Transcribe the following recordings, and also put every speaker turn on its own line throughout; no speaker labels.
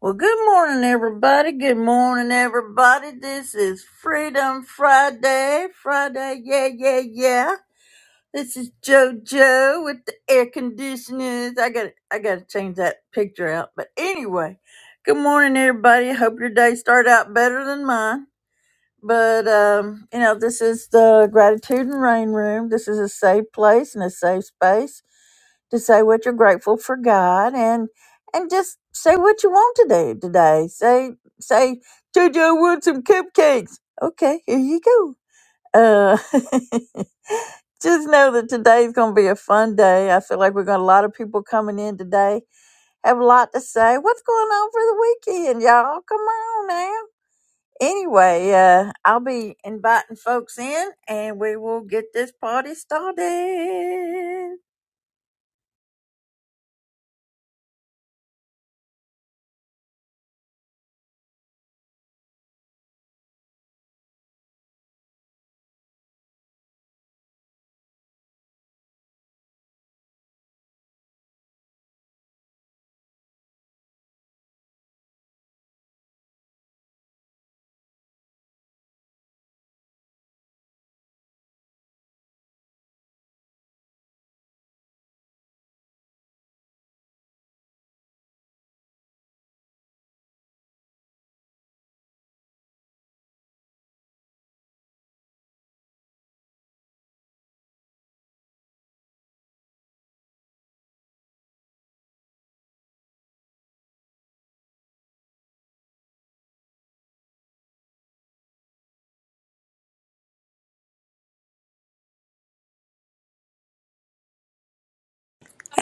Well, good morning, everybody. Good morning, everybody. This is Freedom Friday. Friday, yeah, yeah, yeah. This is JoJo with the air conditioners. I got, I got to change that picture out. But anyway, good morning, everybody. Hope your day started out better than mine but um, you know, this is the gratitude and rain room. This is a safe place and a safe space to say what you're grateful for, God, and and just say what you want to do today. Say say, JoJo, I want some cupcakes. Okay, here you go. Uh, just know that today's going to be a fun day. I feel like we've got a lot of people coming in today. Have a lot to say. What's going on for the weekend, y'all? Come on now Anyway, uh, I'll be inviting folks in and we will get this party started.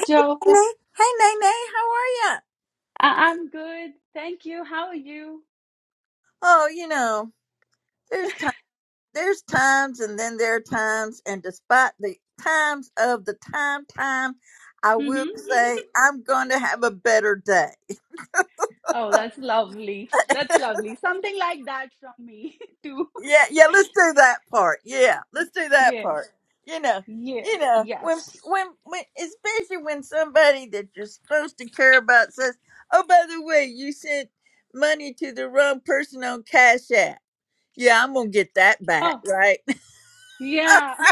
Joe,
Nay, hey, Nay, Nay, how are ya?
I- I'm good. Thank you. How are you?
Oh, you know, there's time, there's times and then there are times and despite the times of the time, time, I
hmm
will say I'm going to have a better day.
Oh, that's lovely. That's lovely. Something like that from me too.
Yeah, yeah, let's do that part. Yeah, let's do that
Yeah.
part. You know,
Yeah.
you know, when
Yes.
when when especially when somebody that you're supposed to care about says, "Oh, by the way, you sent money to the wrong person on Cash App." Yeah, I'm gonna get that back,
Oh,
right?
yeah.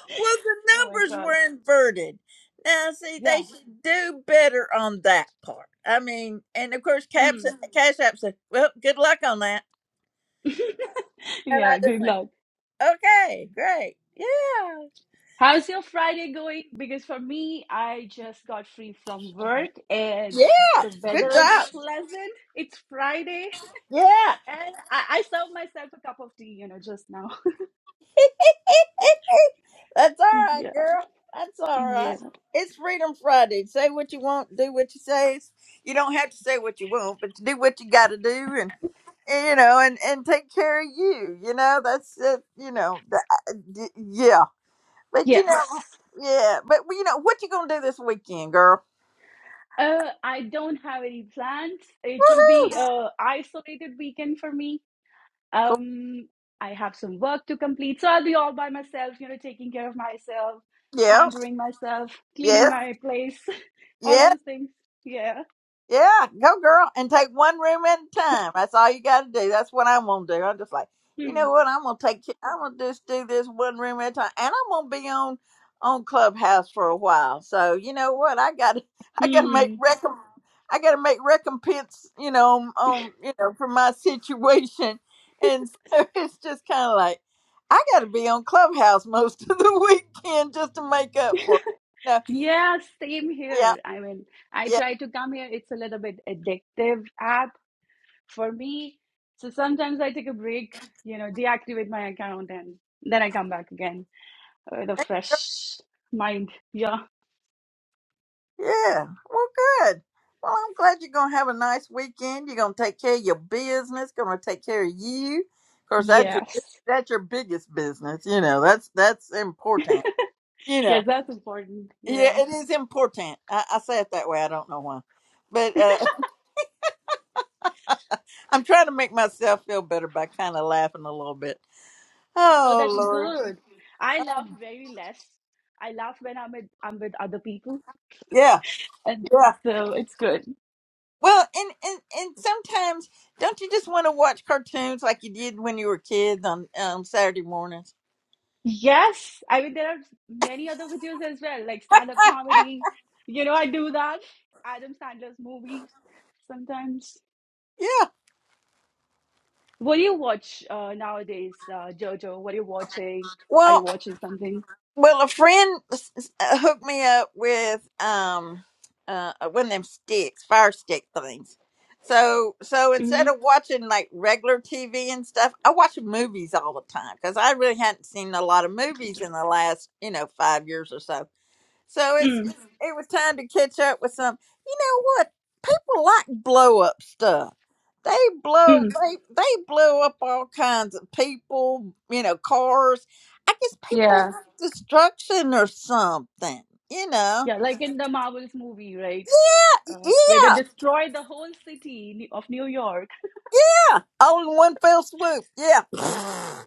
well,
Oh my
the numbers
God.
were inverted. Now, see, they
Yeah.
should do better on that part. I mean, and of course, Caps,
Mm.
Cash App said, "Well, good luck on that," and I
Yeah,
just
good
went,
luck.
"Okay, great, yeah."
How's your Friday going? Because for me, I just got free from work and the
Good
weather is
job.
pleasant. It's Friday
Yeah.
and I, I served myself a cup of tea, you know, just now.
That's all right,
Yeah.
girl. That's all
Yeah.
right. It's Freedom Friday. Say what you want, do what you say. You don't have to say what you want, but do what you got to do, and, and, you know, and and take care of you. You know, that's it. You know, the- I- d- yeah. But you know,
Yes.
yeah. But well, you know, what you gonna do this weekend, girl?
Uh, I don't have any plans. It will
Woohoo!
be a isolated weekend for me.
Cool.
Um, I have some work to complete, so I'll be all by myself, you know, taking care of myself,
Yeah.
pampering myself, cleaning
Yes.
my place,
Yes.
all those things. Yeah.
Yeah, go girl and take one room at a time. That's all you got to do. That's what I'm gonna do. I'm just like, you
Hmm.
know what? I'm gonna take. ki- I'm gonna just do this one room at a time, and I'm gonna be on on Clubhouse for a while. So you know what? I got. to I got to make
Hmm.
recom. I got to make recompense. You know, on, on you know for my situation, and so it's just kind of like I got to be on Clubhouse most of the weekend just to make up for. It. No,
Yeah, same
yeah,
here. I mean, I
yeah.
try to come here. It's a little bit addictive app for me. So sometimes I take a break, you know, deactivate my account and then I come back again. uh, the fresh mind. Yeah.
Yeah. Well, good. Well, I'm glad you're going to have a nice weekend. You're going to take care of your business, going to take care of you. Of course, that's your
Yes.
that's your biggest business. You know, that's that's important. You know,
Yes, that's important.
yeah,
Yeah.
it is important. I, I say it that way. I don't know why, but uh, I'm trying to make myself feel better by kind of laughing a little bit.
Oh,
Oh
that's
Lord,
good. I laugh
Um,
very less. I laugh when I'm with I'm with other people,
yeah,
and
yeah.
so it's good.
Well, and and and sometimes don't you just want to watch cartoons like you did when you were kids on um, Saturday mornings?
Yes. I mean, there are many other videos as well, like stand-up comedy. You know, I do that. Adam Sandler's movie sometimes.
yeah.
What do you watch uh, nowadays, uh, Jojo? What are you watching? Are you
Well,
watching something?
well, a friend s- s- uh, hooked me up with um uh uh, one of them sticks, fire stick things. So so instead of
Mm-hmm.
watching like regular TV and stuff, I watch movies all the time because I really hadn't seen a lot of movies in the last you know five years or so. So it's
Mm-hmm.
it's- it was time to catch up with some. You know what? people like blow up stuff. They blow
Mm-hmm.
they they blow up all kinds of people, you know, cars. I guess people
Yeah.
like destruction or something, you know.
Yeah, like in the Marvels movie, right? Uh, where they
Yeah,
destroy the whole city of New York.
all in one fell swoop. Yeah,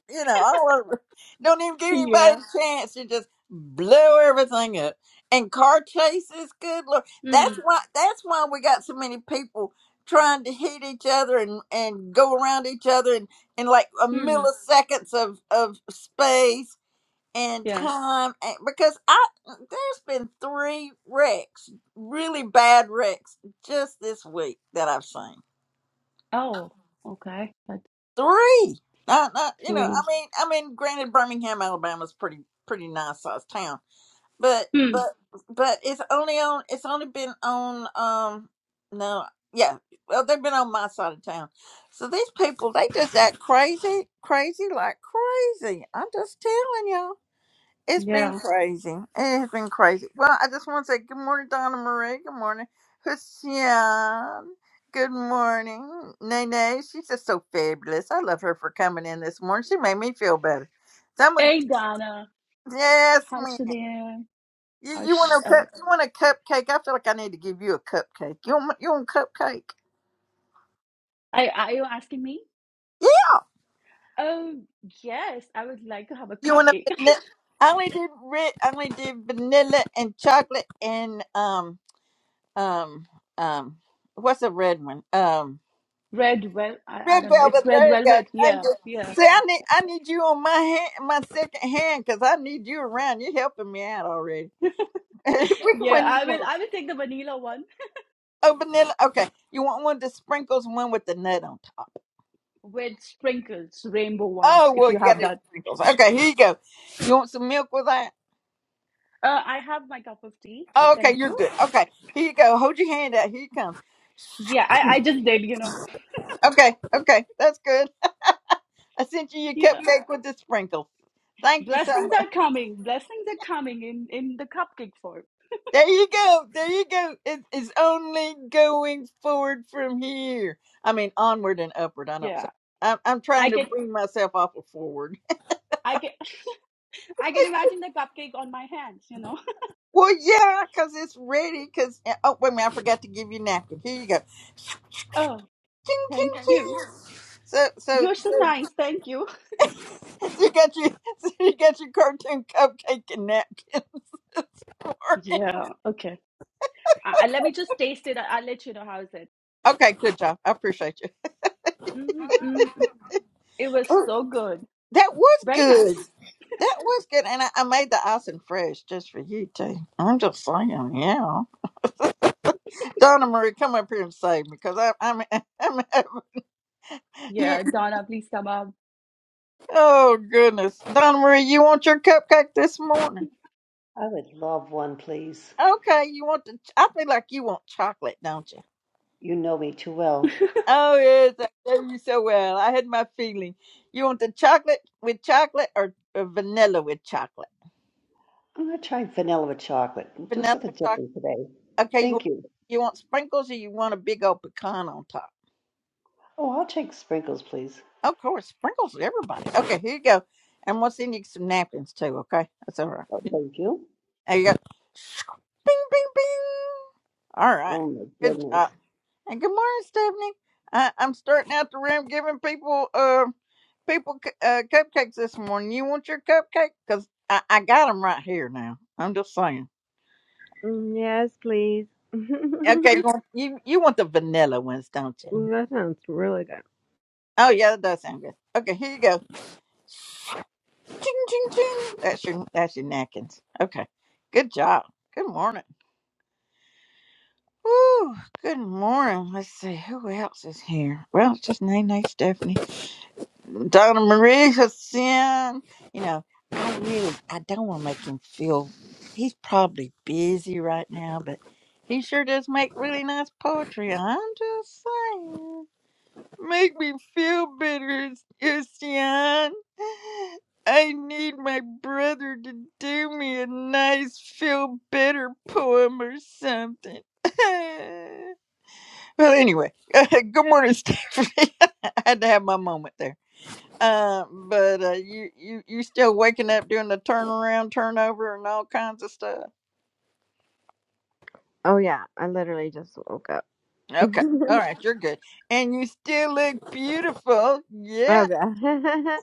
you know, all over. Don't even give anybody
Yeah.
a chance to just blow everything up. And car chases, good lord, that's
Hmm.
why that's why we got so many people trying to hit each other and and go around each other and in like a
Hmm.
milliseconds of of space and
Yeah.
time and because i there's been three wrecks really bad wrecks just this week that i've seen
Oh, okay. That's
three. Not not you know, I
sweet.
mean I mean granted Birmingham, Alabama's pretty pretty nice sized town. But
Hmm.
but but it's only on it's only been on um no yeah. Well they've been on my side of town. So these people they just act crazy, crazy like crazy. I'm just telling y'all. It's been
Yeah.
crazy. It has been crazy. Well, I just want to say good morning, Donna Marie. Good morning, Hussein. Good morning, Nene. She's just so fabulous. I love her for coming in this morning. She made me feel better. Someone,
Hey, Donna.
yes,
Hi,
man.
Shanir.
You,
Hi,
you want
Sh-
a
uh,
cup? You want a cupcake? I feel like I need to give you a cupcake. You want you want cupcake?
I- are you asking me?
Yeah.
Oh, yes. I would like to have a
You want a
cupcake.
vanilla? I only did red. I only did vanilla and chocolate and um um um. What's a red one? Um
Red well, I, I
Red
don't know. It's
velvet.
red
There you go.
velvet.
Thank
Yeah.
you.
Yeah.
See, I need I need you on my hand, my second hand, because I need you around. You're helping me out already. Which
Yeah.
one you
I will.
want?
I will take the vanilla one
Oh, vanilla. Okay, you want one with the sprinkles, one with the nut on top.
with sprinkles, rainbow ones,
Oh,
if
well,
you
you got
have
the
that.
sprinkles. Okay, here you go. You want some milk with that?
Uh, I have my cup of tea.
Oh, okay,
Thank
you're
you.
good. Okay, here you go. Hold your hand out. Here you come.
Yeah, I, I just did, you know.
Okay, okay, that's good. I sent you your
Yeah.
cupcake with the sprinkles. Thank you so
Blessings are coming. Blessings are coming in in the cupcake form.
There you go. There you go. It, it's only going forward from here. I mean, onward and upward. I don't say.
Yeah.
I'm, I'm
I
trying to
can
bring myself off of forward.
I can I can imagine the cupcake on my hands, you know.
Well, yeah, because it's ready. Because oh, wait a minute, I forgot to give you a napkin. Here you go.
Oh,
Ching,
thank
ching,
you.
ching. So, so,
You're so nice. Thank you.
so you got your, so you got your cartoon cupcake and napkins this morning.
Yeah. Okay. I, I- let me just taste it. I, I'll let you know how is it.
Okay, good job. I appreciate you.
Mm-mm-mm. It was
Oh,
so good.
that was
Very
good.
nice.
That was good, and I, I made the icing fresh just for you too. I'm just saying, yeah. Donna Marie, come up here and save me, cause I, I'm, I'm, having-
Yeah, Donna, please come up.
oh goodness, Donna Marie, you want your cupcake this morning?
I would love one, please.
Okay, you want the? I feel like you want chocolate, don't you?
You know me too well.
Oh yes, I know you so well. I had my feeling. You want the chocolate with chocolate or, or vanilla with chocolate?
I'm going to try vanilla with chocolate. Do
Vanilla
something
with chocolate.
different today.
Okay, you
Thank you.
you want sprinkles or you want a big old pecan on top?
Oh, I'll take sprinkles, please.
Of course, sprinkles everybody. Okay, here you go. And we'll send you some napkins too, okay? That's all right.
Oh, thank you.
There you go. Bing, bing, bing. All right.
Oh, my
Good
goodness.
job. And good morning, Stephanie. I, I'm starting out the room giving people uh, people cu- uh, cupcakes this morning. You want your cupcake? Because I, I got them right here now. I'm just saying.
Mm, Yes, please.
Okay, you want, you, you want the vanilla ones, don't
Ooh,
you?
that sounds really good.
Oh, yeah, that does sound good. Okay, here you go. Ching, ching, ching. That's your that's your napkins. Okay. Good job. Good morning. Woo. Good morning. Let's see who else is here. Well, it's just Nene, Stephanie, Donna Marie, Sin. You know, I really I don't want to make him feel. He's probably busy right now, but he sure does make really nice poetry. I'm just saying. Make me feel better, Ocean. I need my brother to do me a nice feel better poem or something. well, anyway, uh, good morning, Stephanie. I had to have my moment there. Uh, but uh, you you you still waking up doing the turnaround, turnover, and all kinds of stuff.
Oh yeah, I literally just woke up.
Okay, all right, you're good, and you still look beautiful. Yeah,
Oh god.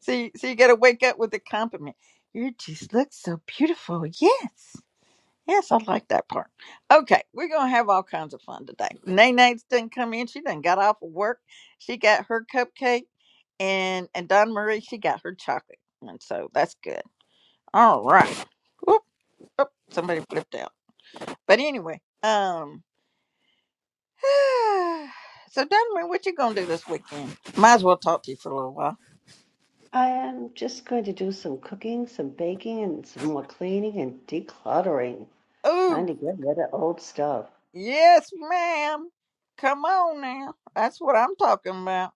So, you- so you got to wake up with a compliment. You just look so beautiful. Yes. Yes, I like that part. Okay, we're going to have all kinds of fun today. Nana's done come in. She done got off of work. She got her cupcake. And and Don Marie, she got her chocolate. And so that's good. All right. Whoop, whoop, somebody flipped out. But anyway, um, so Don Marie, what you going to do this weekend? Might as well talk to you for a little while.
I am just going to do some cooking, some baking, and some more cleaning and decluttering.
Oh.
Time to get rid of old stuff.
Yes, ma'am. Come on now. That's what I'm talking about.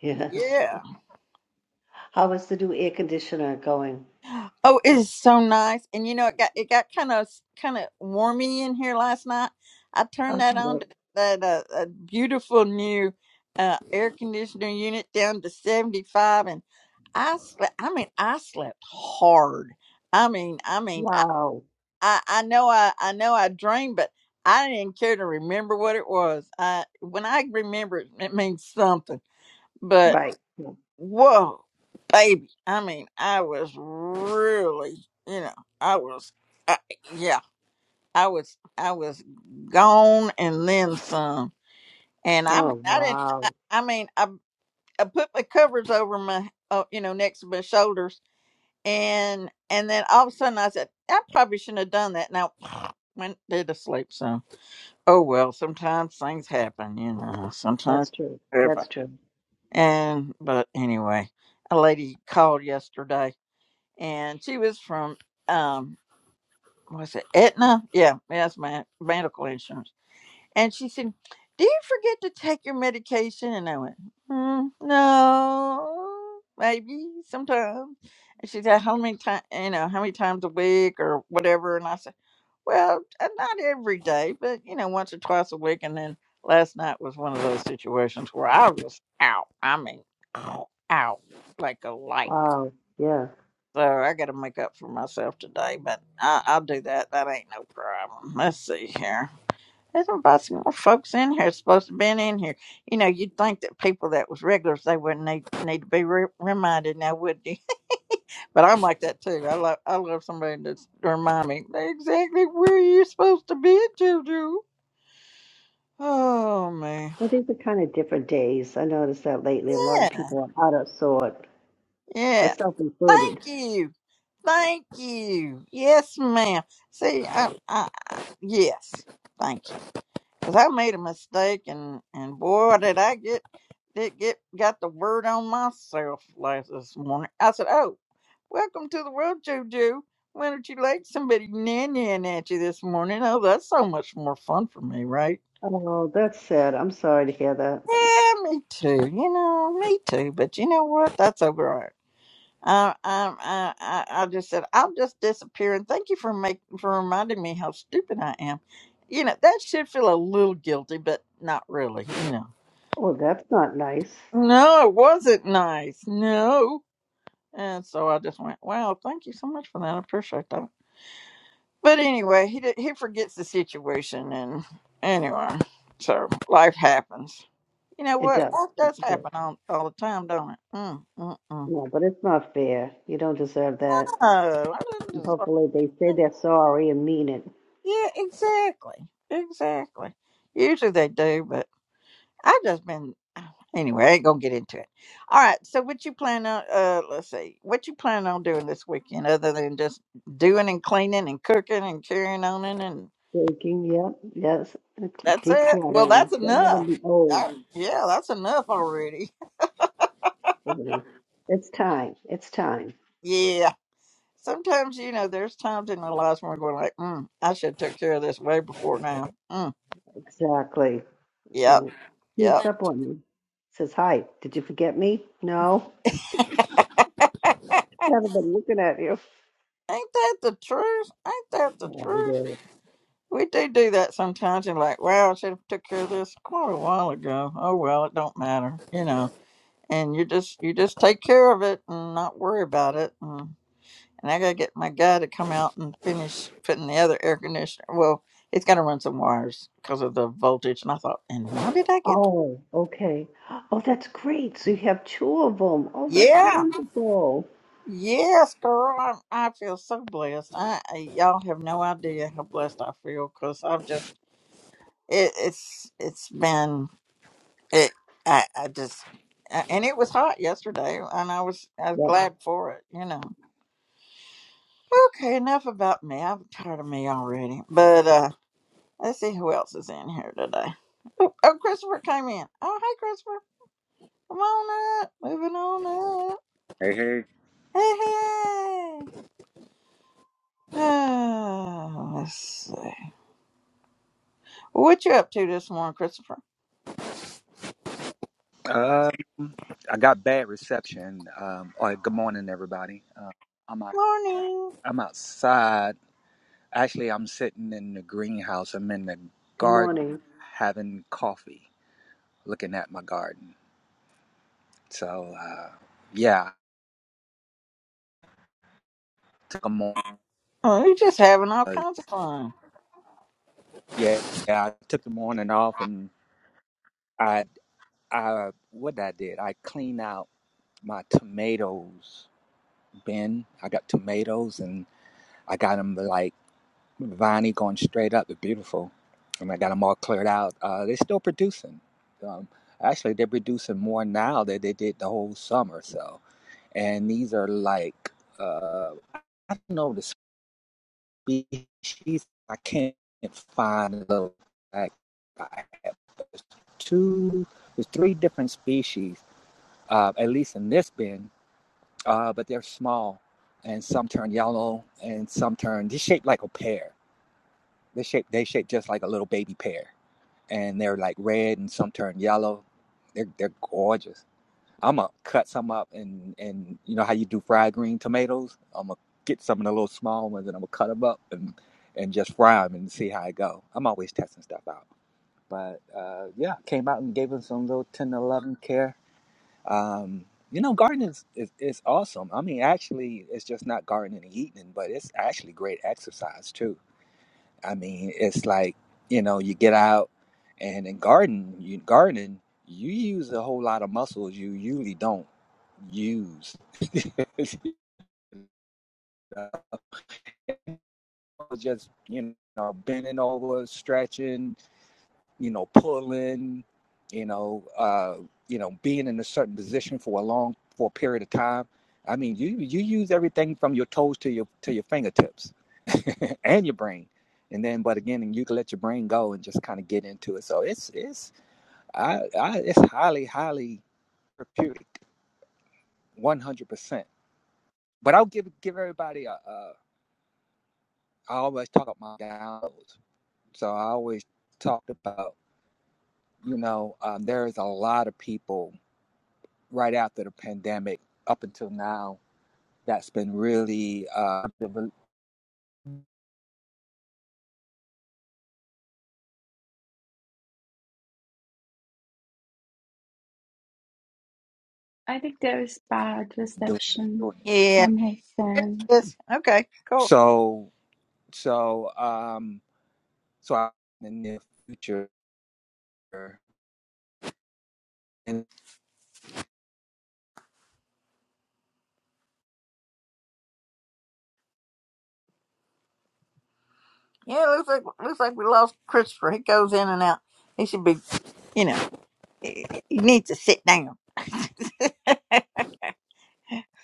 Yes.
Yeah.
How is the new air conditioner going?
Oh, it is so nice. And you know, it got it got kind of kind of warmy in here last night. I turned
Oh,
that on
good.
to that uh, uh, beautiful new uh, air conditioner unit down to 75 and I slept I mean I slept hard. I mean, I mean,
Wow.
I, I know I, I know I dreamed, but I didn't care to remember what it was. I when I remember it, it means something. But
Right.
whoa, baby! I mean, I was really, you know, I was, I, yeah, I was, I was gone and then some. And I mean,
Oh,
I didn't.
wow.
I, I mean, I I put my covers over my, uh, you know, next to my shoulders, and and then all of a sudden I said, I probably shouldn't have done that. Now went did to sleep. So. Oh well, sometimes things happen, you know.
That's
Sometimes
true. That's
happen.
true.
And but anyway, a lady called yesterday, and she was from um, was it Aetna? Yeah, that's my medical insurance. And she said, "Do you forget to take your medication?" And I went, mm, "No, maybe sometimes." And she said, "How many times? You know, how many times a week or whatever?" And I said. Well, uh, not every day, but you know, once or twice a week. And then last night was one of those situations where I was out. I mean, out, out like a light.
Wow. Yeah.
So I got to make up for myself today, but I, I'll do that. That ain't no problem. Let's see here. There's about some more folks in here supposed to been in here. You know, you'd think that people that was regulars they wouldn't need, need to be re- reminded now, would you? But I'm like that too. I love I love somebody that's to remind me exactly where you're supposed to be, Juju. Oh man.
Well, these are kind of different days. I noticed that lately. A lot of
Yeah.
people are out of sort,
Yeah.
myself included.
Thank you. Thank you. Yes, ma'am. See, I, I yes. Thank you. Cause I made a mistake, and and boy, did I get did get got the word on myself last this morning. I said, "Oh, welcome to the world, Juju. Why don't you like somebody nannying at you this morning? Oh, that's so much more fun for me, right?"
Oh, that's sad. I'm sorry to hear that.
Yeah, me too. You know, me too. But you know what? That's all right. I, I, I, I I just said I'll just disappear, and thank you for make for reminding me how stupid I am. You know that should feel a little guilty, but not really. You know.
Oh, that's not nice.
No, it wasn't nice. No, and so I just went, "Wow, thank you so much for that. I appreciate that." But anyway, he did, he forgets the situation, and anyway, so life happens. You know
It
what?
does.
Life does
It does.
happen all, all the time, don't it? Mm, mm, mm.
No, but it's not fair. You don't deserve that.
Oh, I
And
didn't just.
Hopefully, they say they're sorry and mean it.
Yeah, exactly. Exactly. Usually they do, but I've just been uh, anyway, I ain't gonna get into it. All right, so what you plan on uh let's see, what you plan on doing this weekend other than just doing and cleaning and cooking and carrying on and and
Taking, yep, yes,
that's it? Well
decluttering.
that's
Get rid of
enough.
the old.
Uh, yeah, that's enough already.
activities. It's time. It's time.
yeah. Sometimes, you know, there's times in our lives when we're going like, mm, I should have took care of this way before now. Mm,
Exactly.
yep,
And
yep.
sneaks up on you. Says, "Hi, did you forget me?" No. I've been looking at you.
Ain't that the truth? Ain't that the
Yeah, we
truth?
did.
We do do that sometimes. You're like, wow, I should have took care of this quite a while ago. Oh well, it don't matter, you know. And you just you just take care of it and not worry about it. And, and I gotta get my guy to come out and finish putting the other air conditioner. Well, he's gotta run some wires because of the voltage. And I thought, and why did I get?
Oh, okay. Oh, that's great. So you have two of them. Oh, that's
Yeah,
wonderful.
yes, girl. I, I feel so blessed. I, I y'all have no idea how blessed I feel because I've just it, it's it's been. It, I, I just, uh, and it was hot yesterday, and I was, I was
Yep.
glad for it, you know. Okay, enough about me. I'm tired of me already. But uh let's see who else is in here today. Oh, Christopher came in. Oh, hey, Christopher. Come on up. Moving on up.
Hey, hey.
Hey, hey. Oh, let's see. What you up to this morning, Christopher?
Um, I got bad reception. Um, all right, good morning, everybody. Uh, I'm out,
Morning.
I'm outside. Actually, I'm sitting in the greenhouse. I'm in the
Good
garden
morning.
having coffee, looking at my garden. So, uh, yeah, I took a morning.
Oh, you're just having all kinds of fun.
yeah, yeah, I took the morning off, and I, I, what I did, I cleaned out my tomatoes bin. I got tomatoes, and I got them like viney going straight up. They're beautiful. And I got them all cleared out. Uh, they're still producing. Um, actually, they're producing more now than they did the whole summer. So, and these are like uh, I don't know the species. I can't find the little fact I have. There's two, there's three different species, uh, at least in this bin, uh, but they're small, and some turn yellow, and some turn. They're shaped like a pear they shape they shape just like a little baby pear, and they're like red and some turn yellow. They're they're gorgeous. I'm gonna cut some up and and you know how you do fried green tomatoes. I'm gonna get some of the little small ones and I'm gonna cut them up and and just fry them and see how it go. I'm always testing stuff out. But uh, yeah, came out and gave them some little 10 11 care. Um, you know, gardening is, is, is awesome. I mean, actually, it's just not gardening and eating, but it's actually great exercise too I mean, it's like, you know, you get out and in garden, you gardening, you use a whole lot of muscles you usually don't use. You know, Just, you know, bending over, stretching, you know, pulling, you know, uh, you know, being in a certain position for a long for a period of time. I mean, you you use everything from your toes to your to your fingertips and your brain. And then but again, you can let your brain go and just kind of get into it. So it's it's I, I it's highly, highly reputed, one hundred percent. But I'll give give everybody a, a. I always talk about my downloads, so I always talked about you know um, there's a lot of people right after the pandemic up until now that's been really uh, doing.
I think there is bad reception
it.
Yeah.
from his fans.
Yes. Okay. Cool.
So so um so I, in the near future, and
Yeah, it looks like looks like we lost Christopher. He goes in and out. He should be, you know, he he needs to sit down.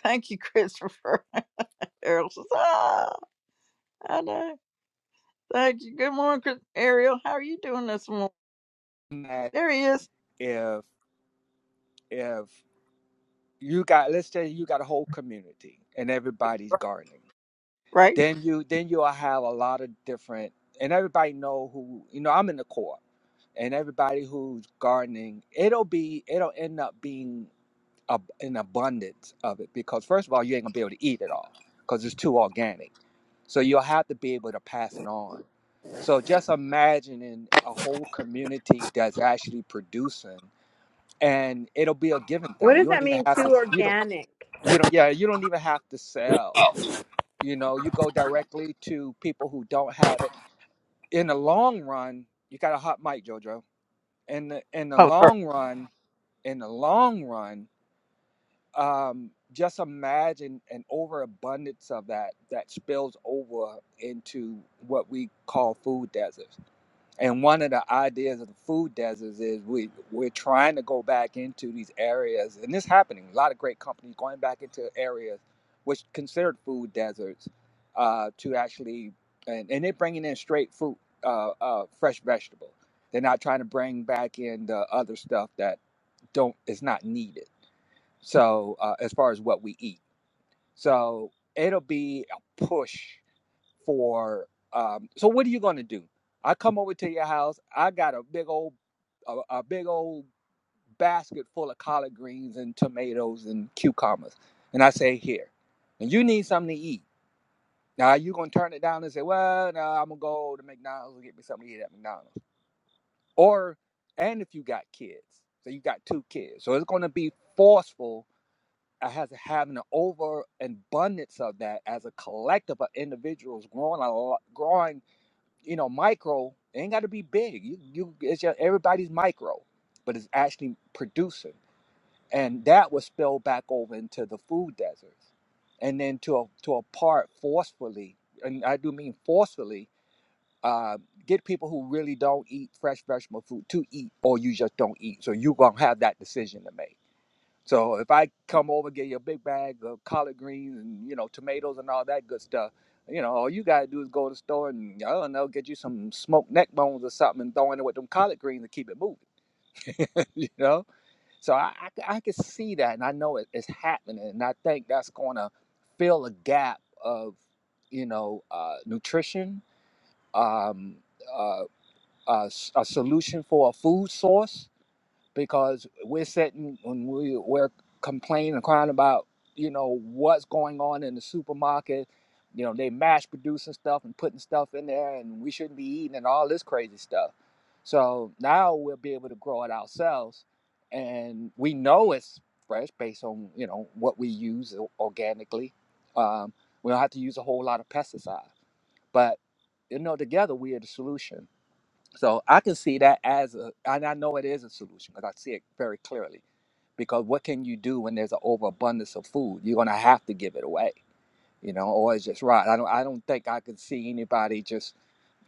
Thank you, Christopher. Ariel says, "Ah, I know." Thank you. Good morning, Chris. Ariel. How are you doing this morning?
that
There he is.
if if you got let's say you got a whole community and everybody's gardening
Right.
then you then you'll have a lot of different and everybody know who you know i'm in the co-op and everybody who's gardening it'll be it'll end up being a, an abundance of it because first of all you ain't gonna be able to eat it all because it's too organic so you'll have to be able to pass it on so just imagining a whole community that's actually producing and it'll be a given
what
thing. You
does
don't
that
even
mean?
have to.
Too
You don't
organic.
you don't yeah you don't even have to sell you know you go directly to people who don't have it in the long run you got a hot mic jojo in the in the
Oh, sorry.
long run in the long run um just imagine an overabundance of that that spills over into what we call food deserts and one of the ideas of the food deserts is we we're trying to go back into these areas, and this happening. A lot of great companies going back into areas which considered food deserts uh, to actually, and, and they're bringing in straight fruit, uh, uh, fresh vegetable. They're not trying to bring back in the other stuff that don't is not needed. So uh, as far as what we eat, so it'll be a push for um so what are you going to do i come over to your house i got a big old a, a big old basket full of collard greens and tomatoes and cucumbers and i say here and you need something to eat now are you going to turn it down and say well no i'm going to go to mcdonald's and get me something to eat at mcdonald's or and if you got kids so you got two kids so it's going to be forceful I has having an overabundance of that as a collective of individuals growing a lot, growing you know, micro it ain't got to be big. You, you, it's just everybody's micro, but it's actually producing, and that will spill back over into the food deserts, and then to a, to a part forcefully, and I do mean forcefully, uh, get people who really don't eat fresh vegetable food to eat, or you just don't eat. So you gonna have that decision to make so if I come over, get you a big bag of collard greens and you know tomatoes and all that good stuff, you know all you gotta do is go to the store and I don't know, get you some smoked neck bones or something and throw in it with them collard greens to keep it moving. you know, so I I I can see that and I know it, it's happening and I think that's gonna fill a gap of you know uh, nutrition, um, uh, uh, s- a solution for a food source because we're sitting when we we're complaining and crying about you know what's going on in the supermarket you know they mass producing stuff and putting stuff in there and we shouldn't be eating and all this crazy stuff so now we'll be able to grow it ourselves and we know it's fresh based on you know what we use organically um, we don't have to use a whole lot of pesticides. but you know together we are the solution so I can see that as a, and I know it is a solution because I see it very clearly. Because what can you do when there's an overabundance of food? You're gonna have to give it away, you know, or it's just right. I don't, I don't think I could see anybody just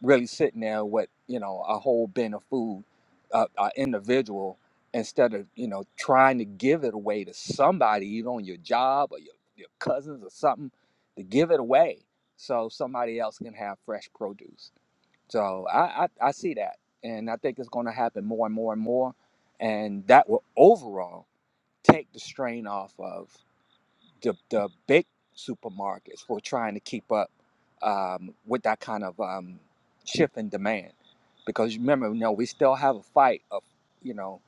really sitting there with you know a whole bin of food, uh, uh, individual, instead of you know trying to give it away to somebody, either on your job or your your cousins or something, to give it away so somebody else can have fresh produce so I, I, I see that. And I think it's going to happen more and more and more. And that will overall take the strain off of the, the big supermarkets for trying to keep up um, with that kind of um, shift in demand. Because remember, you know, we still have a fight of, you know,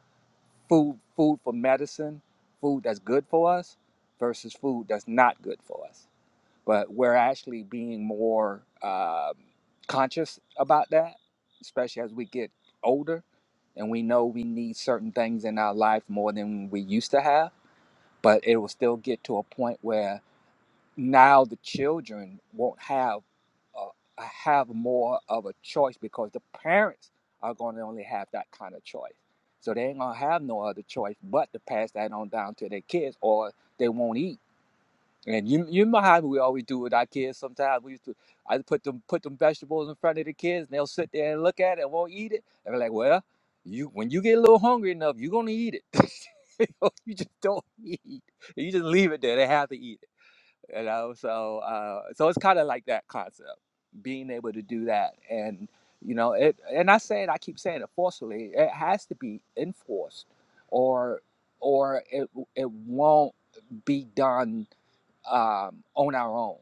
food, food for medicine, food that's good for us versus food that's not good for us but we're actually being more um, conscious about that, especially as we get older and we know we need certain things in our life more than we used to have. But it will still get to a point where now the children won't have uh, have more of a choice because the parents are going to only have that kind of choice. So they ain't gonna have no other choice but to pass that on down to their kids, or they won't eat and you you remember how we always do with our kids sometimes. We used to I put them put them vegetables in front of the kids and they'll sit there and look at it and won't eat it. And we're like, Well, you when you get a little hungry enough, you're gonna eat it. you know, you just don't eat. You just leave it there. They have to eat it. You know, so uh, so it's kinda like that concept, being able to do that. And you know, it and I say it, I keep saying it forcefully, it has to be enforced or or it it won't be done um, on our own,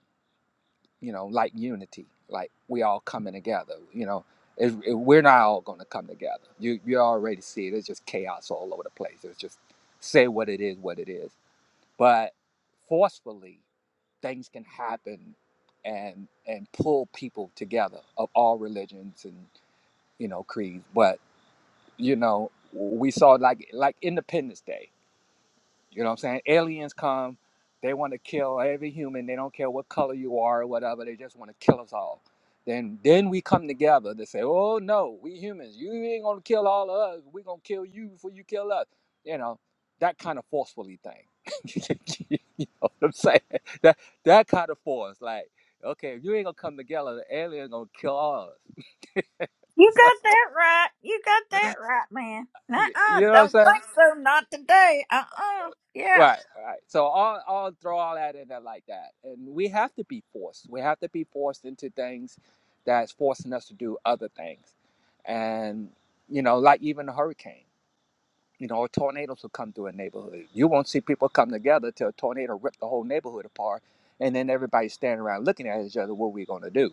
you know, like unity, like we all coming together, you know. It, it- we're not all going to come together. You you already see it. It's just chaos all over the place. It's just say what it is, what it is. But forcefully, things can happen, and and pull people together of all religions and you know creeds. But you know, we saw like like Independence Day. You know what I'm saying? Aliens come, they want to kill every human. They don't care what color you are or whatever. They just want to kill us all. Then then we come together to say, "Oh no, we humans. You ain't gonna kill all of us. We're gonna kill you before you kill us." You know, that kind of forcefully thing. you know what I'm saying? That that kind of force, like, okay, if you ain't gonna come together, the alien gonna kill all of
You
us.
got that right. You got that right, man. uh uh
you know what I'm
Don't
saying?
think so. Not today. Uh-uh. Yeah.
Right, right. So I'll I'll throw all that in there like that, and we have to be forced. We have to be forced into things that's forcing us to do other things, and you know, like even a hurricane, you know, or tornadoes will come through a neighborhood. You won't see people come together till a tornado rip the whole neighborhood apart, and then everybody's standing around looking at each other. What are we gonna do?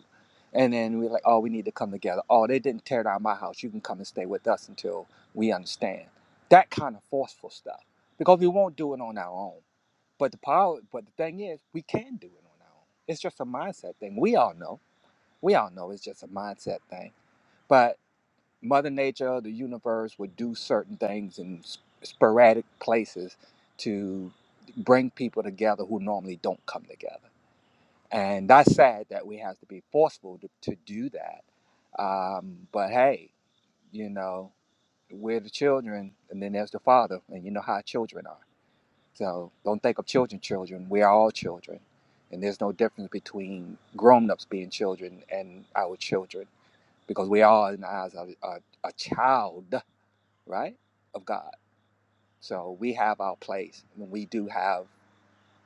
And then we're like, oh, we need to come together. Oh, they didn't tear down my house. You can come and stay with us until we understand. That kind of forceful stuff, because we won't do it on our own but the power, but the thing is, we can do it on our own. It's just a mindset thing. We all know. We all know it's just a mindset thing. But Mother Nature, the universe, would do certain things in s- sporadic places to bring people together who normally don't come together. And that's sad that we have to be forceful to, to do that. Um, but hey, you know, we're the children, and then there's the father, and you know how children are. So don't think of children, children. We are all children. And there's no difference between grown ups being children and our children because we are, in the eyes of a, a child, right, of God. So we have our place. And we do have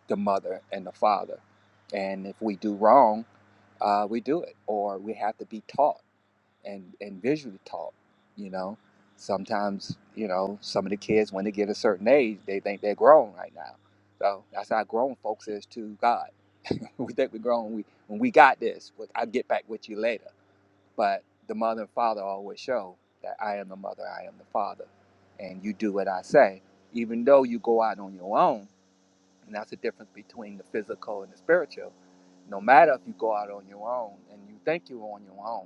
the mother and the father. And if we do wrong, uh, we do it or we have to be taught and and visually taught you know sometimes you know some of the kids when they get a certain age they think they're grown right now so that's how grown folks is to god we think we're grown we when we got this but i'll get back with you later but the mother and father always show that i am the mother i am the father and you do what i say even though you go out on your own and that's the difference between the physical and the spiritual no matter if you go out on your own and you think you're on your own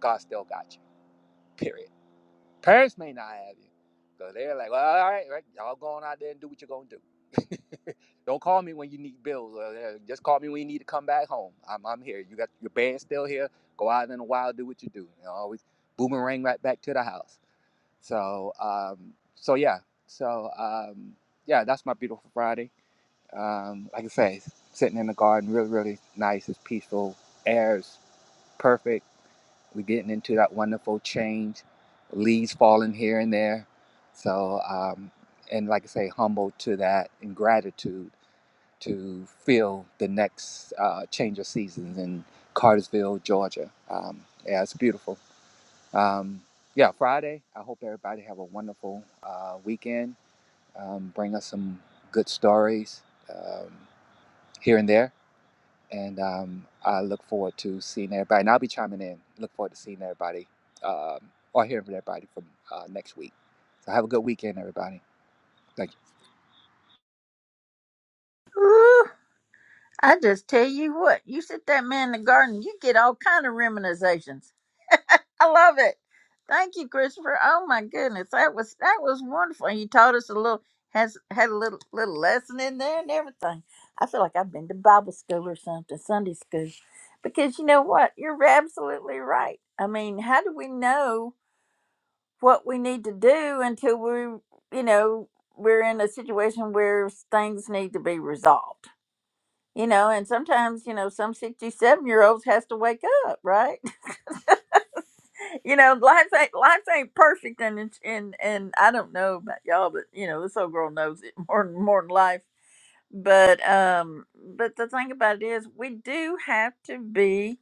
god still got you Period. Parents may not have you. So they're like, well, all right, right, y'all go on out there and do what you're gonna do. Don't call me when you need bills. Or uh, just call me when you need to come back home. I'm, I'm here. You got your band still here. Go out in the wild, do what you do. You know, always boomerang right back to the house. So, um, so yeah. So, um, yeah, that's my beautiful Friday. Um, like I say, sitting in the garden, really, really nice. It's peaceful. Airs perfect. We're getting into that wonderful change, leaves falling here and there. So, um, and like I say, humble to that and gratitude to feel the next uh, change of seasons in Cartersville, Georgia. Um, yeah, it's beautiful. Um, yeah, Friday. I hope everybody have a wonderful uh, weekend. Um, bring us some good stories um, here and there and um, I look forward to seeing everybody. And I'll be chiming in. Look forward to seeing everybody um, or hearing from everybody from uh, next week. So have a good weekend, everybody. Thank you.
Ooh, I just tell you what. You sit that man in the garden. You get all kind of reminiscences. I love it. Thank you, Christopher. Oh my goodness, that was that was wonderful. He taught us a little has had a little little lesson in there and everything. I feel like I've been to Bible school or something, Sunday school, because you know what? You're absolutely right. I mean, how do we know what we need to do until we, you know, we're in a situation where things need to be resolved? You know, and sometimes you know some sixty-seven year olds has to wake up, right? you know, life ain't life ain't perfect, and it's, and and I don't know about y'all, but you know, this old girl knows it more than more than life. But um, but the thing about it is, we do have to be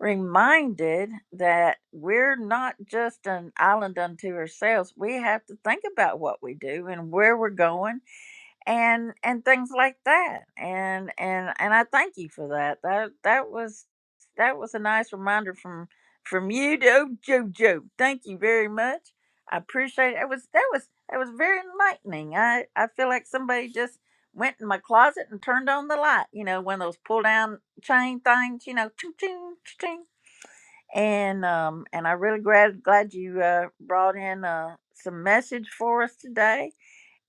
reminded that we're not just an island unto ourselves. We have to think about what we do and where we're going and and things like that and and and i thank you for that that that was that was a nice reminder from from you to jojo thank you very much i appreciate it It was that was that was very enlightening i i feel like somebody just went in my closet and turned on the light you know one of those pull down chain things you know ching ching ching and um and i really glad glad you uh brought in uh some message for us today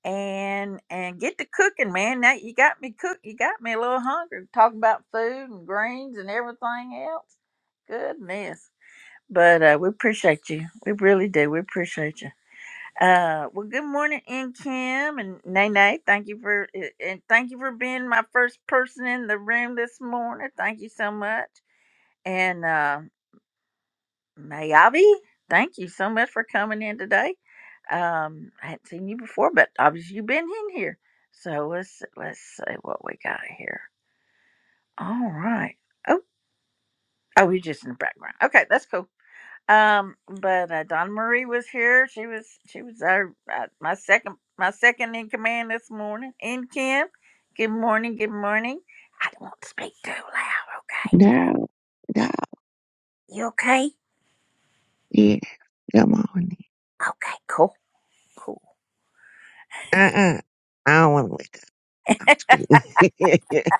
and and get to cooking, man. Now you got me cook. You got me a little hungry. Talking about food and greens and everything else. Goodness. But uh, we appreciate you. We really do. We appreciate you. Uh, well, good morning, In Kim and Nene. Thank you for uh, and thank you for being my first person in the room this morning. Thank you so much. And uh, Mayavi, thank you so much for coming in today. Um, I hadn't seen you before, but obviously you've been in here. So let's let's see what we got here. All right. Oh, oh, you're just in the background. Okay, that's cool. Um, but uh, Donna Marie was here. She was she was our uh, my second my second in command this morning. And Kim, good morning, good morning. I don't want to speak too loud. Okay,
No, no,
you okay?
yeah, come on.
Okay, cool, cool.
Uh-uh. I don't want to wake up.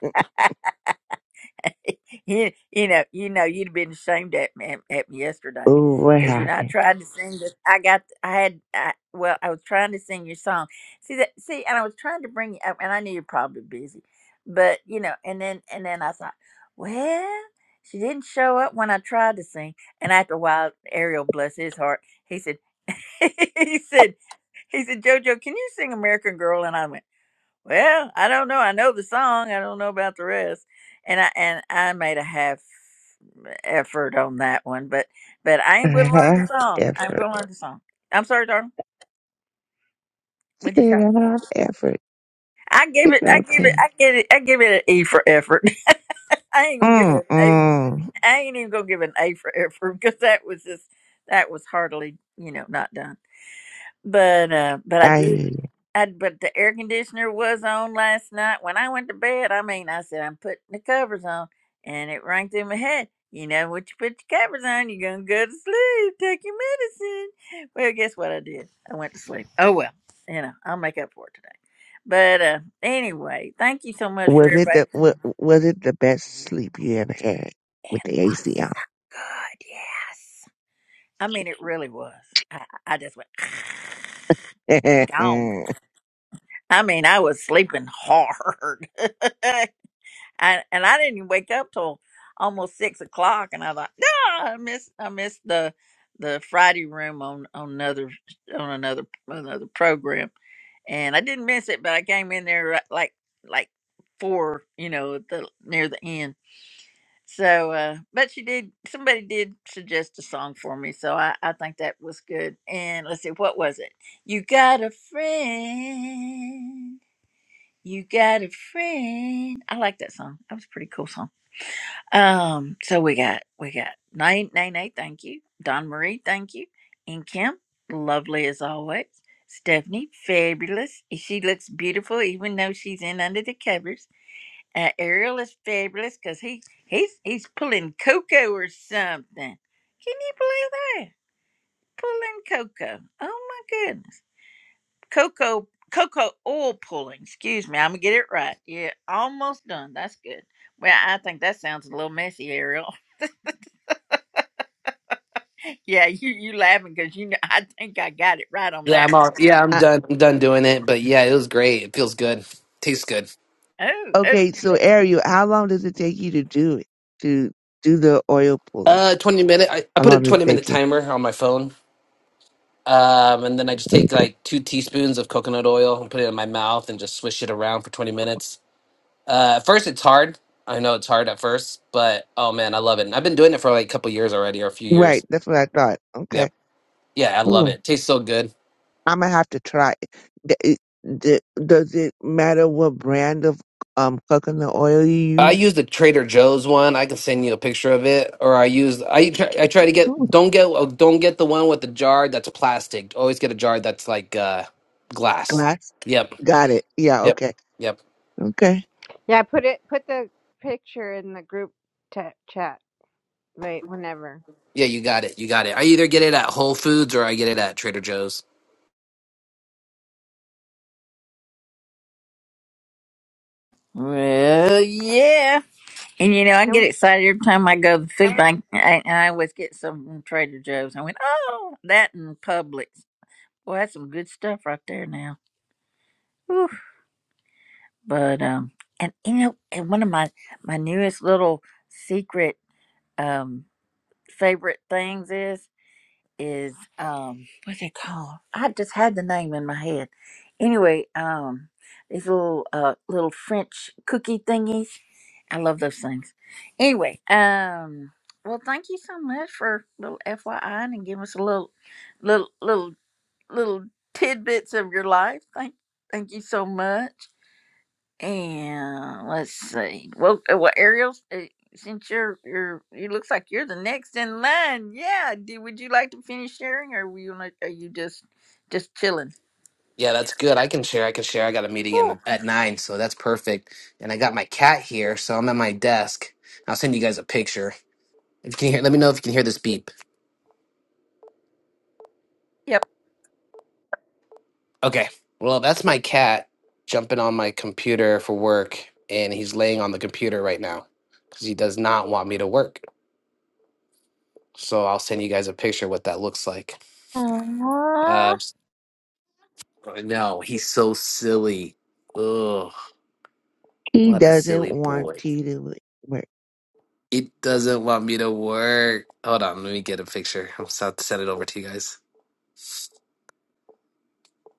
you, you know, you know, you'd have been ashamed at me, at me yesterday,
Ooh, what
because you know I
happened?
tried to sing this. I got, I had, I, well, I was trying to sing your song. See that? See, and I was trying to bring you up, and I knew you're probably busy, but you know, and then and then I thought, well, she didn't show up when I tried to sing, and after a while, Ariel, bless his heart, he said, he said, he said, JoJo, can you sing American Girl? And I went. Well, I don't know. I know the song. I don't know about the rest. And I and I made a half effort on that one, but but I
A
ain't gonna learn the
half
song. I'm
effort.
gonna learn the song. I'm sorry, darling.
I
What'd you
said
say?
a half effort.
I give
It's
it. I give it.
okay.
I give it. I give it an E for effort. I ain't gonna give it an A.
Mm-mm.
I ain't even gonna give it an A for effort because that was just that was hardly you know not done. But uh, but I
I
did. I, but the air conditioner was on last night when I went to bed. I mean, I said I'm putting the covers on, and it rang through my head. You know, what you put your covers on, you're gonna go to sleep. Take your medicine. Well, guess what I did? I went to sleep. Oh well, you know, I'll make up for it today. But uh, anyway, thank you so much for
was it
everybody.
the wa- was it the best sleep you ever had with
It
the AC
was so good. Yes, I mean it really was. I, I just went. gone.
on?
I mean, I was sleeping hard, and and I didn't wake up till almost six o'clock. And I thought, no, I missed I missed the the Friday room on on another on another another program, and I didn't miss it, but I came in there ri- like like four, you know, at the near the end. So, uh, but she did. Somebody did suggest a song for me, so I, I think that was good. And let's see, what was it? You got a friend. You got a friend. I like that song. That was a pretty cool song. Um, so we got we got Nay Nay Nay, thank you. Don Marie, thank you. And Kim, lovely as always. Stephanie, fabulous. She looks beautiful even though she's in under the covers. Uh, Ariel is fabulous because he he's he's pulling cocoa or something. Can you believe that? Pulling cocoa. Oh my goodness cocoa cocoa oil pulling. Excuse me, I'm gonna get it right. Yeah, almost done. That's good. Well, I think that sounds a little messy, Ariel. yeah, you you laughing because you know I think I got it right on
Yeah,
that.
I'm all, yeah, I'm
Uh,
done. I'm done doing it. But yeah, it was great. It feels good. Tastes good.
one. Oh, oh.
okay, so Ariel, how long does it take you to do it to do the oil pulling?
Uh, 20 minute. I, I
How
put a
long does it
20 minute
take you?
timer on my phone. Um, and then I just take
Okay.
like two teaspoons of coconut oil and put it in my mouth and just swish it around for 20 minutes. Uh, at first it's hard. I know it's hard at first, but oh man, I love it. And I've been doing it for like a couple years already or a few
Right,
years.
that's what I thought. Okay.
Yep. Yeah, I
Mm.
love it. Tastes so good.
I'm gonna have to try. it. D- it- d- Does it matter what brand of um coconut oil you
I
use?
used the Trader Joe's one. I can send you a picture of it. Or I used I try, I try to
Ooh,
get don't get oh, don't get the one with the jar that's plastic. Always get a jar that's like uh glass.
glass.
Yep.
Got it. Yeah.
Yep.
Okay.
Yep.
Okay.
Yeah, put it. Put the picture in the group te- chat. Wait, whenever.
Yeah, you got it. You got it. I either get it at Whole Foods or I get it at Trader Joe's.
Well, yeah. And you know, I get
And
excited every time I go to the food bank, I, and I always get some from Trader Joe's. I went, oh, that and Publix. Well, that's some good stuff right there now. Whew. But um, and you know, and one of my my newest little secret um favorite things is is um what's it called? I just had the name in my head. Anyway, um these little uh little French cookie thingies. I love those things. Anyway, um well thank you so much for little FYI and giving us a little little little little tidbits of your life. Thank thank you so much. And let's see. Well, uh, well, Ariel, uh, since you're you're, it looks like you're the next in line. Yeah. Do, would you like to finish sharing, or will you like, are you just just chilling?
Yeah, that's good. I can share. I can share. I got a meeting
Cool.
in at 9, so that's perfect. And I got my cat here, so I'm at my desk. I'll send you guys a picture. If you can hear, let me know if you can hear this beep.
Yep.
Okay. Well, that's my cat jumping on my computer for work, and he's laying on the computer right now because he does not want me to work. So I'll send you guys a picture of what that looks like. Uh,
Aw.
s- I know he's so silly. Ugh,
He
what a
doesn't
silly
want
boy.
you to work.
He doesn't want me to work. Hold on, let me get a picture. I'll s- have to send it over to you guys.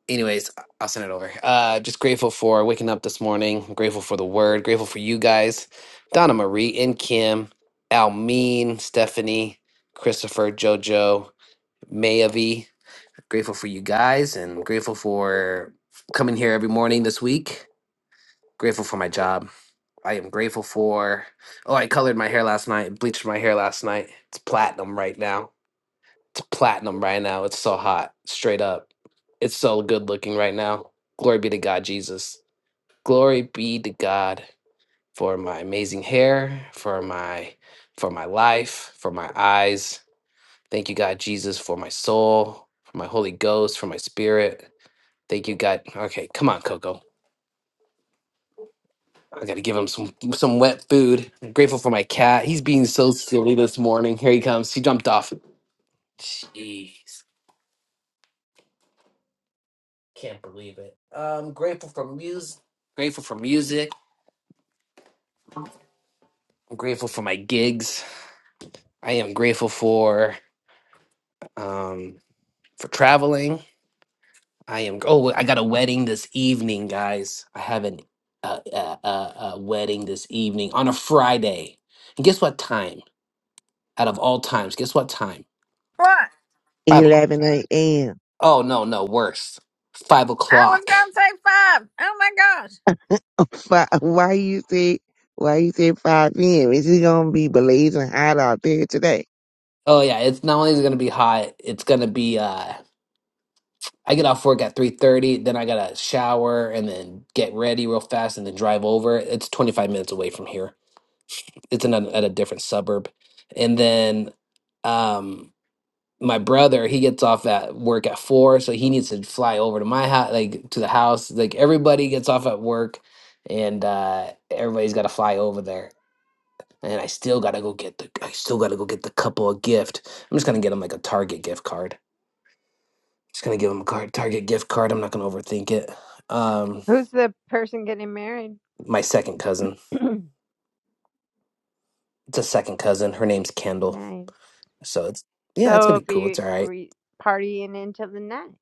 anyways, I- will send it over. Uh, just grateful for waking up this morning. Grateful for the word. Grateful for you guys, Donna Marie and Kim, Almeen, Stephanie, Christopher, JoJo, Mayavi. Grateful for you guys and grateful for coming here every morning this week. Grateful for my job. I am grateful for. Oh, I colored my hair last night. Bleached my hair last night. It's platinum right now. It's platinum right now. It's so hot. Straight up. It's so good looking right now. Glory be to God, Jesus. Glory be to God for my amazing hair, for my for my life, for my eyes. Thank you, God Jesus, for my soul, for my Holy Ghost, for my spirit. Thank you, God. Okay, come on, Coco. I gotta give him some some wet food. I'm grateful for my cat. He's being so silly this morning. Here he comes. He jumped off. Jeez. Can't believe it. I'm grateful for music. Grateful for music. I'm grateful for my gigs. I am grateful for um for traveling. I am. Oh, I got a wedding this evening, guys. I have an uh, uh, uh, uh, wedding this evening on a Friday. And guess what time? Out of all times, guess what time?
What?
Five. o'clock.
Eleven a.m.
Oh no, no, worse. Five
I was
o'clock.
gonna say five. Oh my gosh.
Fi- Why you say? Why you say five p.m.? Is it gonna be blazing hot out there today?
Oh yeah, it's not only is it gonna be hot, it's gonna be uh I get off work at 3:30, then I got to shower and then get ready real fast and then drive over. It's 25 minutes away from here. It's in a, at a different suburb. And then um my brother, he gets off at work at 4, so he needs to fly over to my house like to the house. Like everybody gets off at work and uh everybody's got to fly over there. And I still got to go get the I still got to go get the couple a gift. I'm just going to get him like a Target gift card just gonna give him a card, Target gift card. I'm not gonna overthink it. Um,
who's the person getting married?
my second cousin. It's a second cousin. Her name's Kendall.
nice.
So it's
So
yeah, it's gonna
it'll
be cool. It's
be
all right.
re- partying until the night.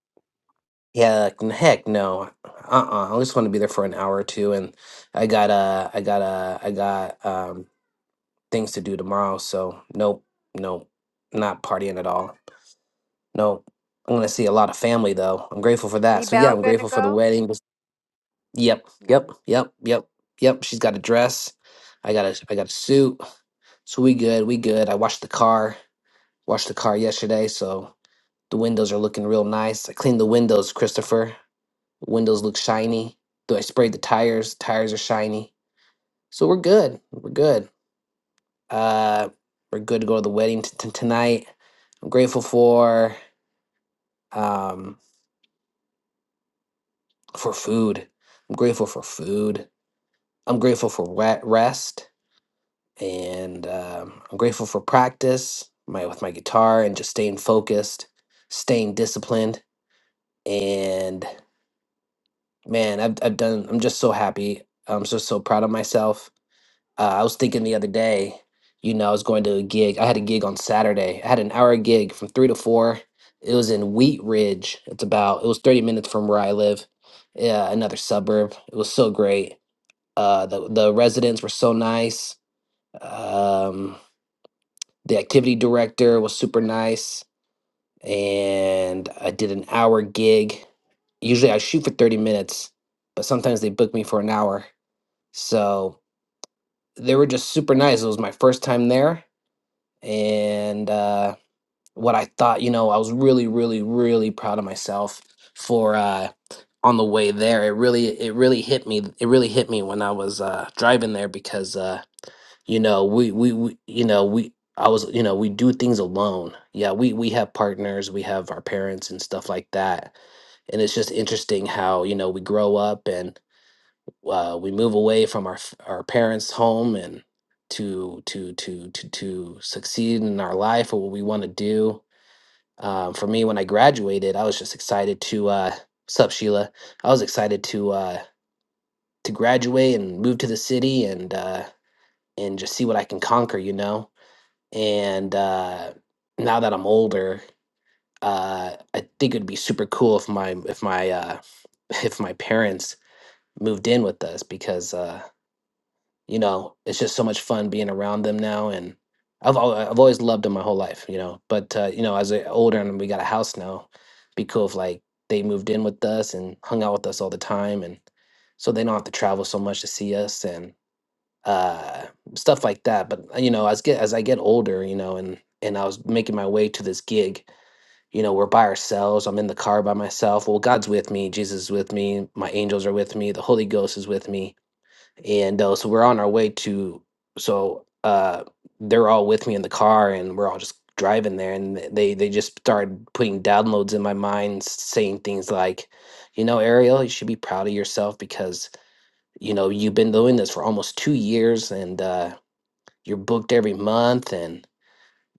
Yeah, like, n- heck no. Uh-uh. I just want to be there for an hour or two, and I got uh, I got uh, I got um things to do tomorrow. So nope, nope, not partying at all. Nope. I'm gonna see a lot of family though. I'm grateful for that. So yeah,
Ebel
I'm
gonna
grateful for the
go?
wedding. Yep, yep,
Nice.
yep, yep, yep. She's got a dress. I got a I got a suit. So we good, we good. I washed the car, washed the car yesterday, so the windows are looking real nice. I cleaned the windows, Christopher. Windows look shiny. Though I sprayed the tires, tires are shiny. So we're good. We're good. Uh we're good to go to the wedding t- t- tonight. I'm grateful for um for food. I'm grateful for food. I'm grateful for wet rest and um, I'm grateful for practice my with my guitar and just staying focused, staying disciplined and man, I've I've done. I'm just so happy. I'm just so proud of myself. Uh, I was thinking the other day, you know, I was going to a gig. I had a gig on Saturday. I had an hour gig from three to four. It was in Wheat Ridge. It's about. It was 30 minutes from where I live. Yeah, another suburb. It was so great. Uh, the the residents were so nice. Um, the activity director was super nice, and I did an hour gig. Usually I shoot for 30 minutes, but sometimes they book me for an hour. So they were just super nice. It was my first time there. And uh, what I thought, you know, I was really, really, really proud of myself for uh, on the way there. It really, it really hit me. It really hit me when I was uh, driving there because, uh, you know, we, we, we, you know, we, I was, you know, we do things alone. Yeah, we we have partners, we have our parents and stuff like that. And it's just interesting how, you know, we grow up and uh, we move away from our f- our parents' home and to to to to to succeed in our life or what we want to do. Um, for me, when I graduated, I was just excited to. Uh, what's Sheila? I was excited to uh, to graduate and move to the city and uh, and just see what I can conquer, you know. And uh, now that I'm older, uh, I think it'd be super cool if my if my uh, if my parents moved in with us because. Uh, you know, it's just so much fun being around them now. And I've al- I've always loved them my whole life, you know. But uh, you know, as I get older and we got a house now, be cool if like they moved in with us and hung out with us all the time, and so they don't have to travel so much to see us and uh, stuff like that. But uh, you know, as get as I get older, you know, and and I was making my way to this gig. You know, we're by ourselves. I'm in the car by myself. Well, God's with me. Jesus is with me. My angels are with me. The Holy Ghost is with me and uh, so we're on our way to so uh they're all with me in the car and we're all just driving there and th- they they just started putting downloads in my mind saying things like you know ariel you should be proud of yourself because you know you've been doing this for almost two years and uh you're booked every month and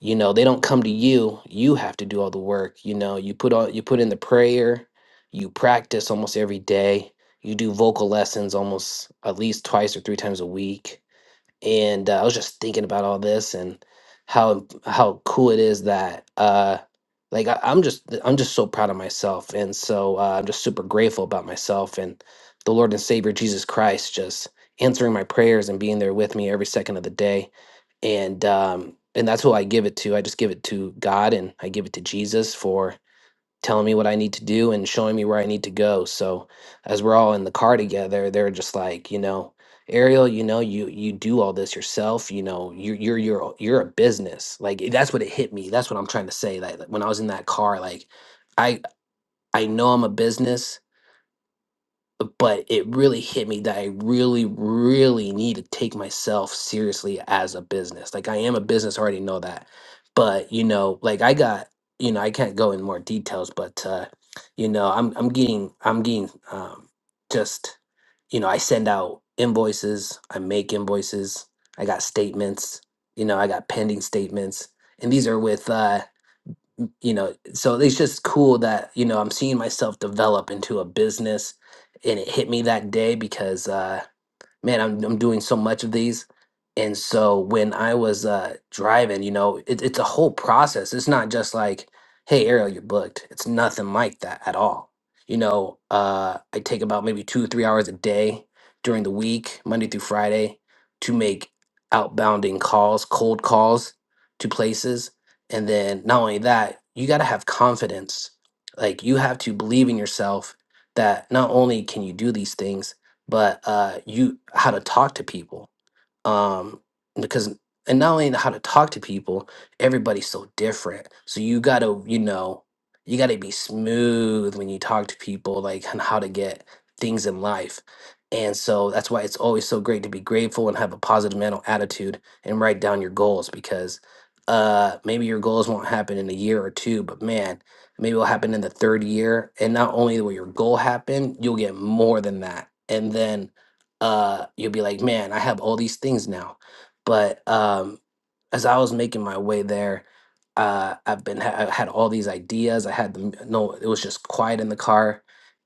you know they don't come to you you have to do all the work you know you put all you put in the prayer you practice almost every day you do vocal lessons almost at least twice or three times a week and uh, I was just thinking about all this and how how cool it is that uh like I, I'm just I'm just so proud of myself and so uh, I'm just super grateful about myself and the Lord and Savior Jesus Christ just answering my prayers and being there with me every second of the day and um and that's who I give it to I just give it to God and I give it to Jesus for telling me what I need to do and showing me where I need to go. So as we're all in the car together, they're just like, you know, Ariel, you know, you you do all this yourself. You know, you are you're you're a- you're a business. Like it- that's what it hit me. That's what I'm trying to say. Like when I was in that car, like I I know I'm a business but it really hit me that I really, really need to take myself seriously as a business. Like I am a business, I already know that. But you know, like I got, you know, I can't go in more details, but uh, you know, I'm I'm getting I'm getting um just, you know, I send out invoices, I make invoices, I got statements, you know, I got pending statements. And these are with uh um you know so it's just cool that you know i'm seeing myself develop into a business and it hit me that day because uh man, I'm I'm doing so much of these. And so when I was uh, driving, you know, it, it's a whole process. It's not just like, hey, Ariel, you're booked. It's nothing like that at all. You know, uh, I take about maybe two or three hours a day during the week, Monday through Friday, to make outbounding calls, cold calls to places. And then not only that, you got to have confidence. Like you have to believe in yourself that not only can you do these things, but uh, you how to talk to people um because and not only how to talk to people everybody's so different so you gotta you know you gotta be smooth when you talk to people like on how to get things in life and so that's why it's always so great to be grateful and have a positive mental attitude and write down your goals because uh maybe your goals won't happen in a year or two but man maybe it'll happen in the third year and not only will your goal happen you'll get more than that and then uh, you'll be like, man, I have all these things now. But um, as I was making my way there, uh, I've been I had all these ideas. I had them. No, it was just quiet in the car,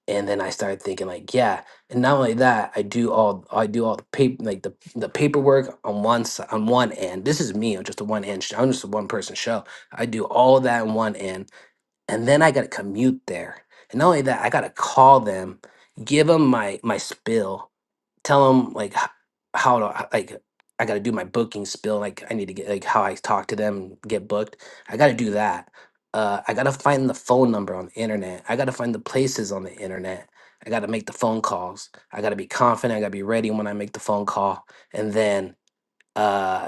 and then I started thinking like, yeah. And not only that, I do all I do all the paper like the the paperwork on one s- on one end. This is me. I'm just a one end. Show. I'm just a one person show. I do all that in one end, and then I got to commute there. And not only that, I got to call them, give them my my spill, tell them like h- how to like I got to do my booking spill. Like I need to get like how I talk to them, get booked. I got to do that. Uh, I got to find the phone number on the internet. I got to find the places on the internet. I got to make the phone calls. I got to be confident. I got to be ready when I make the phone call, and then. uh,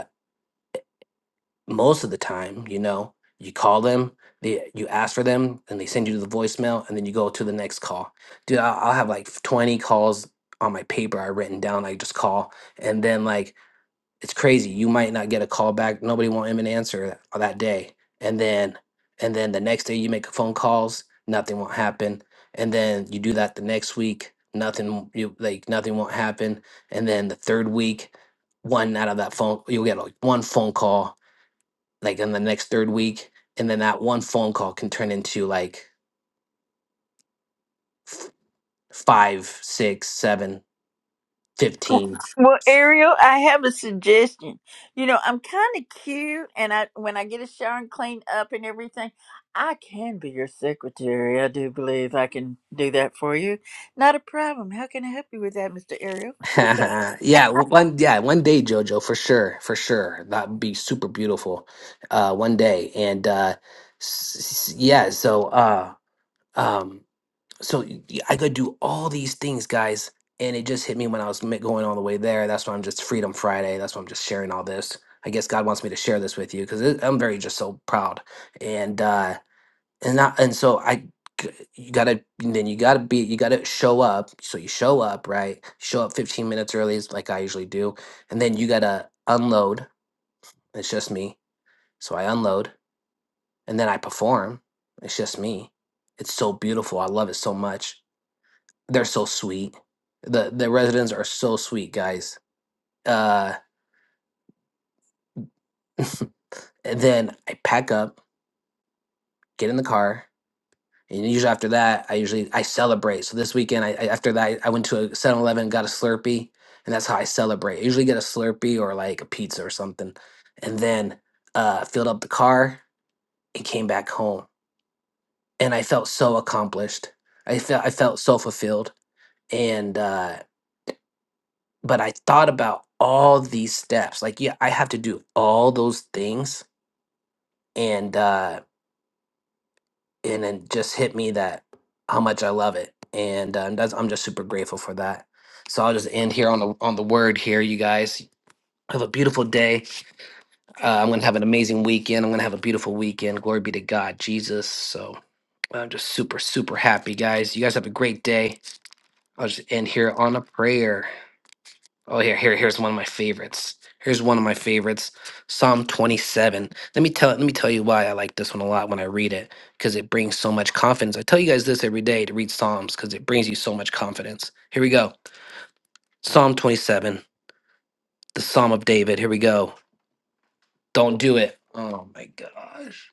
most of the time, you know, you call them, they you ask for them, and they send you to the voicemail, and then you go to the next call. Dude, I'll, I'll have like twenty calls on my paper I written down. I just call, and then like it's crazy. You might not get a call back. Nobody won't even answer that, that day, and then and then the next day you make phone calls, nothing won't happen, and then you do that the next week, nothing you like nothing won't happen, and then the third week, one out of that phone you'll get like one phone call like in the next third week and then that one phone call can turn into like f- five six seven fifteen.
Well, Ariel, I have a suggestion. You know, I'm kind of cute, and I when I get a shower and clean up and everything, I can be your secretary. I do believe I can do that for you. Not a problem. How can I help you with that, Mr. Ariel? Yes, sir.
yeah one yeah one day jojo for sure for sure that would be super beautiful uh one day and uh s- s- yeah so uh um so y- y- i could do all these things guys and it just hit me when i was ma- going all the way there that's why i'm just freedom friday that's why i'm just sharing all this i guess god wants me to share this with you because i'm very just so proud and uh and I, and so I g- you gotta then you gotta be you gotta show up so you show up right show up 15 minutes early is like I usually do and then you gotta unload it's just me so I unload and then I perform it's just me it's so beautiful I love it so much they're so sweet the the residents are so sweet guys uh and then I pack up get in the car And usually after that, I usually I celebrate. So this weekend, I, I- after that, I went to a Seven Eleven, got a Slurpee, and that's how I celebrate. I usually get a Slurpee or like a pizza or something, and then uh, filled up the car and came back home. And I felt so accomplished. I felt I felt so fulfilled. And uh, but I thought about all these steps. Like yeah, I have to do all those things, and uh, and it just hit me that how much I love it, and um, that's, I'm just super grateful for that. So I'll just end here on the on the word here, you guys. Have a beautiful day. Uh, I'm gonna have an amazing weekend. I'm gonna have a beautiful weekend. Glory be to God, Jesus. So I'm just super super happy, guys. You guys have a great day. I'll just end here on a prayer. Oh, here, here, here's one of my favorites. Here's one of my favorites, Psalm 27. Let me tell, let me tell you why I like this one a lot when I read it, because it brings so much confidence. I tell you guys this every day to read Psalms, because it brings you so much confidence. Here we go, Psalm 27, the Psalm of David. Here we go. Don't do it. Oh my gosh,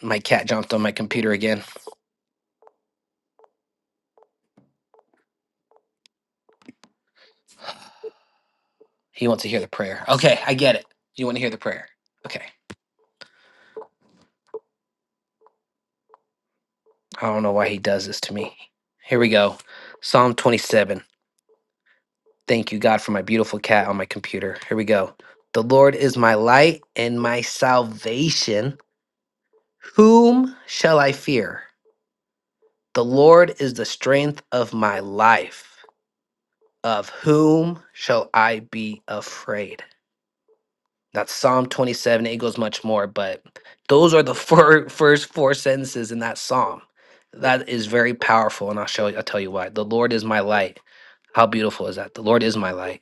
my cat jumped on my computer again. He wants to hear the prayer. Okay, I get it. You want to hear the prayer? Okay. I don't know why he does this to me. Here we go, Psalm 27. Thank you, God, for my beautiful cat on my computer. Here we go. The Lord is my light and my salvation. Whom shall I fear? The Lord is the strength of my life. Of whom shall I be afraid? That's Psalm 27. It goes much more, but those are the fir- first four sentences in that psalm. That is very powerful, and I'll show you. I'll tell you why. The Lord is my light. How beautiful is that? The Lord is my light.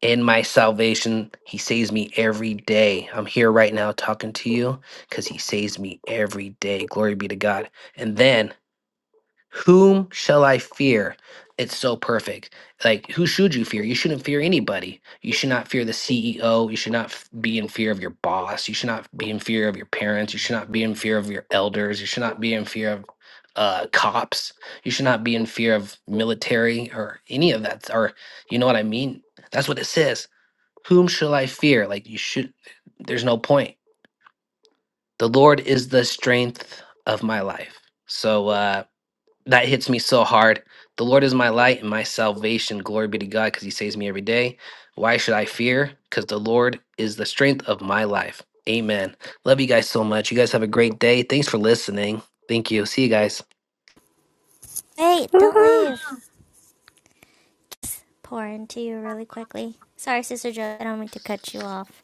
in my salvation. He saves me every day. I'm here right now talking to you because he saves me every day. Glory be to God. And then, whom shall I fear? It's so perfect. Like, who should you fear? You shouldn't fear anybody. You should not fear the CEO. You should not f- be in fear of your boss. You should not be in fear of your parents. You should not be in fear of your elders. You should not be in fear of uh, cops. You should not be in fear of military or any of that. Or, you know what I mean? That's what it says whom shall I fear? Like you should there's no point. The Lord is the strength of my life. So uh that hits me so hard. The Lord is my light and my salvation. Glory be to God because he saves me every day. Why should I fear? Because the Lord is the strength of my life. Amen. Love you guys so much. You guys have a great day. Thanks for listening. Thank you. See you guys.
Hey, don't
Woohoo!
leave. Just pour into you really quickly. Sorry, Sister Joe, I don't mean to cut you off.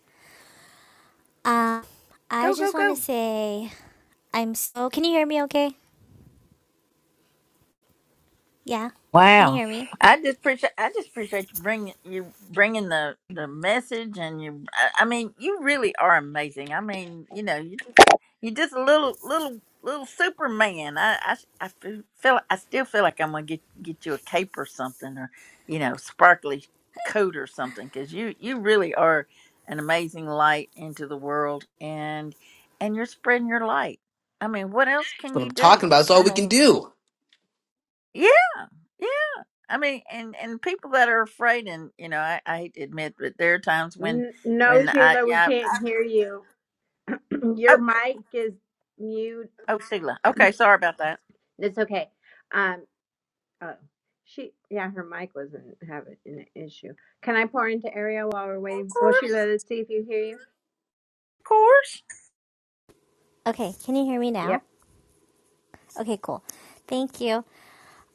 Um, I
Go, go,
just want to
go.
say I'm so. Can you hear me? Okay. Yeah. Can you
Wow,
hear me?
I just appreciate I just appreciate you bringing you bringing the the message and you. I I mean, you really are amazing. I mean, you know, you just you just a little little little Superman. I I s- I f- feel I still feel like I'm gonna get get you a cape or something or you know sparkly coat or something because you you really are an amazing light into the world and and you're spreading your light. I mean, what else can you do? I mean,
Ooh.
yeah. yeah. I mean, and and people that are afraid, and you know, I, I hate to admit, but there are times when
N- No,
when I
Sheila, we
yeah.
can't
I,
hear you. Your
oh,
mic is mute.
oh, Sheila. Okay, sorry about that.
It's okay. Oh, she, yeah, her mic wasn't having an issue. Can I pour into Ariel while we're
Of
waiting? Will
course,
Sheila, let's see if you hear you.
of course.
Okay. Can you hear me now?
Yep.
Okay. Cool. Thank you.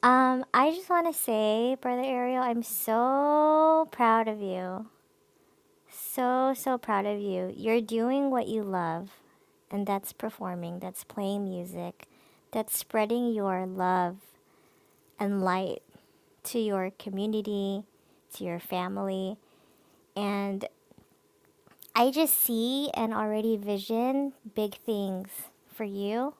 Um, I just want to say, Brother Ariel, I'm so proud of you. So so proud of you. You're doing what you love, and that's performing. That's playing music. That's spreading your love and light to your community, to your family. And I just see and already vision big things for you.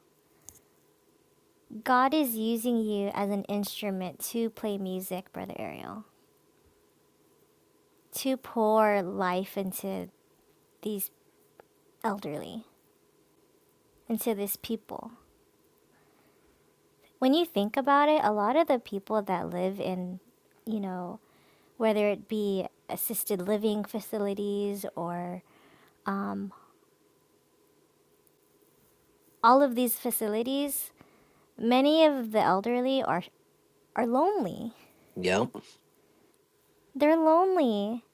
God is using you as an instrument to play music, Brother Ariel, to pour life into these elderly, into these people. When you think about it, a lot of the people that live in, you know, whether it be assisted living facilities or um, all of these facilities, many of the elderly are are lonely.
Yep.
They're lonely,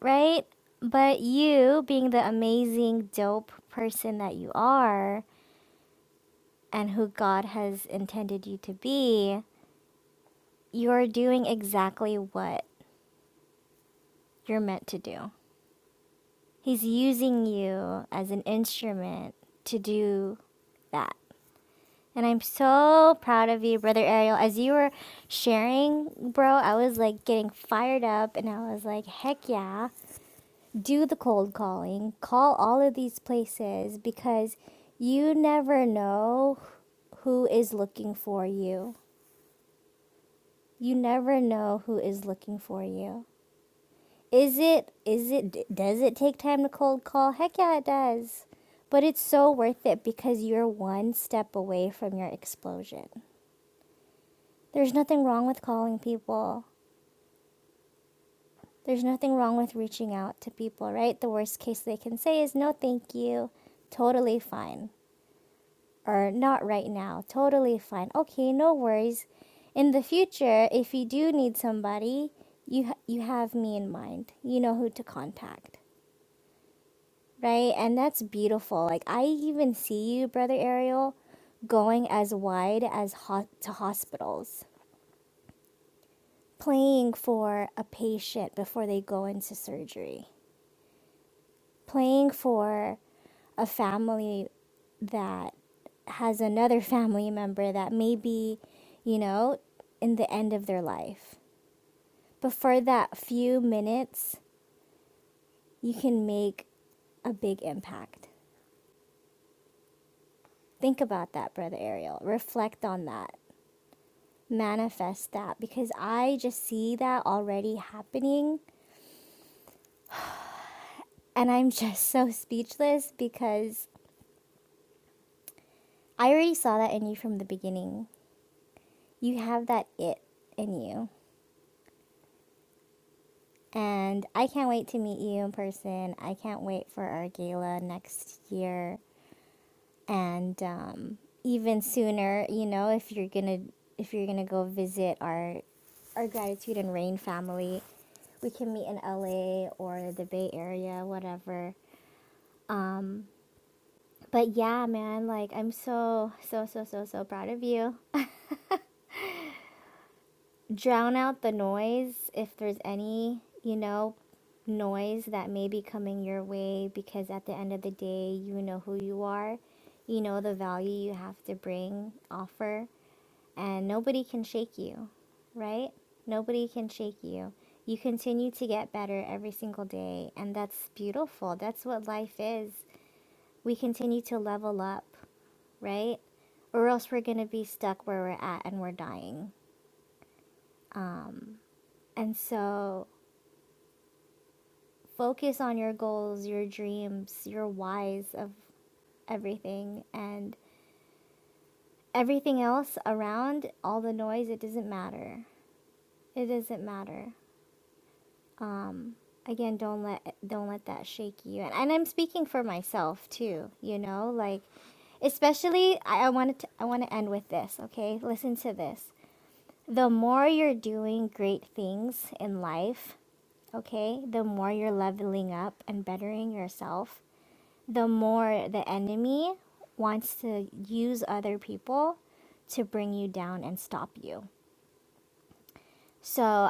right? But you, being the amazing dope person that you are and who God has intended you to be, you're doing exactly what you're meant to do. He's using you as an instrument to do that. And I'm so proud of you, Brother Ariel. As you were sharing, bro, I was like getting fired up and I was like, heck yeah. do the cold calling, call all of these places because you never know who is looking for you. You never know who is looking for you. Is it is it does it take time to cold call? Heck yeah, it does. But it's so worth it because you're one step away from your explosion. There's nothing wrong with calling people. There's nothing wrong with reaching out to people, right? The worst case they can say is no, thank you. Totally fine. or not right now. Totally fine. Okay, no worries. In the future, if you do need somebody, you ha- you have me in mind. You know who to contact, right? And that's beautiful. Like I even see you, brother Ariel, going as wide as ho- to hospitals, playing for a patient before they go into surgery, playing for a family that has another family member that may be, you know, in the end of their life. But for that few minutes, you can make a big impact. Think about that, Brother Ariel. Reflect on that. Manifest that because I just see that already happening. And I'm just so speechless because I already saw that in you from the beginning. You have that it in you. And I can't wait to meet you in person. I can't wait for our gala next year. And um, even sooner, you know, if you're gonna if you're gonna go visit our our gratitude and rain family, we can meet in LA or the Bay Area, whatever. But yeah, man, like I'm so so so so so proud of you. drown out the noise if there's any, you know, noise that may be coming your way because at the end of the day, you know who you are, you know the value you have to bring, offer, and nobody can shake you, right? Nobody can shake you. You continue to get better every single day, and that's beautiful. That's what life is. We continue to level up, right? Or else we're going to be stuck where we're at and we're dying. And so focus on your goals, your dreams, your whys of everything, and everything else around, all the noise, it doesn't matter. It doesn't matter. Um, again, don't let don't let that shake you. And, and I'm speaking for myself too. You know, like especially I, I wanted to, I want to end with this. Okay, listen to this. The more you're doing great things in life, okay, the more you're leveling up and bettering yourself the more the enemy wants to use other people to bring you down and stop you. So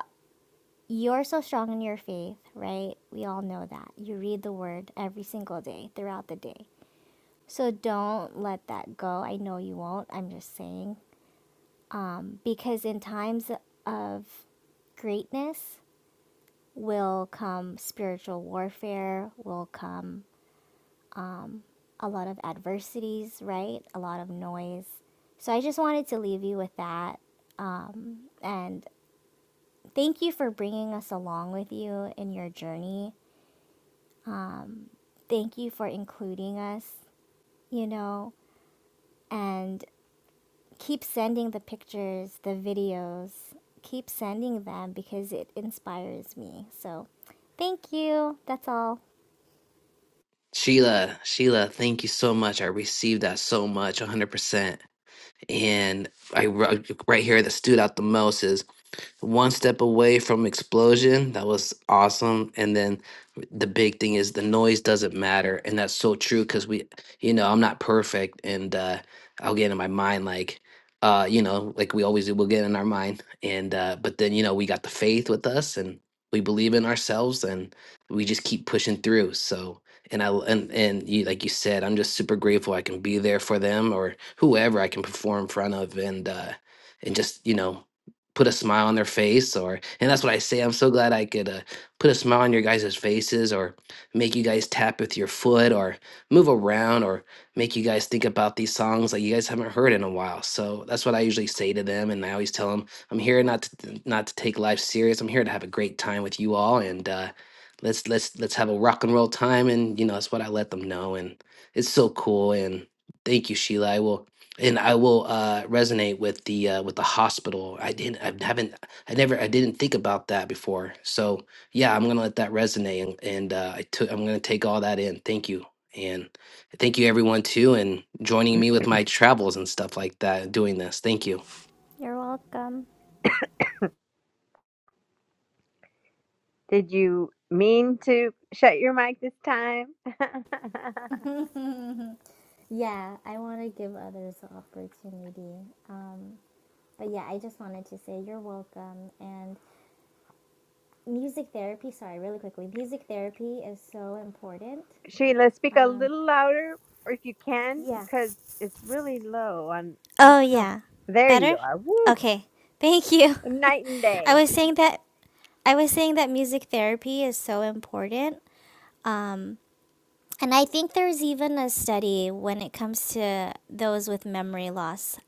you're so strong in your faith, right? We all know that. You read the word every single day throughout the day. So don't let that go. I know you won't. I'm just saying. Um, because in times of greatness will come spiritual warfare, will come a lot of adversities, right? A lot of noise. So I just wanted to leave you with that. Um, and thank you for bringing us along with you in your journey. Thank you for including us, you know, and keep sending the pictures, the videos, keep sending them because it inspires me. So thank you. That's all.
Sheila, Sheila, thank you so much. I received that so much, 100%. And I wrote- right here that stood out the most is one step away from explosion. That was awesome. And then the big thing is the noise doesn't matter, and that's so true because we, you know, I'm not perfect, and uh, I'll get in my mind like, uh, you know, like we always do. We'll get in our mind, and uh, but then you know we got the faith with us, and we believe in ourselves, and we just keep pushing through. So. And I and and you like you said, I'm just super grateful I can be there for them or whoever I can perform in front of, and uh, and just you know put a smile on their face or and that's what i say i'm so glad i could uh, put a smile on your guys' faces or make you guys tap with your foot or move around or make you guys think about these songs that you guys haven't heard in a while so that's what i usually say to them and i always tell them i'm here not to not to take life serious i'm here to have a great time with you all and uh let's let's let's have a rock and roll time and you know that's what i let them know and it's so cool and thank you sheila i will and I will uh, resonate with the uh, with the hospital. I didn't, I haven't, I never, I didn't think about that before. So yeah, I'm gonna let that resonate, and, and uh, I took, I'm gonna take all that in. Thank you, and thank you everyone too, and joining me with my travels and stuff like that, doing this. Thank you.
You're welcome.
Did you mean to shut your mic this time?
Yeah, I want to give others the opportunity. Um, But yeah, I just wanted to say you're welcome. And music therapy, sorry, really quickly, music therapy is so important.
Sheila, speak a
Um,
little louder or if you can,
yeah.
because it's really low on, I
Oh,
don't know.
yeah.
There
Better?
you are. Woo!
Okay. Thank you.
Night and day.
I was saying that I was saying that music therapy is so important. And I think there's even a study when it comes to those with memory loss,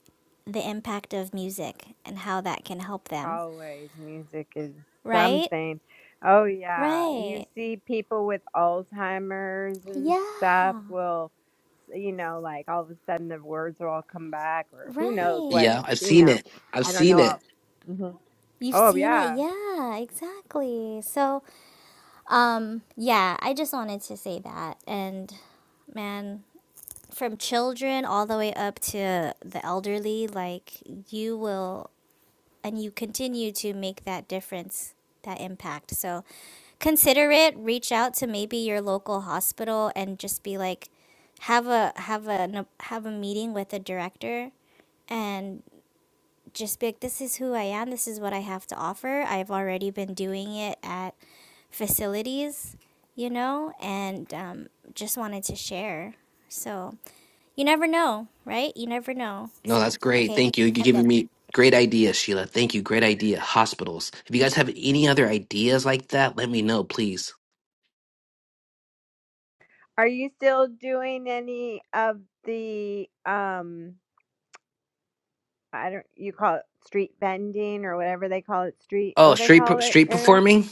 the impact of music and how that can help them.
Always music is
Right?
something. Oh yeah, you
Right.
see people with Alzheimer's and
Yeah.
stuff will you know like all of a sudden the words will all come back or who knows what,
Right.
Yeah, I've
you
seen
know.
it. I've
I don't
seen
know. All.
it.
Mhm.
You've
Oh
seen it,
yeah.
yeah, exactly. So, um, yeah, I just wanted to say that. And man, from children all the way up to the elderly, like you will, and you continue to make that difference, that impact. So consider it, reach out to maybe your local hospital and just be like, have a have a have a meeting with the director and just be like, this is who I am. This is what I have to offer. I've already been doing it at facilities, you know, and um, just wanted to share. So you never know, right? You never know.
No, that's
So,
great.
okay,
Thank you. You're
I'm
giving
done.
me great ideas, Sheila. Thank you. Great idea. Hospitals. If you guys have any other ideas like that, let me know, please.
Are you still doing any of the um I don't you call it street vending or whatever they call it street what
Oh,
do they
street
call
per-
it,
street
Ariel?
performing.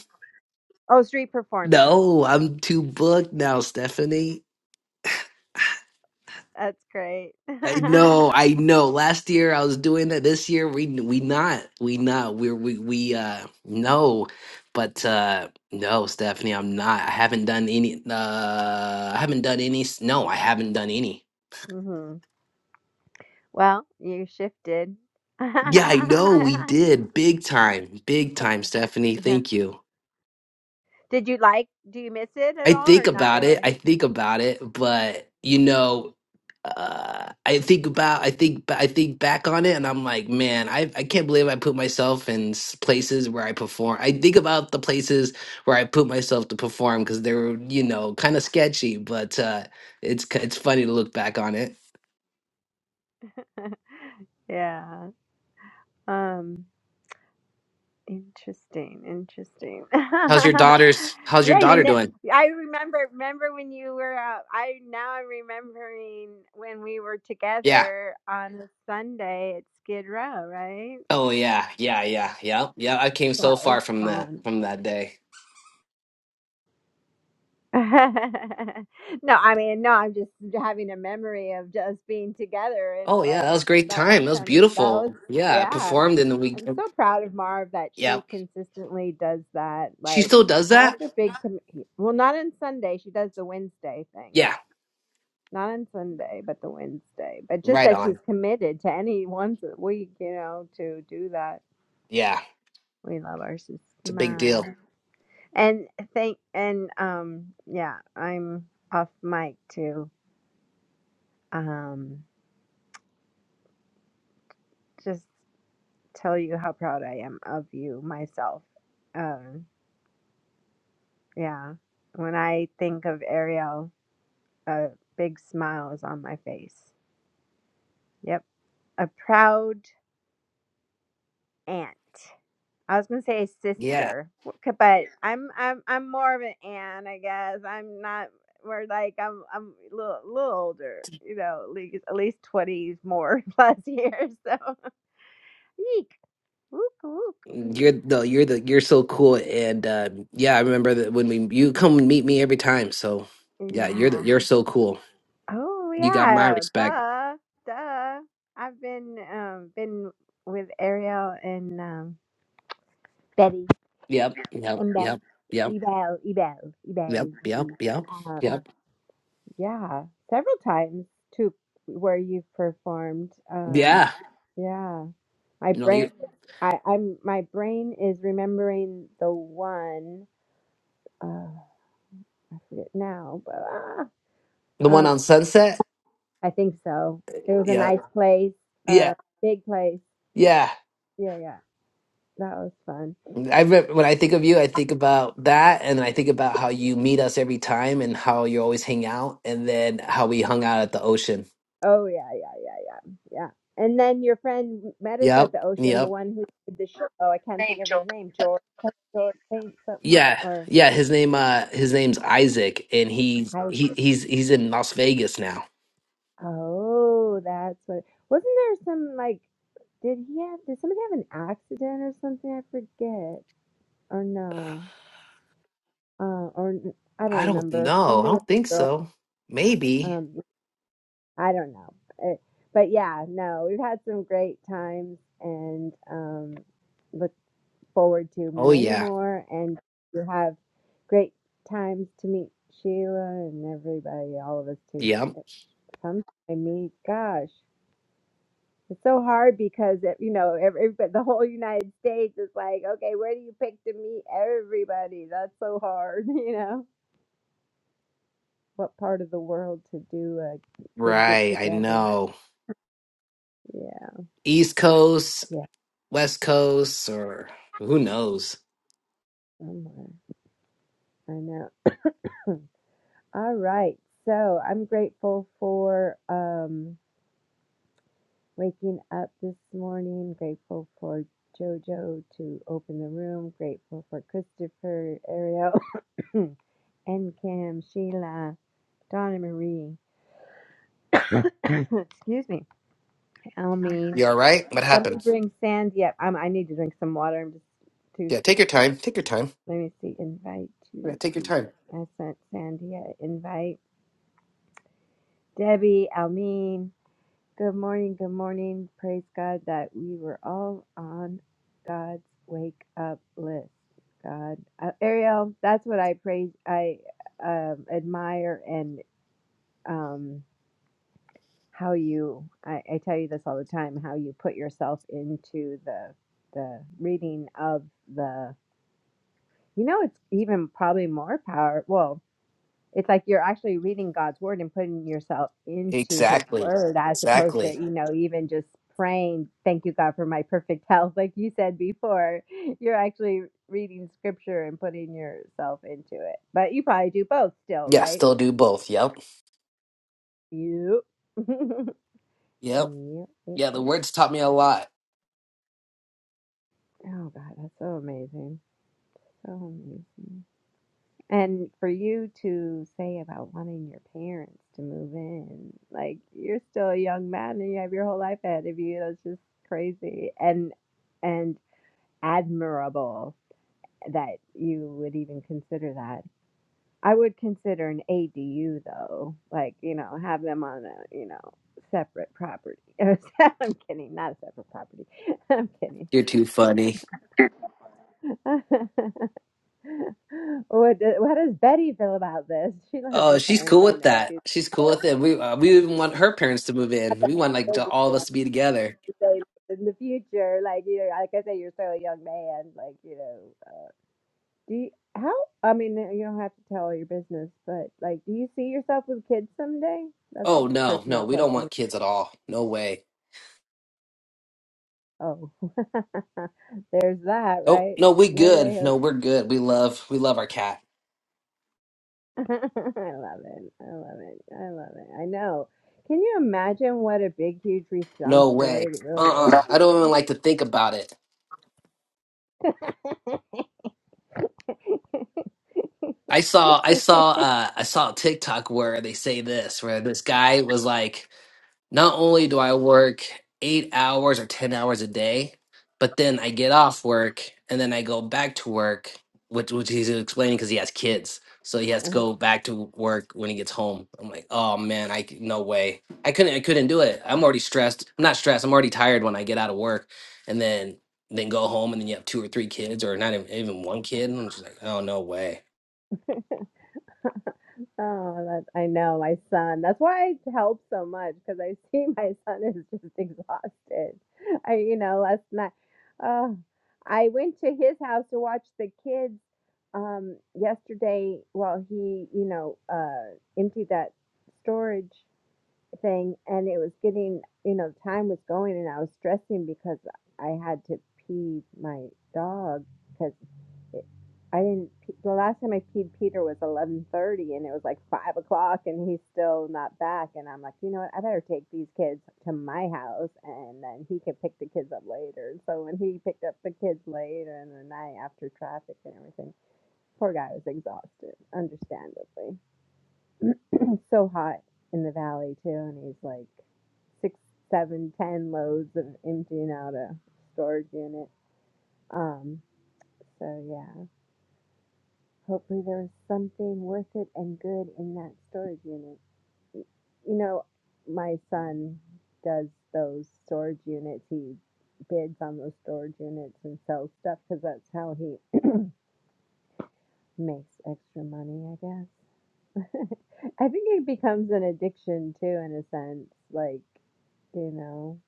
Oh, street performing.
No, I'm too booked now, Stephanie.
That's great.
I know, I know. Last year I was doing that. This year we we not. We not. We're we we uh no. But uh no, Stephanie, I'm not. I haven't done any uh I haven't done any s- no, I haven't done any.
mhm. Well, you shifted.
Yeah, I know we did. Big time. Big time, Stephanie.
yeah.
Thank you.
Did you like do you miss it at
I
all or
think
not
about it.
really?
I think about it, but you know, uh, I think about, I think, I think back on it, and I'm like, man, I, I can't believe I put myself in s- places where I perform. I think about the places where I put myself to perform because they were, you know, kind of sketchy, but uh, it's k- it's funny to look back on it.
Yeah. Um interesting, interesting.
How's your daughter's? How's your
yeah, you
daughter
know
doing?
I remember remember when you were out I now I'm remembering when we were
Yeah.
together on a Sunday at Skid Row, right?
Oh yeah, yeah, yeah, yeah, yeah. I came
That
so
was
far from that
fun.
from that day.
No, I mean, no, I'm just having a memory of just being together
Oh
and
yeah,
like
that was a great
that was
time. That was
kind of that was
beautiful. Yeah, I
yeah.
performed in the week.
I'm
uh,
so proud of Marv that
yeah.
she consistently does that.
She
Like
still does
that's
that?
a big com- well, not on Sunday. She does the Wednesday thing.
Yeah.
Not on Sunday, but the Wednesday. But just
Right
that she's
on.
committed to any once a week, you know, to do that.
Yeah.
We love our
It's a big
smile.
deal.
And thank and um yeah, I'm off mic too. um, just tell you how proud I am of you myself. Um, yeah, when I think of Ariel, a big smile is on my face. Yep, a proud aunt. I was gonna say
Yeah.
sister, w- c- but I'm I'm I'm more of an aunt, I guess. I'm not. We're like I'm I'm a little, little older, you know, at least at least twenty more plus years. So, eek, wook wook.
mm,
Mm,
You're the you're the you're so cool and uh yeah, I remember that when we you come and meet me every time. So yeah, you're
Yeah.
the you're so cool.
Oh
You got my
yeah,
respect.
duh, duh. I've been um been with Ariel and um Betty
Yep. Yep.
and Beth,
Yep. Yep.
Ebel, Ebel,
Yep.
Ebel.
Yep.
Betty.
Yep.
Um,
Yep.
yeah, several times too, where you've performed. Um,
Yeah.
yeah, my
No, you're
brain, I, I'm my brain is remembering the one. Uh, I forget now, but ah,
the one
uh,
on Sunset?
I think so. It was a
Yeah.
nice place, uh,
Yeah.
big place.
Yeah.
Yeah, yeah. That was fun.
I re- when I think of you, I think about that, and I think about how you meet us every time, and how you always hang out, and then how we hung out at the ocean.
Oh yeah, yeah, yeah, yeah, yeah. And then your friend met us at
Yep,
the ocean. The
yep.
one who did the show. Oh, I can't
Name,
think of his
Joe.
name. George, George Paint something
Yeah,
or
yeah. His name, uh, his name's Isaac, and he's
I.
he he's he's in Las Vegas now.
Oh, that's what. Wasn't there some like? Did he have? Did somebody have an accident or something? I forget. Or no. Uh, or n- I don't
I don't
remember.
know. I
Something with
don't think
a girl.
so. Maybe.
Um, I don't know. It, but yeah, no, we've had some great times and um, look. forward to
Oh
many
yeah.
more, and you have great times to meet Sheila and everybody, all of us too.
Yep.
Eh, Sometimes, I mean, gosh, it's so hard because it, you know, every but the whole United States is like, okay, where do you pick to meet everybody? That's so hard, you know. What part of the world to do a big get
Right. I
together?
know.
Yeah,
East Coast,
yeah,
West Coast, or who knows?
somewhere. I know. All right. So I'm grateful for. um waking up this morning. Grateful for JoJo to open the room. Grateful for Christopher, Ariel, and Kim, Sheila, Donna Marie. Excuse me, Almy.
You all right? What
Somebody
happened?
bring Sandy up. I'm, I need to drink some water. I'm just to
Yeah. Take your time. Take your time.
let me see. Invite to
Yeah, take your
see.
time.
I sent Sandy an invite. Debbie, Almeen. Good morning, good morning. Praise God that we were all on God's wake up list. God, uh, Ariel, that's what I praise, I um, admire, and um, how you, I, I tell you this all the time, how you put yourself into the the reading of the, you know, it's even probably more power. Well, it's like you're actually reading God's word and putting yourself into his
Exactly.
word as opposed to,
Exactly.
you know, even just praying, thank you God for my perfect health like you said before. You're actually reading scripture and putting yourself into it. But you probably do both still,
Yeah,
right?
still do both. Yep.
Yep. yep.
Yep.
yep.
Yeah, the words taught me a lot.
Oh God, that's so amazing. So amazing. And for you to say about wanting your parents to move in, like you're still a young man and you have your whole life ahead of you. That's just crazy and and admirable that you would even consider that. I would consider an ADU though, like you know, have them on a you know separate property. I'm kidding, not a separate property. I'm kidding.
You're too funny.
What do, how does Betty feel about this? She loves
Oh,
your
she's
parents.
cool
I
with
know
that.
she's
She's
so-
cool with it. We uh, we even want her parents to move in. We want like
so-
to, all of us to be together.
in the future. Like you, know, like I say, you're still a young man. Like you know, uh, do you, how? I mean, uh, you don't have to tell your business, but like, do you see yourself with kids someday? That's a
Oh no,
personal
no, we don't
question.
want kids at all. No way.
Oh, there's that,
Nope.
right?
No, we
No way.
good. No,
Jose.
we're good. We love we love our cat.
I love it. I love it. I love it. I know. Can you imagine what a big, huge
No way.
responsibility it really is?
Uh-uh. I don't even like to think about it. I saw I saw uh I saw a TikTok where they say this where this guy was like Not only do I work eight hours or 10 hours a day, but then I get off work and then I go back to work, which, which he's explaining because he has kids. So he has to
Oh,
go back to work when he gets home. I'm like, oh man, I c- no way. I couldn't I couldn't do it. I'm already stressed. I'm not stressed. I'm already tired when I get out of work and then then go home and then you have two or three kids or not even, even one kid. And I'm just like, oh no way.
that I know my son. That's why I help so much because I see my son is just exhausted. I, you know, last night, uh, I went to his house to watch the kids um yesterday while he, you know, uh emptied that storage thing, and it was getting, you know, time was going, and I was stressing because I had to pee my dog. because. I didn't. The last time I peed Peter was eleven thirty, and it was like five o'clock, and he's still not back. And I'm like, you know what? I better take these kids to my house, and then he can pick the kids up later. So when he picked up the kids later in the night after traffic and everything, poor guy was exhausted, understandably. It's so hot in the valley too, and he's like six, seven, ten loads of emptying out a storage unit. Um. So yeah. Hopefully, there was something worth it and good in that storage unit. You know, my son does those storage units. He bids on those storage units and sells stuff because that's how he makes extra money, I guess. I think it becomes an addiction too, in a sense. Like, you know,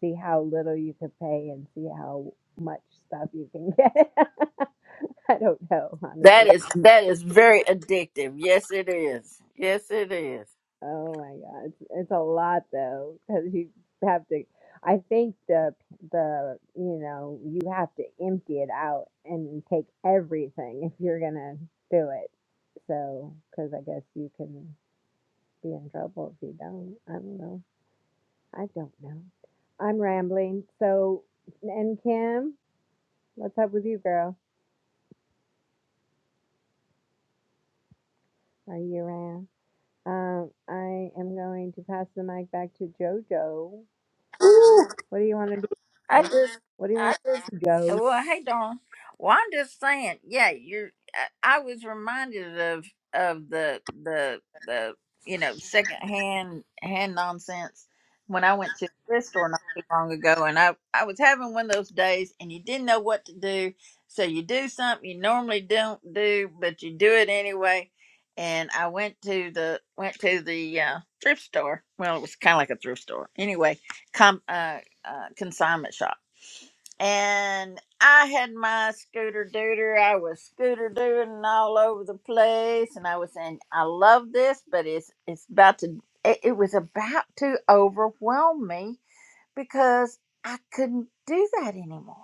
see how little you could pay and see how much stuff you can get. I don't know, honestly.
That is that is very addictive. Yes, it is. Yes, it is.
Oh my God, it's, it's a lot though, because you have to. I think the the you know you have to empty it out and take everything if you're gonna do it. So, because I guess you can be in trouble if you don't. I don't know. I don't know. I'm rambling. So, and Kim, what's up with you, girl? Are you around? Um, I am going to pass the mic back to JoJo. What do you want to do?
I just,
What do you
I
want,
just,
Joe?
well, hey, Dawn. Well, I'm just saying, yeah, you're. I, I was reminded of of the the the you know second hand hand nonsense when I went to the thrift store not too long ago, and I I was having one of those days, and you didn't know what to do, so you do something you normally don't do, but you do it anyway. And I went to the went to the uh, thrift store. Well, it was kind of like a thrift store anyway. Com uh uh, consignment shop. And I had my scooter dooter. I was scooter dooting all over the place, and I was saying, "I love this, but it's it's about to it, it was about to overwhelm me because I couldn't do that anymore.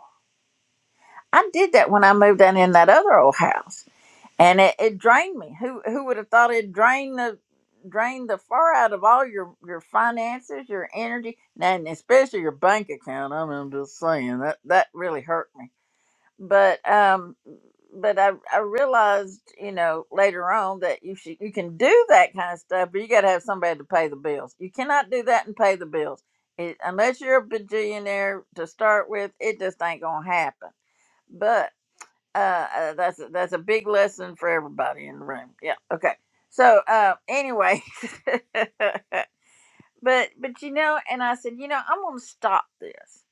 I did that when I moved down in that other old house and it, it drained me. Who who would have thought it drained the drained the far out of all your your finances, your energy, and especially your bank account. I mean, I'm just saying that that really hurt me. But um, but I I realized you know later on that you should you can do that kind of stuff, but you got to have somebody to pay the bills. You cannot do that and pay the bills. It, unless you're a bajillionaire to start with, it just ain't gonna happen. But uh, uh, that's a, that's a big lesson for everybody in the room. Yeah. Okay. So uh, anyway, but but you know, and I said, you know, I'm gonna stop this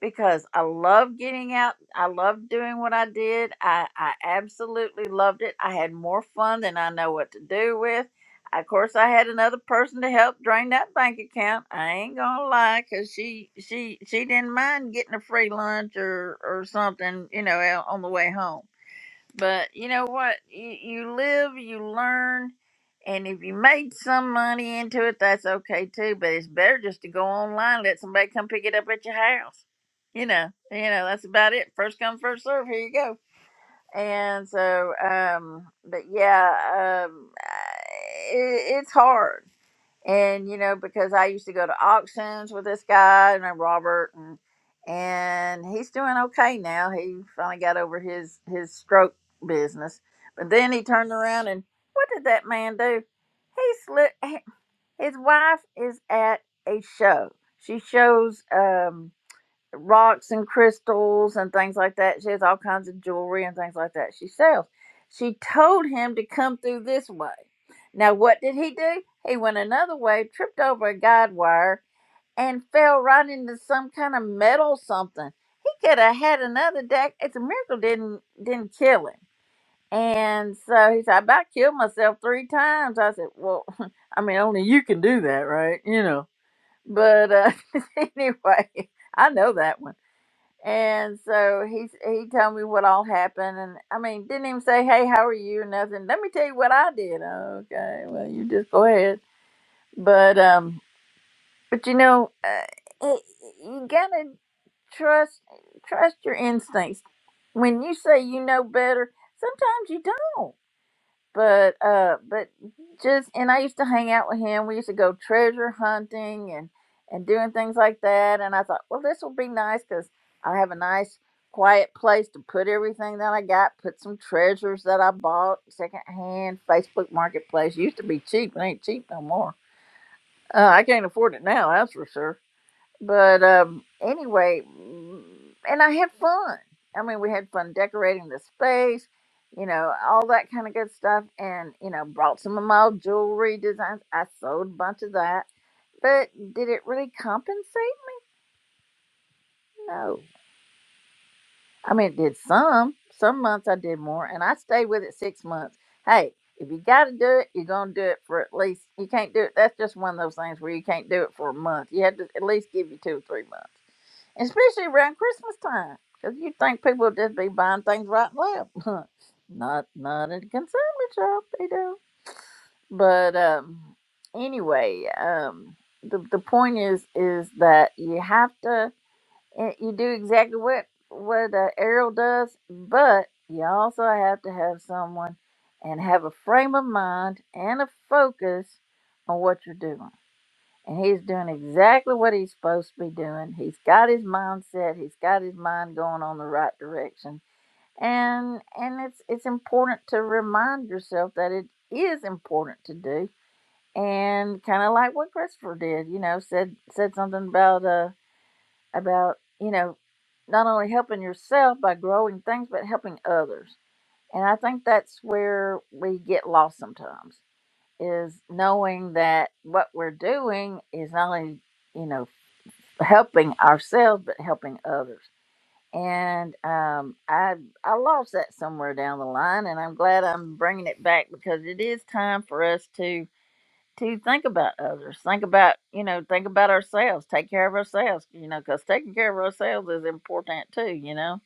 because I love getting out. I love doing what I did. I I absolutely loved it. I had more fun than I know what to do with. Of course, I had another person to help drain that bank account. I ain't gonna lie, cause she she she didn't mind getting a free lunch or or something, you know, on the way home but you know what? You, you live, you learn, and if you made some money into it, that's okay too. But it's better just to go online, let somebody come pick it up at your house. You know, you know that's about it. First come, first serve. Here you go. And so, um, but yeah, um, I- it, it's hard and you know because i used to go to auctions with this guy and robert and and he's doing okay now he finally got over his his stroke business but then he turned around and what did that man do he slipped his wife is at a show she shows Um, rocks and crystals and things like that. She has all kinds of jewelry and things like that she sells. She told him to come through this way. Now, what did he do? He went another way, tripped over a guide wire, and fell right into some kind of metal something. He could have had another deck. It's a miracle didn't didn't kill him. And so he said, I about killed myself three times. I said, Well, I mean, only you can do that, right? You know. But uh, anyway, I know that one. And so he he told me what all happened, and I mean, didn't even say, "Hey, how are you?" Nothing. Let me tell you what I did. "Oh, Okay, well, you just go ahead. But um, but you know, uh, it, you gotta trust trust your instincts. When you say you know better, sometimes you don't but uh but just and i used to hang out with him we used to go treasure hunting and and doing things like that and i thought well this will be nice because i have a nice quiet place to put everything that i got put some treasures that i bought secondhand facebook marketplace used to be cheap it ain't cheap no more uh, i can't afford it now that's for sure but um anyway mm, and i had fun i mean we had fun decorating the space you know all that kind of good stuff and you know brought some of my old jewelry designs i sold a bunch of that but did it really compensate no i mean it did some some months i did more and i stayed with it six months hey if you got to do it you're going to do it for at least you can't do it that's just one of those things where you can't do it for a month you have to at least give you two or three months especially around Christmas time, because you think people would just be buying things right and left. not not at a consignment shop, they do. But um, anyway, um, the the point is is that you have to eh, you do exactly what what uh, Errol does, but you also have to have someone and have a frame of mind and a focus on what you're doing and he's doing exactly what he's supposed to be doing. He's got his mindset, he's got his mind going on the right direction. And and it's it's important to remind yourself that it is important to do. And kind of like what Christopher did, you know, said said something about uh about, you know, not only helping yourself by growing things, but helping others. And I think that's where we get lost sometimes is knowing that what we're doing is not only, you know, helping ourselves but helping others and um, i i lost that somewhere down the line and i'm glad i'm bringing it back because it is time for us to to think about others think about you know think about ourselves take care of ourselves you know because taking care of ourselves is important too you know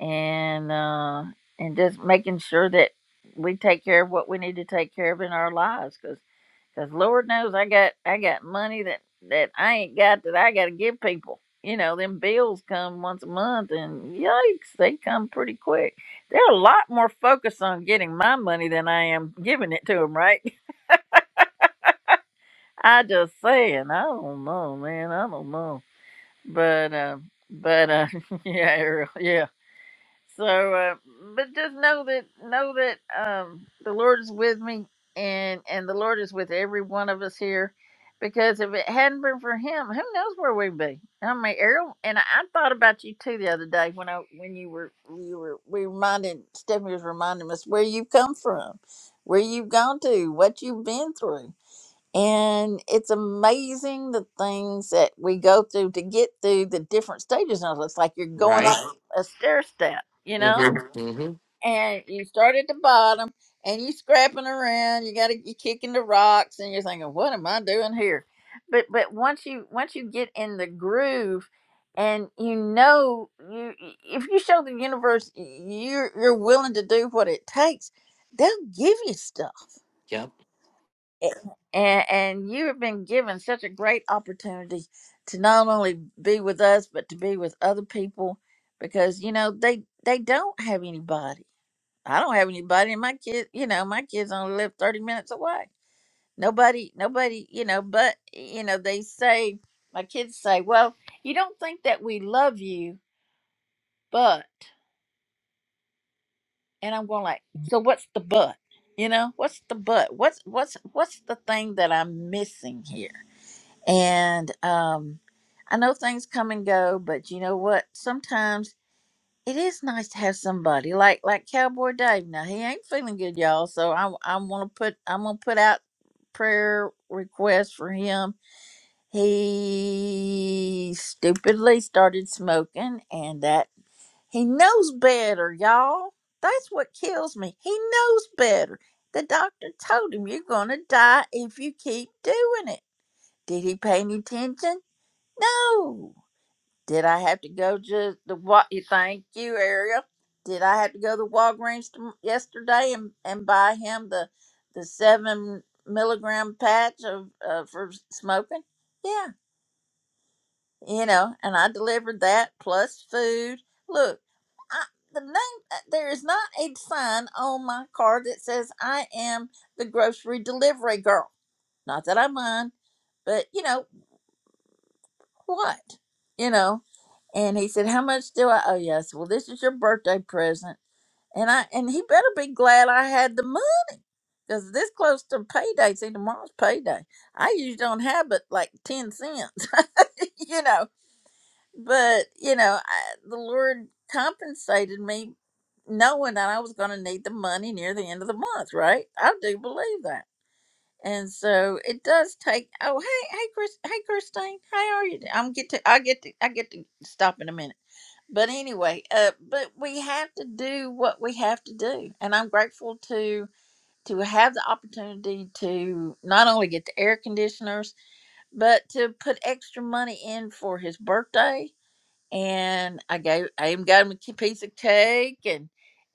and uh and just making sure that we take care of what we need to take care of in our lives 'cause Cause Lord knows I got I got money that that I ain't got that I got to give people. You know, them bills come once a month, and yikes, they come pretty quick. They're a lot more focused on getting my money than I am giving it to them, right? I just saying, I don't know, man, I don't know, but uh, but uh, yeah, Ariel, yeah. So, uh, but just know that know that um, the Lord is with me, and and the Lord is with every one of us here, because if it hadn't been for Him, who knows where we'd be? I mean, Errol, and I, I thought about you too the other day when I when you were you were we reminded Stephanie was reminding us where you've come from, where you've gone to, what you've been through and it's amazing the things that we go through to get through the different stages. of It it's like you're going
Right?
up a stair step, you know,
Mm-hmm.
Mhm.
Mm-hmm.
and you start at the bottom and you scrapping around. You got to you kicking the rocks, and you're thinking, "What am I doing here?" But but once you once you get in the groove, and you know you if you show the universe you're you're willing to do what it takes, they'll give you stuff
Yep.
and, and you have been given such a great opportunity to not only be with us but to be with other people because you know they they don't have anybody i don't have anybody and my kids you know my kids only live 30 minutes away nobody nobody you know but you know they say my kids say well you don't think that we love you but and i'm going like so what's the but you know what's the but what's what's what's the thing that i'm missing here And um, I know things come and go, but you know what? Sometimes it is nice to have somebody like like Cowboy Dave. Now he ain't feeling good, y'all. So I I going to put I'm gonna put out prayer requests for him. He stupidly started smoking, and that he knows better, y'all. That's what kills me. He knows better. The doctor told him you're gonna die if you keep doing it. Did he pay any attention? No. Did I have to go to the what? You thank you, Ariel. Did I have to go to Walgreens tom yesterday and, and buy him the the seven milligram patch of uh, for smoking? Yeah, you know, and I delivered that plus food. Look, I, the name uh, there is not a sign on my card that says I am the grocery delivery girl. Not that I mind, but you know, what? You know? And he said, How much do I owe you? I said, Well, this is your birthday present. And I and he better be glad I had the money. Because this close to payday, see tomorrow's payday. I usually don't have but like ten cents, you know. But, you know, I, the Lord compensated me knowing that I was gonna need the money near the end of the month, right? I do believe that and so it does take. Oh, hey, hey, Chris, hey, Christine, how are you? I'm get to, I get to, I get to stop in a minute. But anyway, uh, but we have to do what we have to do, and I'm grateful to to have the opportunity to not only get the air conditioners, but to put extra money in for his birthday and I gave I even got him a ki- piece of cake and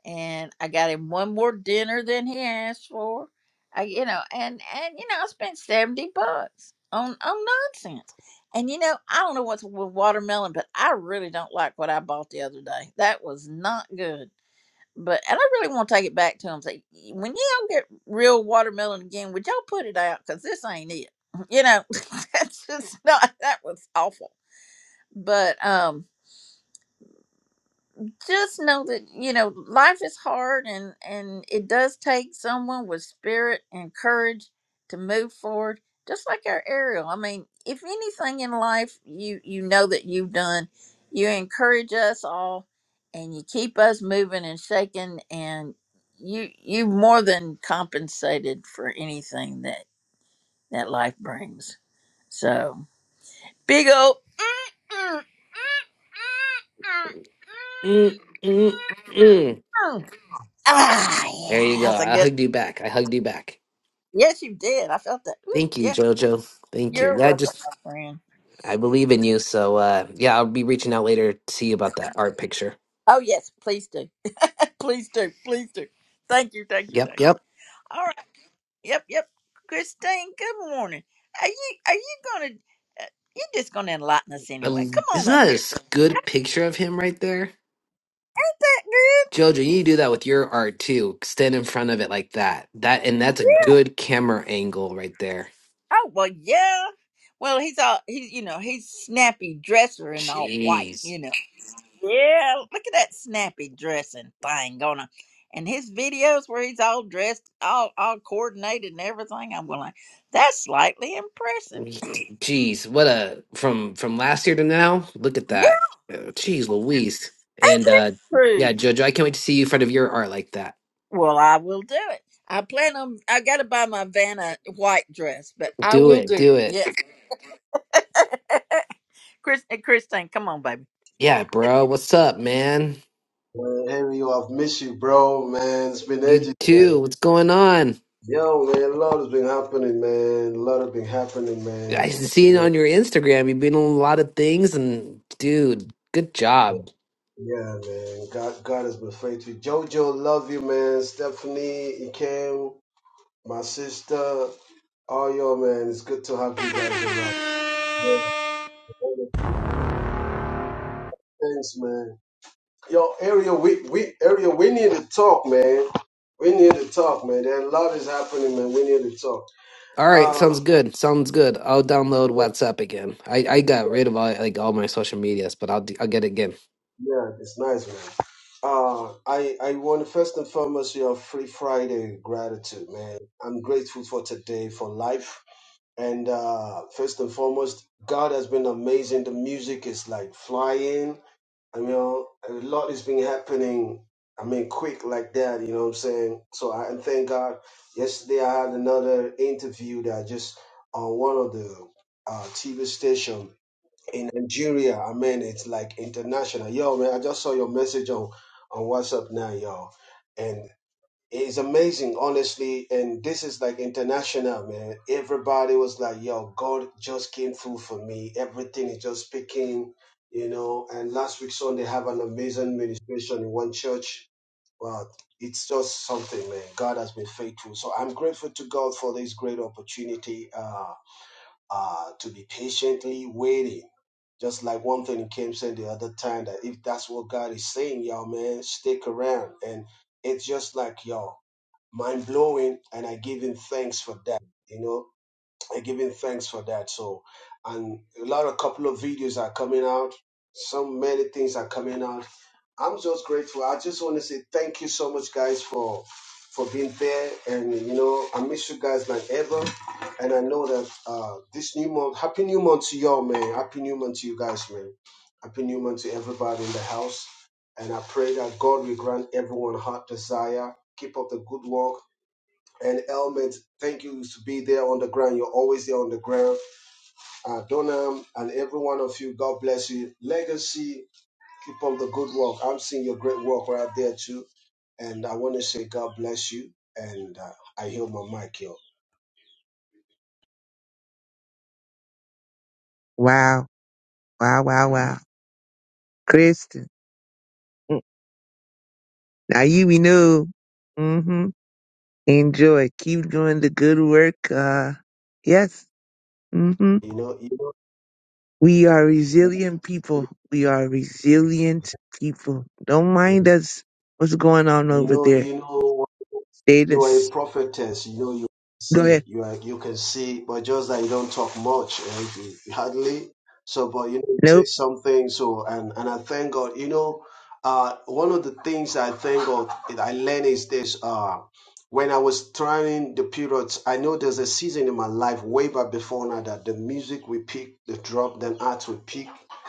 and I got him one more dinner than he asked for. I you know and and you know I spent seventy bucks on on nonsense. And you know I don't know what's with watermelon, but I really don't like what I bought the other day. That was not good. But and I really want to take it back to him. Say when y'all get real watermelon again, would y'all put it out? Cause this ain't it. You know, that's just not. That was awful. But um, just know that you know life is hard and and it does take someone with spirit and courage to move forward just like our ariel i mean if anything in life you you know that you've done you encourage us all and you keep us moving and shaking and you you more than compensated for anything that that life brings so big old
Mm-mm-mm.
ah
There you
yeah
go.
that's a
I
good
hugged you back. I hugged you back.
yes you did i felt that Ooh,
Thank you,
yeah
Jojo. Thank you.
You're
That
welcome,
just
my friend.
I believe in you. So uh yeah, I'll be reaching out later to see you about that art picture.
Oh yes, please do. please do. Please do. Thank you. Thank you.
Yep,
Thank you.
yep.
All right. Yep. Yep. Christine, good morning. Are you Are you gonna? Uh, you're just gonna enlighten us
I
anyway.
l-
Come on
Isn't
up
that a
here,
s-
sir. Ain't
good picture of him right there?
that good?
Jojo, you need to do that with your art too. Stand in front of it like that. That and that's a good camera angle right there.
Oh well, yeah. Well, he's all he's you know he's snappy dresser and all white,
Jeez.
you know. Yeah, look at that snappy dressing thing going on. And his videos where he's all dressed, all all coordinated and everything, I'm going, like, that's slightly impressive.
Jeez, what a from from last year to now. Look at
Yeah,
that. Uh, Jeez, Louise.
ain't
And
that
uh
true?
yeah, Jojo, I can't wait to see you in front of your art like that.
Well, I will do it. I plan on, I got to buy my Vanna white dress, but I
Do
will
it,
do
do
it.
it.
Yes. Chris, eh, Christine, come on, baby.
Yeah, bro. What's up, man?
Man, Henry, I've missed you, bro, man. It's been
You
ages, man.
too. What's going on?
Yo, man, a lot has been happening, man. A lot has been happening, man.
I see it
Yeah,
on your Instagram. You've been on a lot of things, and dude, good job.
yeah, man. God, God has been faithful. Jojo, love you, man. Stephanie, Ikem, my sister, all y'all, man. It's good to have you guys around. Yeah, honestly. Thanks, man. Yo, area, we, we, area, we need to talk, man. We need to talk, man. There a lot is happening, man. We need to talk.
All right,
Uh,
sounds good. Sounds good. I'll download WhatsApp again. I I got rid of all like all my social medias, but I'll do- I'll get it again.
Yeah, it's nice, man. Uh, I I want to first and foremost your Free Friday gratitude, man. I'm grateful for today, for life, and uh, first and foremost, God has been amazing. The music is like flying. I mean, a lot has been happening. I mean, quick like that. You know what I'm saying? So I and thank God. Yesterday I had another interview that I just on one of the uh, TV stations in Nigeria. I mean, it's like international. Yo, man, I just saw your message on on WhatsApp now, y'all, and it's amazing, honestly. And this is like international, man. Everybody was like, "Yo, God just came through for me. Everything is just speaking, you know." And last week Sunday have an amazing ministration in one church. Wow, it's just something, man. God has been faithful, so I'm grateful to God for this great opportunity. Uh, uh, to be patiently waiting. Just like one thing Kim said the other time that if that's what God is saying, y'all, man, stick around. And it's just like, y'all, mind blowing. And I give him thanks for that, you know and giving thanks for that. So, and a lot of couple of videos are coming out. So many things are coming out. I'm just grateful. I just want to say thank you so much, guys, for for being there. And you know, I miss you guys like ever. And I know that uh this new month, happy new month to y'all, man. Happy new month to you guys, man. Happy new month to everybody in the house. And I pray that God will grant everyone heart desire. Keep up the good work and Elmet, thank you to be there on the ground. You're always there on the ground. Uh, Donam and every one of you, God bless you. Legacy, keep up the good work. I'm seeing your great work right there too. And I want to say God bless you. And uh, I hear my mic here.
Wow. Wow. Wow. Wow. Kristen, mm, now you be new. Mm-hmm. Enjoy. Keep doing the good work. Uh, yes. hmm
You know, you know,
We are resilient people. We are resilient people. Don't mind us. What's going on
you
over
know,
there?
you know.
Stay
You are a
this.
prophetess. You know you
Go
see.
ahead.
You are you can see, but just that you don't talk much, eh, you- you hardly. So, but you know, you say
Nope.
something. So, and and I thank God. You know, uh, one of the things I thank God that I learned is this. Uh, when I was trying the periods, I know there's a season in my life way back before now that the music we pick, the drop, then art we pick.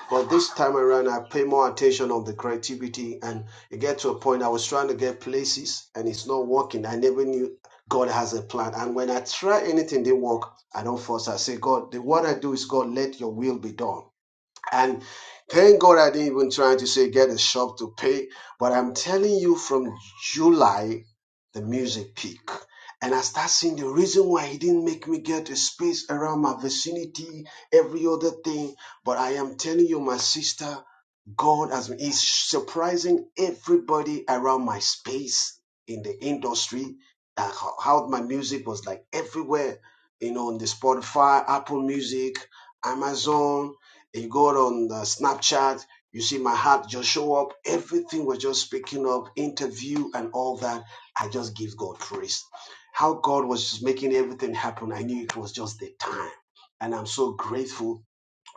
But this time around, I pay more attention on the creativity and it get to a point I was trying to get places and it's not working. I never knew God has a plan. And when I try anything, they work. I don't force. I say, God, the, what I do is, God, let your will be done. And thank God I didn't even try to say get a shop to pay. But I'm telling you, from July, the music peak. And I start seeing the reason why he didn't make me get a space around my vicinity, every other thing. But I am telling you, my sister, God has been is surprising everybody around my space in the industry. Uh, how, how my music was like everywhere, you know, on the Spotify, Apple Music, Amazon. You go on the Snapchat, you see my heart just show up. Everything was just picking up, interview and all that. I just give God praise. How God was just making everything happen. I knew it was just the time, and I'm so grateful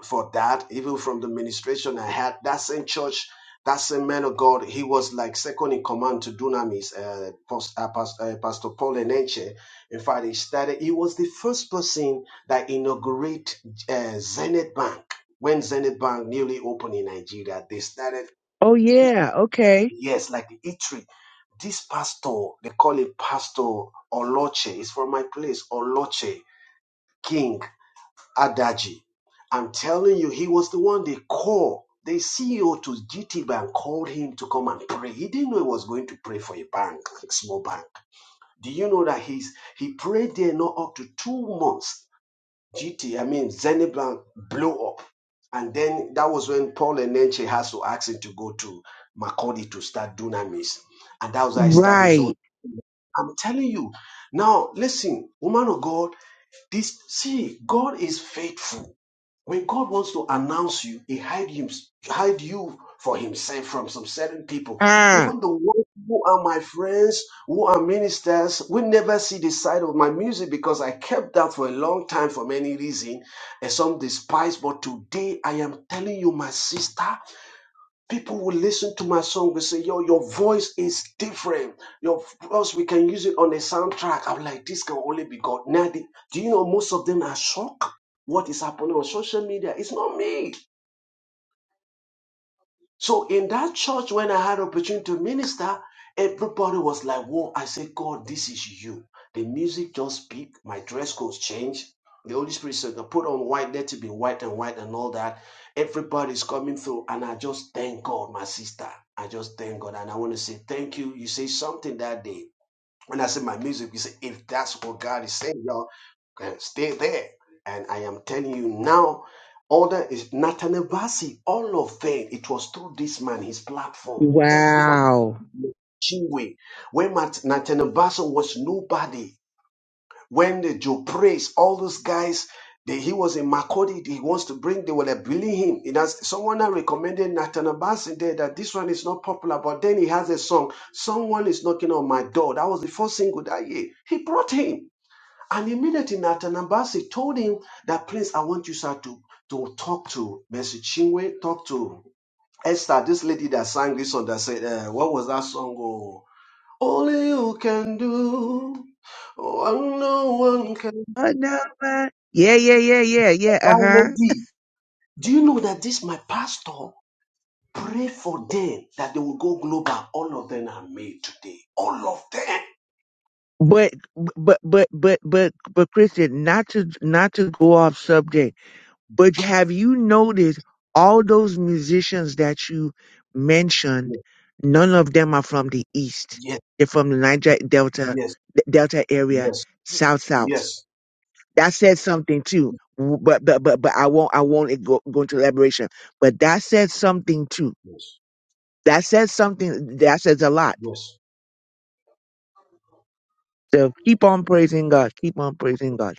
for that, even from the ministration I had. That same church, that same man of God, he was like second in command to Dunamis, uh, Pos- uh, Pas- uh, Pastor Paul Enenche. In fact, he started, he was the first person that inaugurated uh, Zenith Bank when Zenith Bank newly opened in Nigeria. They started,
Oh yeah. Okay.
yes, like the eatery. This pastor, they call it Pastor Oloche, it's from my place, Oloche King. Adaji. I'm telling you, he was the one they called. The CEO to GT Bank called him to come and pray. He didn't know he was going to pray for a bank, a small bank. Do you know that he's he prayed there not up to two months? GT, I mean Zenith Bank blew up. And then that was when Paul Enenche has to ask him to go to Makodi to start Dunamis. And that was how he started his own.
Right.
I'm telling you, now listen, woman of God, this see, God is faithful. When God wants to announce you, He hide him, hide you for Himself from some certain people.
Ah.
Even the ones who are my friends, who are ministers, we never see the side of my music because I kept that for a long time for many reasons, and some despise. But today I am telling you, my sister people will listen to my song and say, Yo, your voice is different. Your voice, we can use it on a soundtrack. I'm like, This can only be God. Now, the- do you know most of them are shocked? What is happening on social media? It's not me. So in that church, when I had opportunity to minister, everybody was like, "Whoa!" I said, "God, this is you." The music just peaked. My dress codes changed. The Holy Spirit said, "Now "Put on white. Let it be white and white and all that." Everybody's coming through, and I just thank God, my sister. I just thank God, and I want to say thank you. You say something that day. When I say my music, you say, if that's what God is saying, y'all can stay there. And I am telling you now, all that is Nathaniel Bassi, all of them, it was through this man, his platform. Everyone,
Wow.
Chinwe, when Mat- Nathaniel Bassi was nobody, when the Joe prays, all those guys, they, he was in Makodi, he wants to bring, they were like bullying him. It has, someone had recommended Nathan Abbas in there that this one is not popular, but then he has a song, Someone is Knocking on My Door. That was the first single that year. He brought him. And immediately Nathan Ambassi told him that Prince, I want you, sir, to, to talk to Mercy Chinwe, talk to Esther, this lady that sang this song that said, uh, what was that song? Oh, only you can do. Oh, no one can.
Oh no. uh, Yeah. Yeah. Yeah. Yeah. Yeah. Uh
Now,
huh.
lady, do you know that this my pastor pray for them that they will go global? All of them are made today. All of them.
But but but but but but Christian, not to not to go off subject But have you noticed all those musicians that you mentioned? None of them are from the East.
Yes,
They're from the Niger Delta,
yes,
Delta
yes,
area,
yes,
South South.
yes,
That says something too. W- But but but but I won't I won't go, go into elaboration. But that says something too.
yes.
That says something. That says a lot.
yes.
So keep on praising God. Keep on praising God.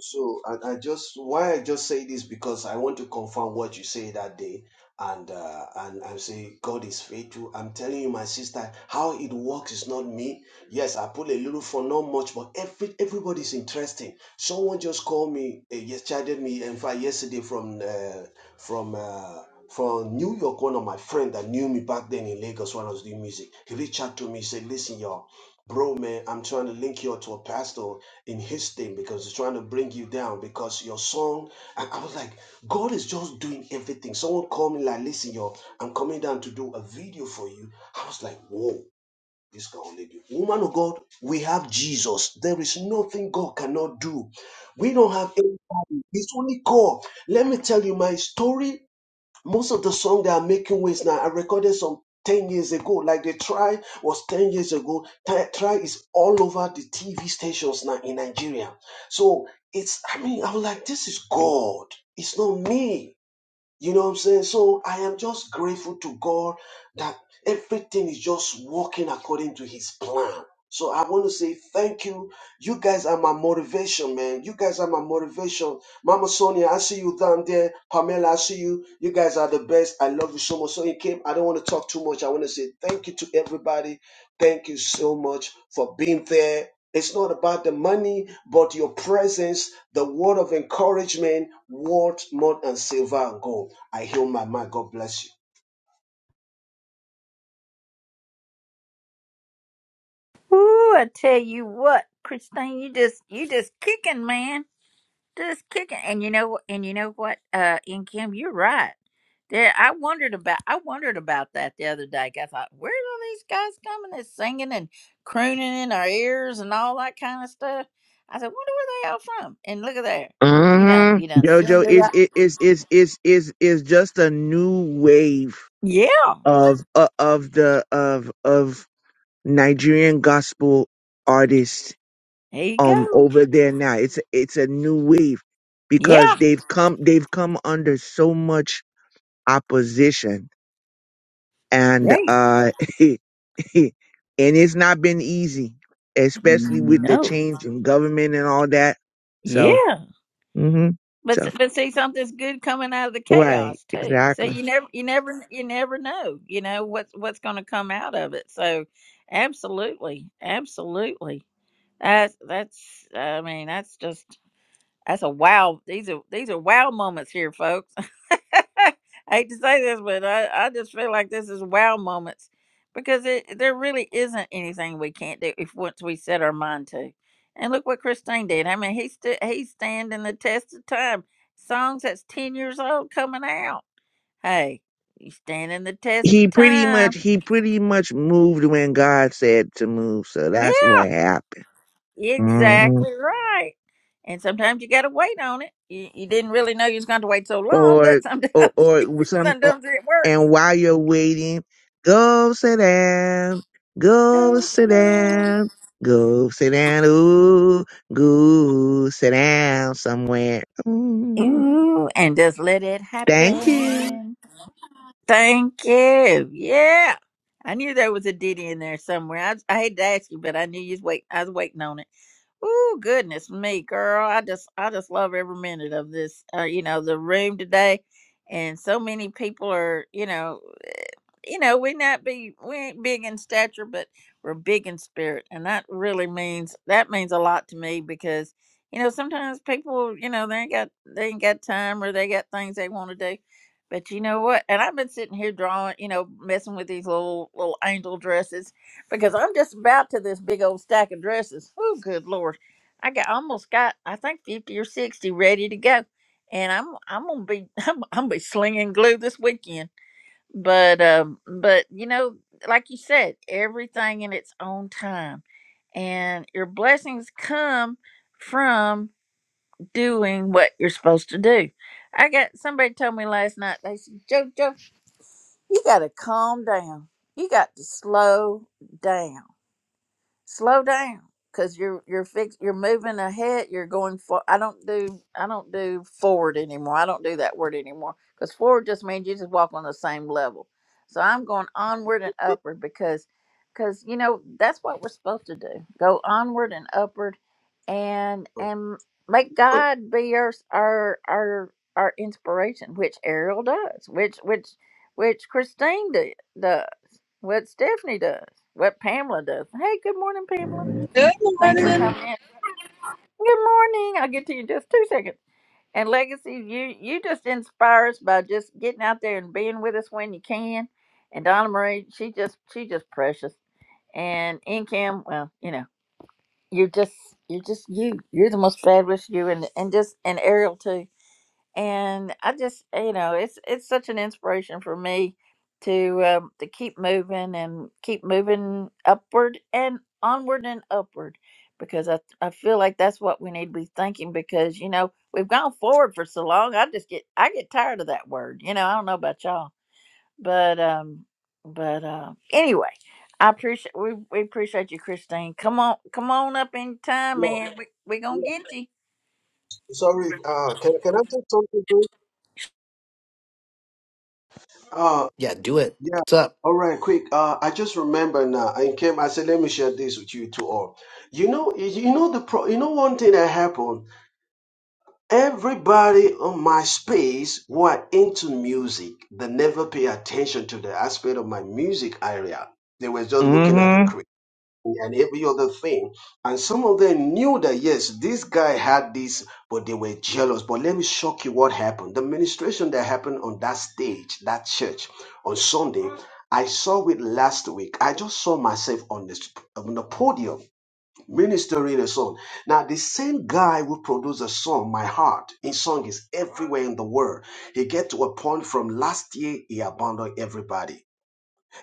So, and I just why I just say this because I want to confirm what you say that day, and uh, and I say God is faithful. I'm telling you, my sister, how it works is not me. Yes, I pull a little for not much, but every everybody's interesting. Someone just called me, uh, yes, chatted me, in fact, yesterday from uh, from. Uh, from New York, one of my friend that knew me back then in Lagos when I was doing music, he reached out to me, said, "Listen, y'all, bro, man, I'm trying to link you up to a pastor in his thing because he's trying to bring you down because your song and I was like, God is just doing everything. Someone called me like, listen, yo, I'm coming down to do a video for you. I was like, whoa, this can only do. Woman of God, we have Jesus. There is nothing God cannot do. We don't have any, it's only God. Let me tell you my story most of the song they are making with now, I recorded some 10 years ago. Like the try was 10 years ago. Try Try is all over the TV stations now in Nigeria. So it's, I mean, I was like, this is God. It's not me. You know what I'm saying? So I am just grateful to God that everything is just working according to his plan. So I want to say thank you. You guys are my motivation, man. You guys are my motivation. Mama Sonia, I see you down there. Pamela, I see you. You guys are the best. I love you so much. So you came. I don't want to talk too much. I want to say thank you to everybody. Thank you so much for being there. It's not about the money, but your presence, the word of encouragement, worth more than silver and gold. I heal my mind. God bless you.
Ooh, I tell you what, Christine, you just, you just kicking, man. just kicking and you know and you know what uh and kim you're right there i wondered about i wondered about that the other day. i thought where are these guys coming and singing and crooning in our ears and all that kind of stuff i said wonder where they all from and look at there you
hmm
done you done said
Jojo
the
is
right
is is is is is just a new wave
yeah
of uh, of the of of Nigerian gospel artists
there you
um
go
over there now. It's it's a new wave because
yeah
they've come they've come under so much opposition and
right
uh and it's not been easy, especially with the
no
change in government and all that. So
yeah
hmm
But
so
but see, something's good coming out of the
right,
chaos too. So
exactly.
you never you never you never know. You know what's what's going to come out of it. So absolutely, absolutely. That's that's. I mean, that's just. That's a wow. These are these are wow moments here, folks. I hate to say this, but I, I just feel like this is wow moments because it, there really isn't anything we can't do if once we set our mind to. And look what Christine did. I mean, he stood he's standing the test of time. Songs that's ten years old coming out. Hey, you standing the test
He
of
pretty
time.
much he pretty much moved when God said to move, so that's
Yeah.
what happened. hmm
Exactly right. And sometimes you gotta wait on it. You, you didn't really know you was going to wait so long, but
Or, or,
sometimes
or with some, or-
sometimes it
and
works.
while you're waiting, go sit down,
Go
go sit
Chanel.
down, go sit down, ooh, go sit down somewhere. Mm,
Ooh, and just let it
thank you.
happen. Thank you. Yeah. I knew there was a ditty in there somewhere. I, I hate to ask you, but I knew you was wait. I was waiting on it. Ooh, goodness me, girl. I just, I just love every minute of this. Uh, you know, the room today, and so many people are. You know, you know, we not be we ain't big in stature, but we're big in spirit, and that really means that means a lot to me because you know sometimes people you know they ain't got they ain't got time or they got things they want to do, but you know what? And I've been sitting here drawing, you know, messing with these little little angel dresses because I'm just about to this big old stack of dresses. Oh, good lord! I got almost got I think fifty or sixty ready to go, and I'm I'm gonna be I'm, I'm gonna be slinging glue this weekend but um but you know like you said everything in its own time and your blessings come from doing what you're supposed to do i got somebody told me last night they said jojo you got to calm down you got to slow down slow down because you're you're fix you're moving ahead you're going for i don't do i don't do forward anymore i don't do that word anymore because forward just means you just walk on the same level so i'm going onward and upward because because you know that's what we're supposed to do go onward and upward and
But,
and make god be our our our, our inspiration which ariel does which which which christine did, what Stephanie does, what Pamela does. Hey, good morning, Pamela.
Good
Thanks for
morning.
coming in. Good morning. I'll get to you in just two seconds. And Legacy, you you just inspire us by just getting out there and being with us when you can. And Donna Marie, she just she just precious. And Incam, well, you know, you're just you're just you. You're the most fabulous you, and and just and Ariel too and I just you know it's it's such an inspiration for me to um, to keep moving and keep moving upward and onward and upward because I I feel like that's what we need to be thinking because you know we've gone forward for so long I just get I get tired of that word you know I don't know about y'all but um but uh, anyway I appreciate we, we appreciate you Christine come on come on up anytime
Yeah,
man we we gonna
yeah.
get you
Sorry, uh, can can I take something quick? Uh,
Yeah, do it.
yeah.
What's up?
All right, quick. Uh, I just remember now. I came. I said, let me share this with you two all. You know, you know the pro. You know one thing that happened. Everybody on my space were into music. They never pay attention to the aspect of my music area. They were just looking at the
hmm
creator. and every other thing. And some of them knew that, yes, this guy had this, but they were jealous. But let me shock you what happened. The ministration that happened on that stage, that church, on Sunday, I saw it last week. I just saw myself on the, on the podium ministering a song. Now, the same guy who produced a song, My Heart, his song is everywhere in the world. He get to a point from last year, he abandoned everybody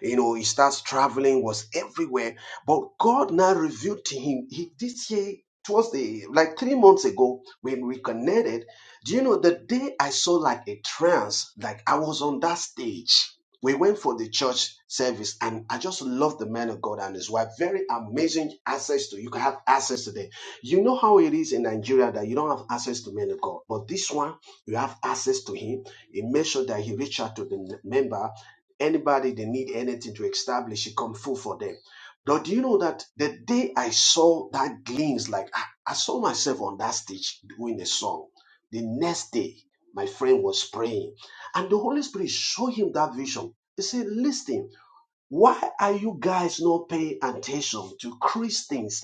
you know, he starts traveling, was everywhere. But God now revealed to him he, this year, towards the like three months ago when we connected. Do you know the day I saw like a trance, like I was on that stage. We went for the church service, and I just love the man of God and his wife. Very amazing access to you can have access to them. You know how it is in Nigeria that you don't have access to men of God, but this one you have access to him. He made sure that he reached out to the member Anybody that need anything to establish it, come full for them. Now, do you know that the day I saw that glimpse, like I, I saw myself on that stage doing a song. The next day, my friend was praying, and the Holy Spirit showed him that vision. He said, "Listen, why are you guys not paying attention to Christians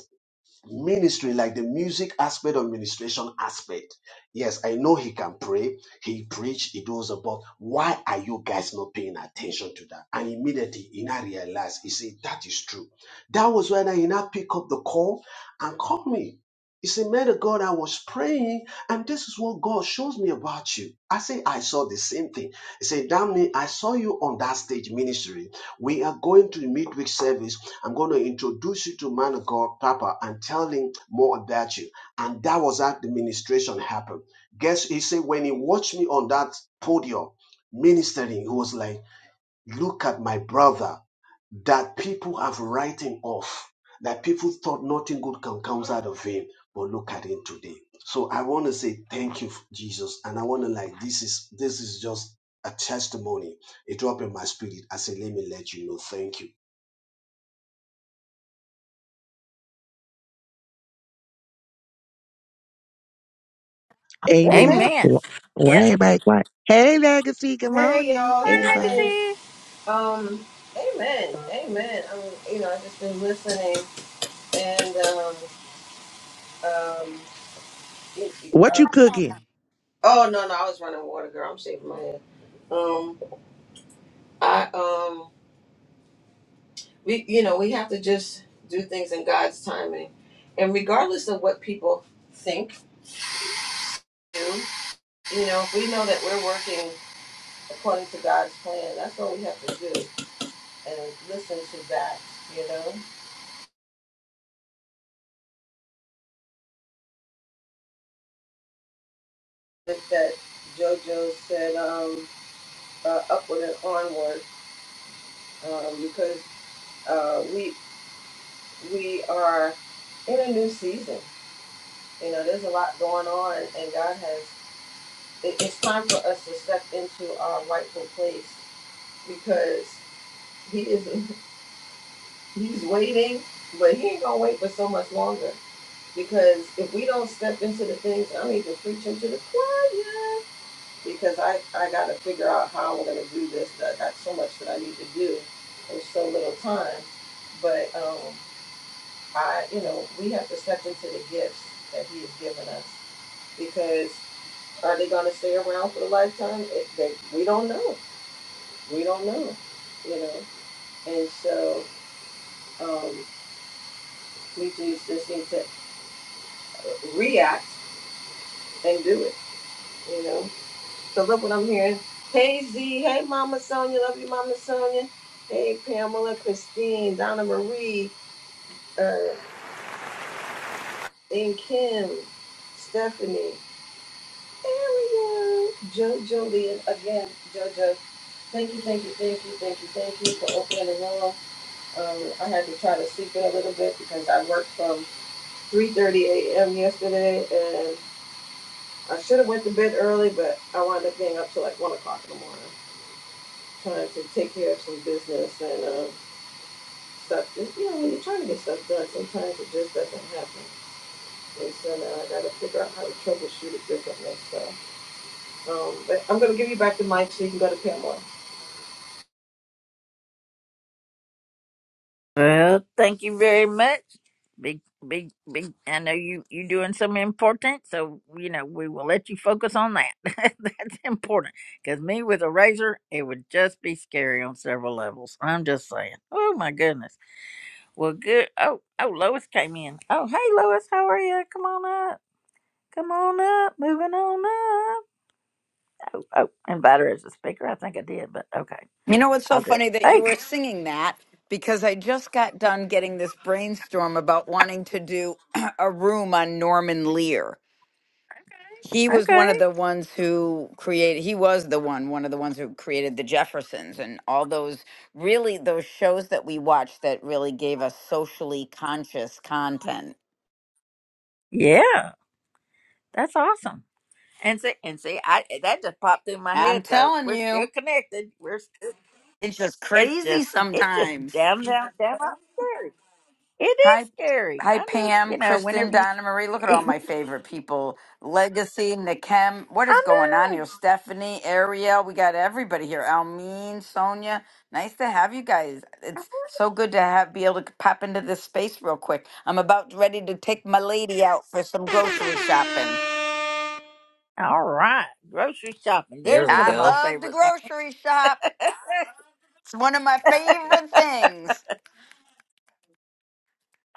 ministry like the music aspect or ministration aspect yes i know he can pray he preach he does about why are you guys not paying attention to that and immediately he now realized he said that is true that was when i now pick up the call and call me he said man of god i was praying and this is what god shows me about you i say i saw the same thing he said damn me i saw you on that stage ministry we are going to the midweek service I'm going to introduce you to man of God, Papa, and tell him more about you. And that was how the ministration happened. Guess he said when he watched me on that podium ministering, he was like, look at my brother that people have writing off, that people thought nothing good can come out of him. But look at him today. So I want to say thank you, Jesus. And I want to like this is this is just a testimony. It dropped in my spirit. I said, let me let you know. Thank you.
Amen.
Amen.
amen
Wh- Why everybody quiet? Hey, Legacy, good
Hey
morning,
y'all.
morning
Hey.
everybody.
legacy
Um. Amen. Amen. I mean, you know, I just been listening, and um, um. It, it-
What you
um,
cooking?
oh no, no, I was running water, girl. I'm shaking my head. Um. I um. We, you know, we have to just do things in God's timing, and regardless of what people think, do, you know, if we know that we're working according to God's plan, that's what we have to do, and listen to that, you know. that, that JoJo said um, uh, upward and onward um, because uh, we we are in a new season. You know, there's a lot going on, and God has. It, it's time for us to step into our rightful place because He is He's waiting, but He ain't gonna wait for so much longer. Because if we don't step into the things, I'm even preaching to the choir because I, I got to figure out how I'm going to do this. I got so much that I need to do in so little time. But um, I, you know, we have to step into the gifts that He has given us because are they going to stay around for a lifetime? It, they, we don't know. We don't know, you know. And so um, we just, just need to react and do it, you know. So look what I'm hearing. Hey Z, hey Mama Sonia, love you Mama Sonia. Hey Pamela, Christine, Donna Marie, uh, and Kim, Stephanie, Ariel, JoJo Lee, and again, JoJo. Thank you, thank you, thank you, thank you, thank you for opening the room. Um, I had to try to sleep in a little bit because I worked from 3:30 a.m. yesterday, and I should have went to bed early, but I wound up being up till like one o'clock in the morning trying to take care of some business and. uh, stuff. And, you know, when you're trying to get stuff done, sometimes it just doesn't happen. And so now I got to figure out how to troubleshoot it differently. So, um, but I'm going to give you back the mic so you can go to Pamela.
Well, thank you very much. Big, big, big. I know you you doing something important, so you know we will let you focus on that. That's important because me with a razor, it would just be scary on several levels. I'm just saying. Oh my goodness. Well, good. Oh, oh, Lois came in. Oh, hey, Lois, how are you? Come on up. Come on up. Moving on up. Oh, invite her as a speaker. I think I did, but okay,
You know what's so
I'll do it.
funny that you
Hey,
were singing that because I just got done getting this brainstorm about wanting to do a room on Norman Lear. He was one
okay,
of the ones who created he was the one one of the ones who created the Jeffersons and all those really those shows that we watched that really gave us socially conscious content.
yeah, that's awesome. And see, and see, I eh, that just popped through my
I'm
head. So
telling
we're still
you,
connected. We're still.
it's just
It's
crazy
just, it's just
sometimes.
down, down, down. on scary. It
Hi,
is scary.
hi,
I just,
Pam,
you know,
Kristen,
whenever you,
Donna Marie. Look at all
I
my favorite people. Legacy, Nakem. What is going on
know.
here? Stephanie, Ariel. We got everybody here. Almeen, Sonia. Nice to have you guys. It's so good to have be able to pop into this space real quick. I'm about ready to take my lady out for some grocery shopping.
All right, grocery shopping. There's
There we
one
I
of my
go.
love to
favorite things.
grocery shop.
I,
It's one of my favorite things.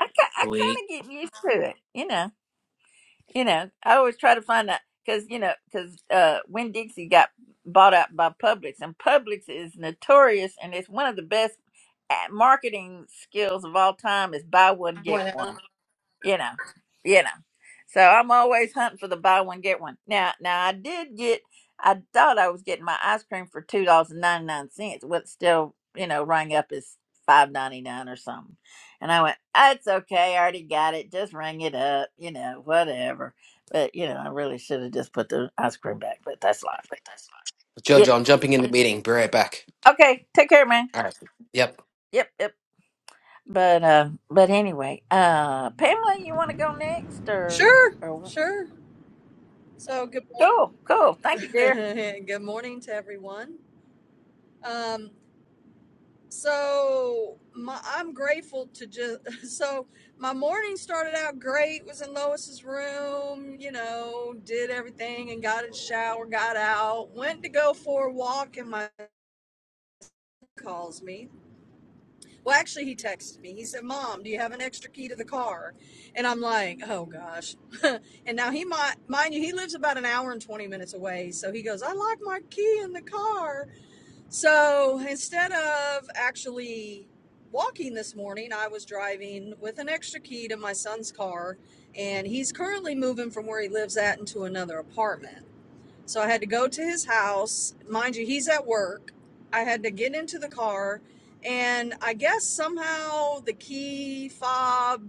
ki- I
Sweet.
kind of get used to it, you know. You know, I always try to find out because you know because uh, Winn Dixie got bought out by Publix, and Publix is notorious, and it's one of the best at marketing skills of all time is buy one get one you know, you know. So I'm always hunting for the buy one get one. Now, now I did get. I thought I was getting my ice cream for two dollars and ninety nine cents. What still, you know, rang up as five ninety nine or something. And I went, "That's okay. I already got it. Just ring it up. You know, whatever." But you know, I really should have just put the ice cream back. But that's life. Yeah.
Jojo, I'm jumping in the meeting. Be right back.
Okay. Take care, man.
All right. Yep.
Yep. Yep. But uh, but anyway, uh, Pamela, you want to go next or
Sure,
or
sure. So good
cool, cool. Thank you, dear.
morning. good morning to everyone. Um, so my, I'm grateful to just so my morning started out great. Was in Lois's room, you know, did everything and got a shower, got out, went to go for a walk, and my calls me Well, actually, he texted me. He said, "Mom, do you have an extra key to the car?" And I'm like, "Oh gosh!" and now he might, mind you, he lives about an hour and twenty minutes away. So he goes, "I locked my key in the car." So instead of actually walking this morning, I was driving with an extra key to my son's car, and he's currently moving from where he lives at into another apartment. So I had to go to his house. Mind you, he's at work. I had to get into the car, and I guess somehow the key fob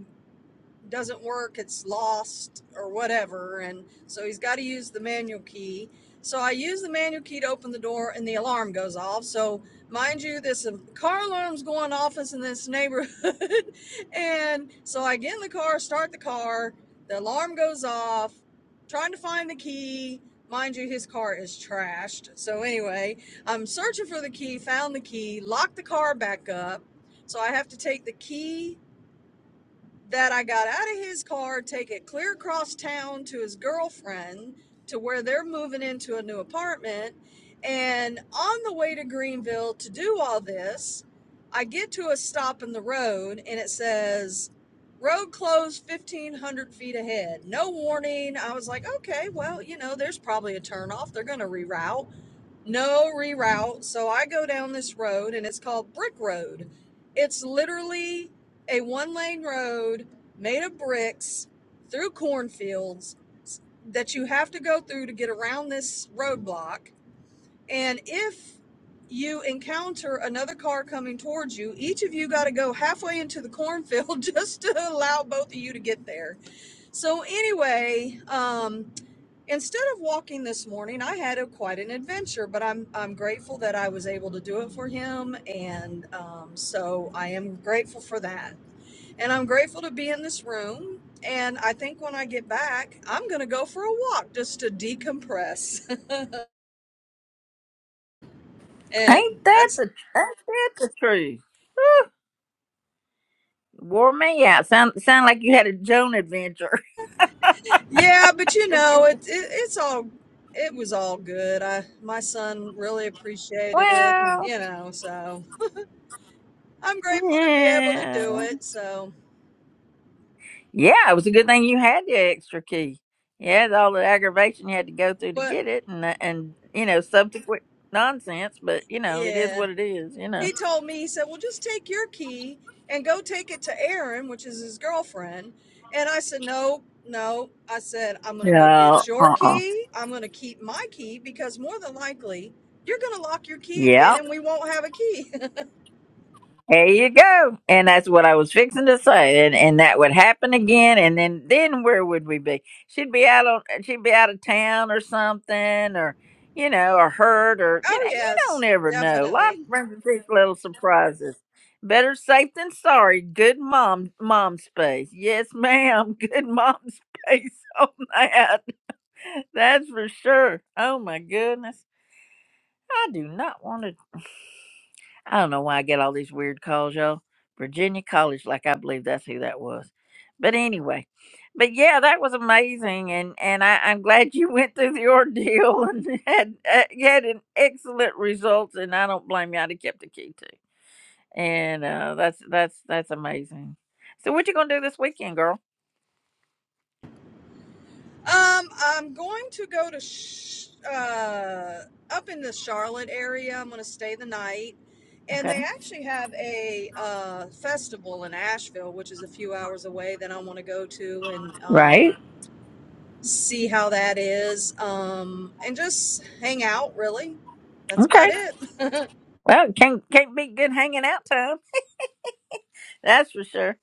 doesn't work, it's lost or whatever. And so he's got to use the manual key. So I use the manual key to open the door and the alarm goes off. So, mind you, this um, car alarm's going off in this neighborhood. and so I get in the car, start the car, the alarm goes off, trying to find the key. Mind you, his car is trashed. So, anyway, I'm searching for the key, found the key, locked the car back up. So I have to take the key that I got out of his car, take it clear across town to his girlfriend to where they're moving into a new apartment. And on the way to Greenville to do all this, I get to a stop in the road and it says, Road closed 1500 feet ahead. No warning. I was like, okay, well, you know, there's probably a turnoff. They're going to reroute no reroute. So I go down this road and it's called Brick Road. It's literally a one lane road made of bricks through cornfields that you have to go through to get around this roadblock. And if you encounter another car coming towards you, each of you got to go halfway into the cornfield just to allow both of you to get there. So, anyway, um, Instead of walking this morning, I had a, quite an adventure, but I'm I'm grateful that I was able to do it for him, and um, so I am grateful for that. And I'm grateful to be in this room. And I think when I get back, I'm gonna go for a walk just to decompress. and
Ain't that
that's
the ain't that the truth? Whew, Wore me out. Sound sound like you had a Joan adventure.
yeah, but you
It-
know, it,
it-
it it's all it was all good. I my son really appreciated it, and
well,
you know, so I'm grateful to be able to do
yeah,
it. So,
yeah. It was a good thing you had the extra key. Yeah, all the aggravation you had to go through to
but
get it, and and you know subsequent nonsense. But you know it is
yeah.
what it is. You know.
he told me, he said, Well, just take your key and go take it to Erin, which is his girlfriend. And I said, No, no. I said, I'm going to go
No.
get your
Uh. uh
key. I'm going to keep my key because more than likely you're going to lock your key
Yeah.
again and we won't have a key.
There you go. And that's what I was fixing to say. And and that would happen again and then then where would we be? She'd be out on she'd be out of town or something or you know, or hurt or you
oh,
know, you don't
yes,
ever know.
definitely.
Life brings these little surprises. Better safe than sorry. Good mom mom space. Yes, ma'am. Good mom space on that. That's for sure. Oh my goodness. I do not want to I don't know why I get all these weird calls, y'all. Virginia College, like I believe that's who that was. But anyway, but yeah, that was amazing, and and I, I'm glad you went through the ordeal and had uh, you had an excellent results, and I don't blame you. I'd have kept the key too, and uh, that's that's that's amazing. So what you gonna do this weekend, girl?
Um, I'm going to go to sh- uh, up in the Charlotte area. I'm going to stay the night, and
Okay,
they actually have a uh, festival in Asheville, which is a few hours away that I want to go to and
right?
um, see how that is, um, and just hang out. Really, that's about
Okay.
it.
Well, can't can't be good hanging out time. That's for sure.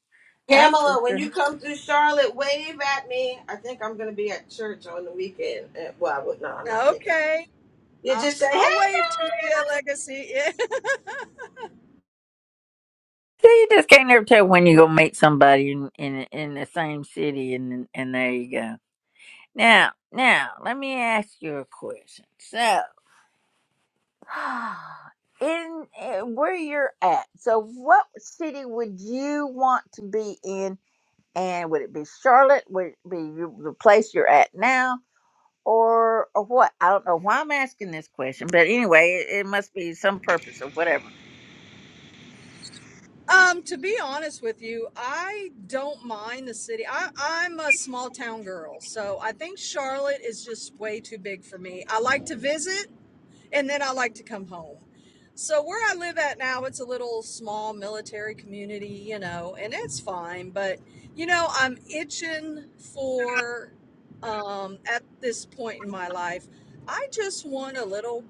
That's
Pamela,
for
when
sure.
you come through Charlotte, wave at me. I think I'm going to be at church on the weekend. Eh, Well, I would not. I'm not thinking.
okay,
You
I'll,
just say,
I'll wave to you, Legacy.
So you just can't never tell when you gonna meet somebody in in, in the same city, and and there you go. Now, now, let me ask you a question. So, in, in where you're at, so what city would you want to be in, and would it be Charlotte? Would it be you- the place you're at now, or or what? I don't know why I'm asking this question, but anyway, it, it must be some purpose or whatever.
Um, to be honest with you, I don't mind the city. I, I'm a small town girl, so I think Charlotte is just way too big for me. I like to visit and then I like to come home. So where I live at now, it's a little small military community, you know, and it's fine, but you know, I'm itching for um at this point in my life, I just want a little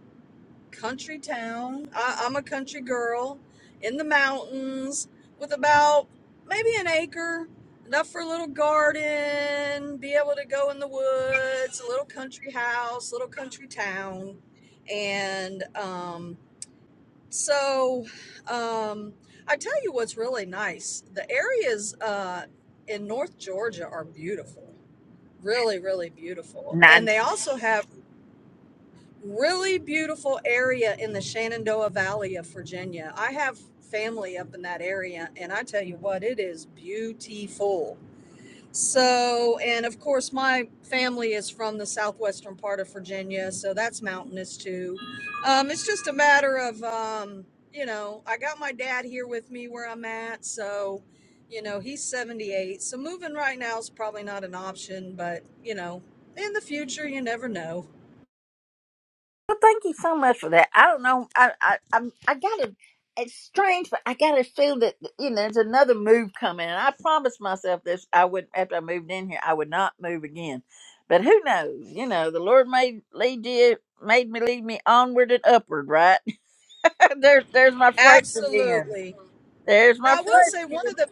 country town. I, I'm a country girl in the mountains with about maybe an acre, enough for a little garden, be able to go in the woods, a little country house, little country town. And um, so um, I tell you what's really nice the areas uh, in North Georgia are beautiful. Really, really beautiful. And they also have really beautiful area in the Shenandoah Valley of Virginia. I have family up in that area, and I tell you what, it is beautiful. So, and of course, my family is from the southwestern part of Virginia, so that's mountainous too. Um, it's just a matter of, um, you know, I got my dad here with me where I'm at, so. You know, he's 78, so moving right now is probably not an option, but you know, in the future, you never know.
Well, thank you so much for that. I don't know. I I I'm, I got to. It's strange, but I got to feel that you know there's another move coming. And I promised myself this. I would after I moved in here, I would not move again. But who knows? You know, the Lord made lead you, made me lead me onward and upward. Right there's there's my phrase again.
Absolutely.
There's my
Now, I will
phrase
say one
again.
of the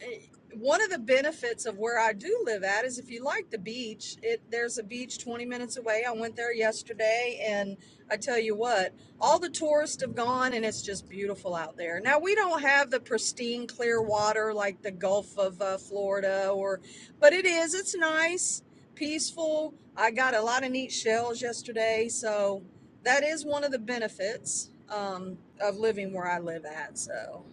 eh, one of the benefits of where I do live at is if you like the beach, it there's a beach 20 minutes away. I went there yesterday and I tell you what, all the tourists have gone and it's just beautiful out there. Now, we don't have the pristine clear water like the Gulf of uh, Florida or but it is it's nice, peaceful. I got a lot of neat shells yesterday, so that is one of the benefits um, of living where I live at. So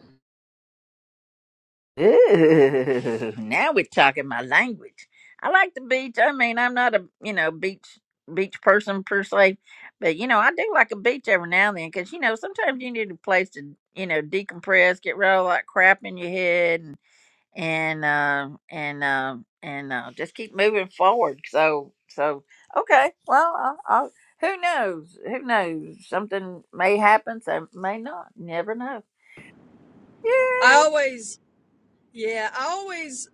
Ooh, now we're talking my language. I like the beach. I mean, I'm not a you know beach beach person per se, but you know I do like a beach every now and then because you know sometimes you need a place to you know decompress, get rid of all that crap in your head, and and uh, and uh, and uh, just keep moving forward. So so okay, well, i i who knows? Who knows? Something may happen, so may not. Never know. Yeah.
I always Yeah, I always,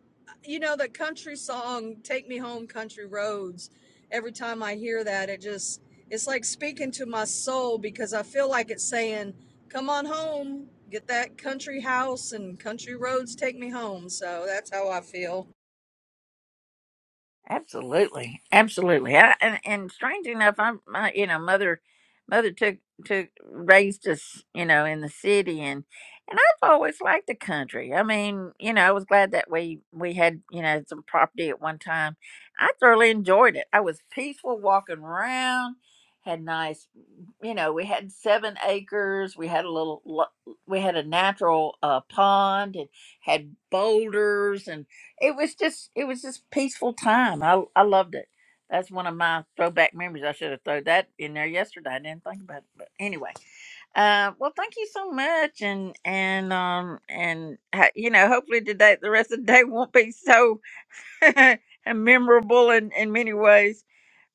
you know, the country song "Take Me Home, Country Roads." Every time I hear that, it just it's like speaking to my soul because I feel like it's saying, "Come on home, get that country house and country roads, take me home." So that's how I feel.
Absolutely, absolutely, I, and and strange enough, I'm my you know mother, mother took took raised us you know in the city and and I've always liked the country. I mean, you know, I was glad that we we had you know some property at one time. I thoroughly enjoyed it. I was peaceful walking around, had nice, you know, we had seven acres. We had a little, lo- we had a natural uh, pond and had boulders it was just it was just peaceful time. I I loved it. That's one of my throwback memories. I should have thrown that in there yesterday. I didn't think about it, but anyway. Uh, well, thank you so much, and and um and ha- you know, hopefully today the rest of the day won't be so memorable in in many ways.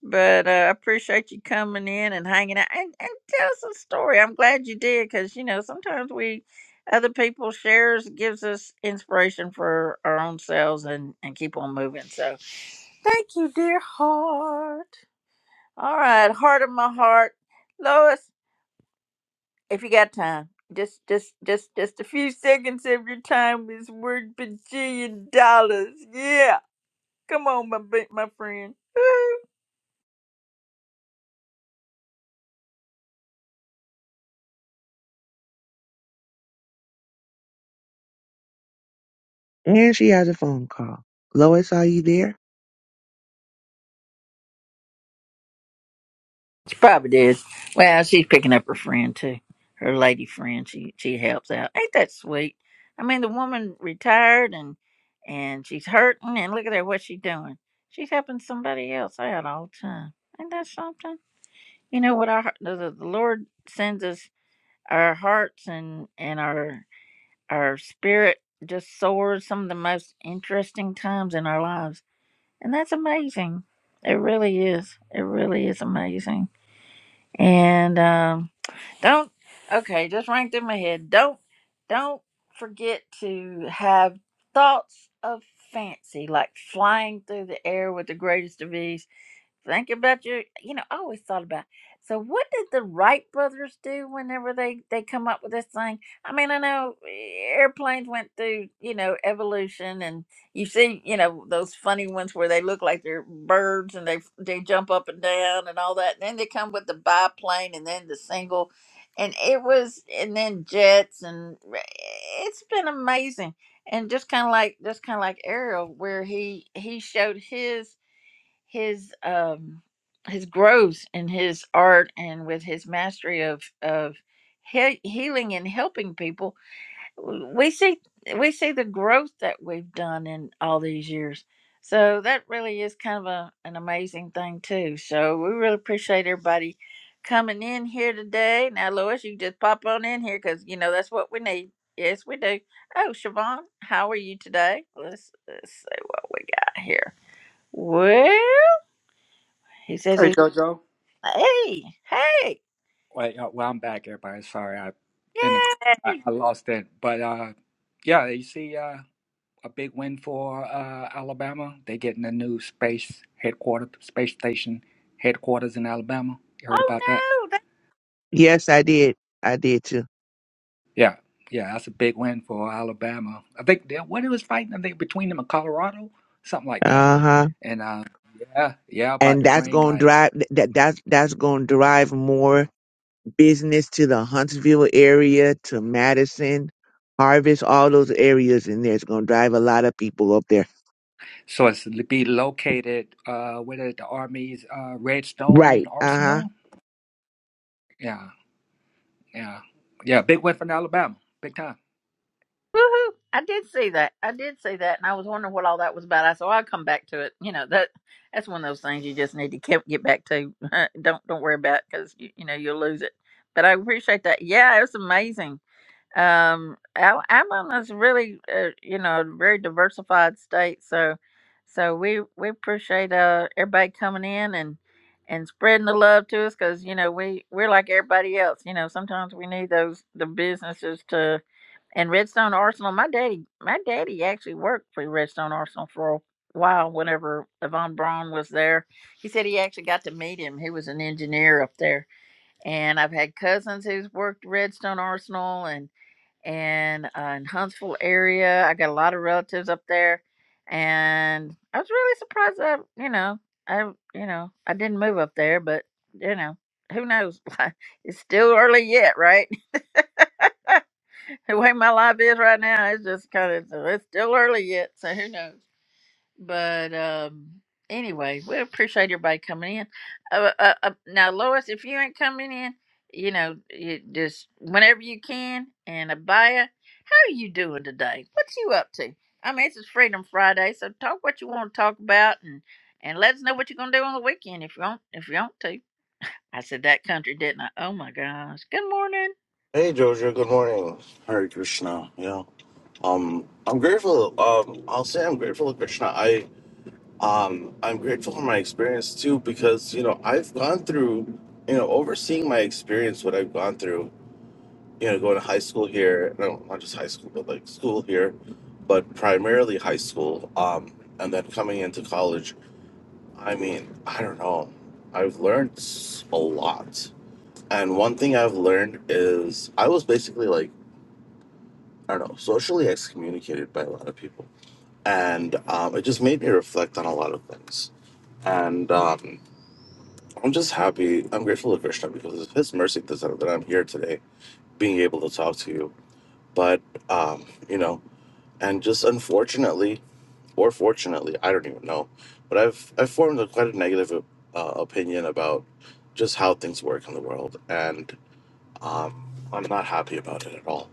But uh, I appreciate you coming in and hanging out and, and tell us a story. I'm glad you did because, you know, sometimes we, other people shares gives us inspiration for our own selves and, and keep on moving. So thank you, dear heart. All right, heart of my heart. Lois, if you got time, just just just just a few seconds of your time is worth bajillion dollars. Yeah. Come on, my ba- my friend.
And she has a phone call. Lois, are you there?
She probably did. Well, she's picking up her friend too. Her lady friend. She she helps out. Ain't that sweet? I mean, the woman retired and and she's hurting, and look at her what she's doing. She's helping somebody else out all the time. Ain't that something? You know what? Our the, the the Lord sends us our hearts and and our our spirit just soars some of the most interesting times in our lives, and that's amazing. It really is. It really is amazing. And um, don't okay, just ranked in my head. Don't don't forget to have thoughts of fancy, like flying through the air with the greatest of ease Think about your, you know, I always thought about. So, what did the Wright brothers do whenever they they come up with this thing? I mean, I know eh, airplanes went through, you know, evolution, and you see, you know, those funny ones where they look like they're birds and they they jump up and down and all that. And then they come with the biplane and then the single, and it was, and then jets, and eh, it's been amazing. And just kind of like, just kind of like Ariel, where he he showed his his um his growth in his art and with his mastery of of he- healing and helping people we see we see the growth that we've done in all these years so that really is kind of a, an amazing thing too so we really appreciate everybody coming in here today now lois you just pop on in here because you know that's what we need yes we do oh siobhan how are you today let's, let's see what we got here Well, he says
Hey,
he's
JoJo.
like, hey, hey,
Wait, uh, well, I'm back, everybody. Sorry, I in the, I,
yay!
I lost it. But uh, yeah, you see. Uh, a big win for uh, Alabama. They're getting a new space headquarters, space station headquarters in Alabama. You heard
Oh
about that?
no, that
Yes, I did. I did too.
Yeah, yeah, that's a big win for Alabama. I think they, what it was fighting, I think between them and Colorado, something like that.
Uh huh.
And uh, yeah, yeah, about
and
to
that's
bring
going to
like
drive that that's that's going to drive more business to the Huntsville area, to Madison, Harvest, all those areas in there. It's going to drive a lot of people up there.
so it's to be located uh, with it, the Army's uh, Redstone
Right. Uh huh.
Arsenal. Yeah, yeah, yeah, big win for Alabama, big time.
woohoo! I did see that. I did see that, and I was wondering what all that was about. I said, well, I'll come back to it. You know that that's one of those things you just need to keep, get back to. don't don't worry about because you, you know you'll lose it. But I appreciate that. Yeah, it was amazing. Um, Al- Alabama's really, uh, you know, a very diversified state. So, so we we appreciate uh everybody coming in and and spreading the love to us because you know we we're like everybody else. You know, sometimes we need those the businesses to. And Redstone Arsenal, my daddy, my daddy actually worked for Redstone Arsenal for a while. Whenever Yvonne Braun was there, he said he actually got to meet him. He was an engineer up there, and I've had cousins who's worked Redstone Arsenal, and and uh, in Huntsville area. I got a lot of relatives up there, and I was really surprised that you know I you know I didn't move up there, but you know who knows? it's still early yet, right? the way my life is right now, it's just kind of it's still early yet, so who knows? but um anyway we appreciate everybody coming in uh, uh, uh, now lois if you ain't coming in you know you just whenever you can and abaya how are you doing today what's you up to i mean this is freedom friday so talk what you want to talk about and and let us know what you're gonna do on the weekend if you want if you want to i said that country didn't i oh my gosh good morning.
Hey, Jojo. Good morning. Hare Krishna. Yeah. Um, I'm grateful. Um, I'll say I'm grateful to Krishna. I um, I'm grateful for my experience too because you know I've gone through, you know, overseeing my experience what I've gone through. You know, going to high school here. No, not just high school, but like school here, but primarily high school. Um, and then coming into college. I mean, I don't know. I've learned s- a lot. And one thing I've learned is I was basically like I don't know, socially excommunicated by a lot of people. And um, it just made me reflect on a lot of things. And um, I'm just happy. I'm grateful to Krishna because it's His mercy that that I'm here today, being able to talk to you. But, um, you know, and just unfortunately, or fortunately, I don't even know, but I've, I've formed a quite a negative uh, opinion about just how things work in the world. And um, I'm not happy about it at all.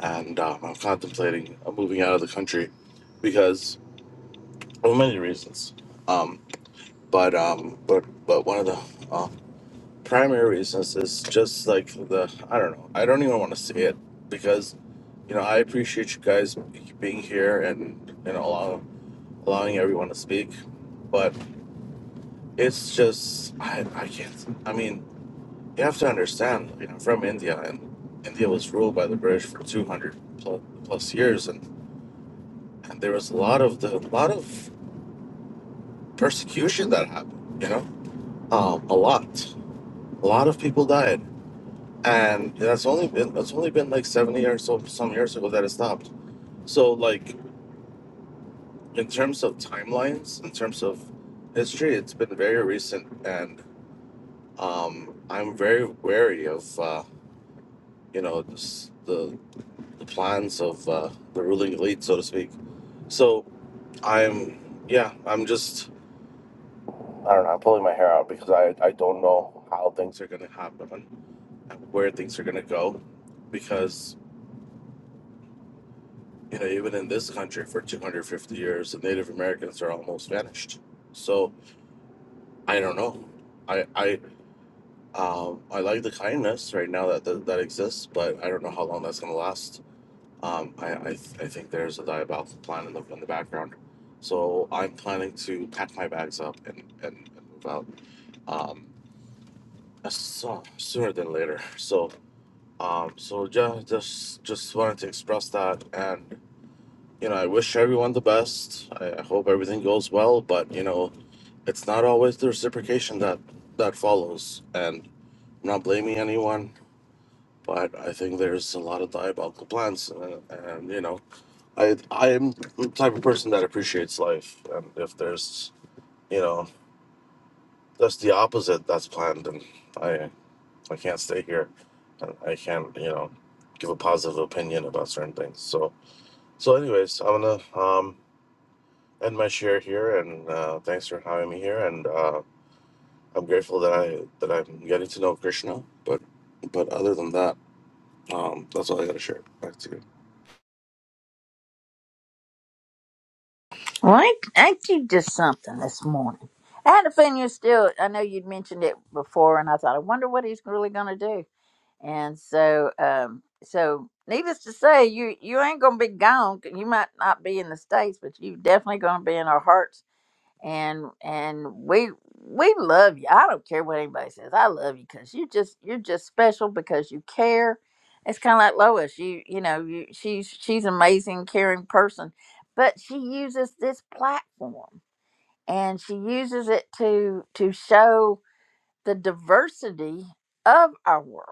and um, I'm contemplating uh, moving out of the country because of many reasons. Um, but um, but but one of the uh, primary reasons is just like the I don't know. I don't even want to say it because you know I appreciate you guys being here and you know allow, allowing everyone to speak, but it's just I I can't. I mean, you have to understand. You know, from India and India was ruled by the British for 200 plus, plus years and. and there was a lot of the lot of persecution that happened. You know, um, a lot, a lot of people died, and that's only been that's only been like seventy or so some years ago that it stopped. So like in terms of timelines, in terms of history, it's been very recent, and um, I'm very wary of uh, you know this, the the plans of uh, the ruling elite, so to speak. So I'm yeah, I'm just I don't know. I'm pulling my hair out because I, I don't know how things are going to happen and where things are going to go. Because, you know, even in this country for 250 years, the Native Americans are almost vanished. So I don't know. I, I, um, I like the kindness right now that, that, that exists, but I don't know how long that's going to last. Um, I, I, th- I think there's a diabolical plan in the, in the background. So I'm planning to pack my bags up and, and, and move out um, as so, sooner than later. So Um, so yeah, just just wanted to express that, and you know, I wish everyone the best. I, I hope everything goes well, but you know, it's not always the reciprocation that that follows, and I'm not blaming anyone. But I think there's a lot of diabolical plans, uh, and you know, I I am the type of person that appreciates life, and if there's you know that's the opposite that's planned, and I I can't stay here, and I can't you know give a positive opinion about certain things, so. So, anyways, I'm gonna um, end my share here, and uh, thanks for having me here. And uh, I'm grateful that I that I'm getting to know Krishna. But but other than that, um, that's all I gotta share. Back to you.
Well, ain't, ain't you just something this morning? I had a feeling you still, I know you'd mentioned it before, and I thought, I wonder what he's really going to do. And so, um, so needless to say, you, you ain't going to be gone. You might not be in the States, but you definitely going to be in our hearts and and we we love you. I don't care what anybody says. I love you because you just you're just special because you care. It's kind of like Lois. You you know you, she's she's an amazing, caring person, but she uses this platform and she uses it to to show the diversity of our world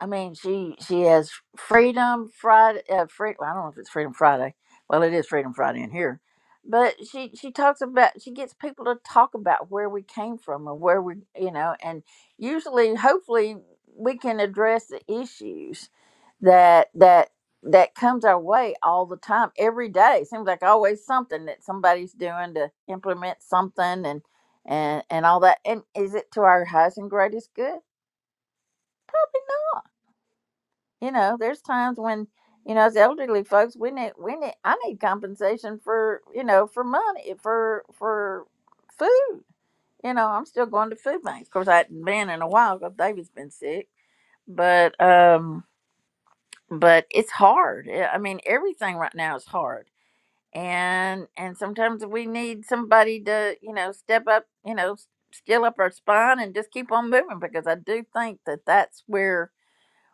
I mean, she she has Freedom Friday. Uh, free, well, I don't know if it's Freedom Friday. Well, it is Freedom Friday in here, but she she talks about she gets people to talk about where we came from and where we you know, and usually, hopefully, we can address the issues that that that comes our way all the time, every day. Seems like always something that somebody's doing to implement something and and and all that. And is it to our highest and greatest good? You know, there's times when, you know, as elderly folks, we need, we need, I need compensation for, you know, for money, for, for food. You know, I'm still going to food banks. Of course, I hadn't been in a while because David's been sick, but, um, but it's hard. Yeah, I mean, everything right now is hard. And, and sometimes we need somebody to, you know, step up, you know, s- still up our spine and just keep on moving because I do think that that's where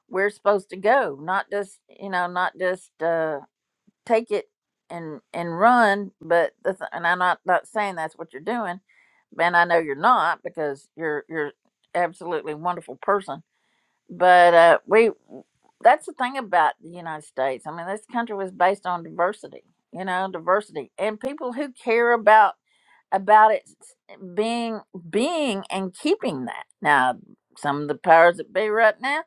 we're supposed to go not just you know not just uh take it and and run but the th- and i'm not not saying that's what you're doing and i know you're not because you're you're absolutely wonderful person but uh we that's the thing about the united states i mean this country was based on diversity you know diversity and people who care about about it being being and keeping that. Now, some of the powers that be right now,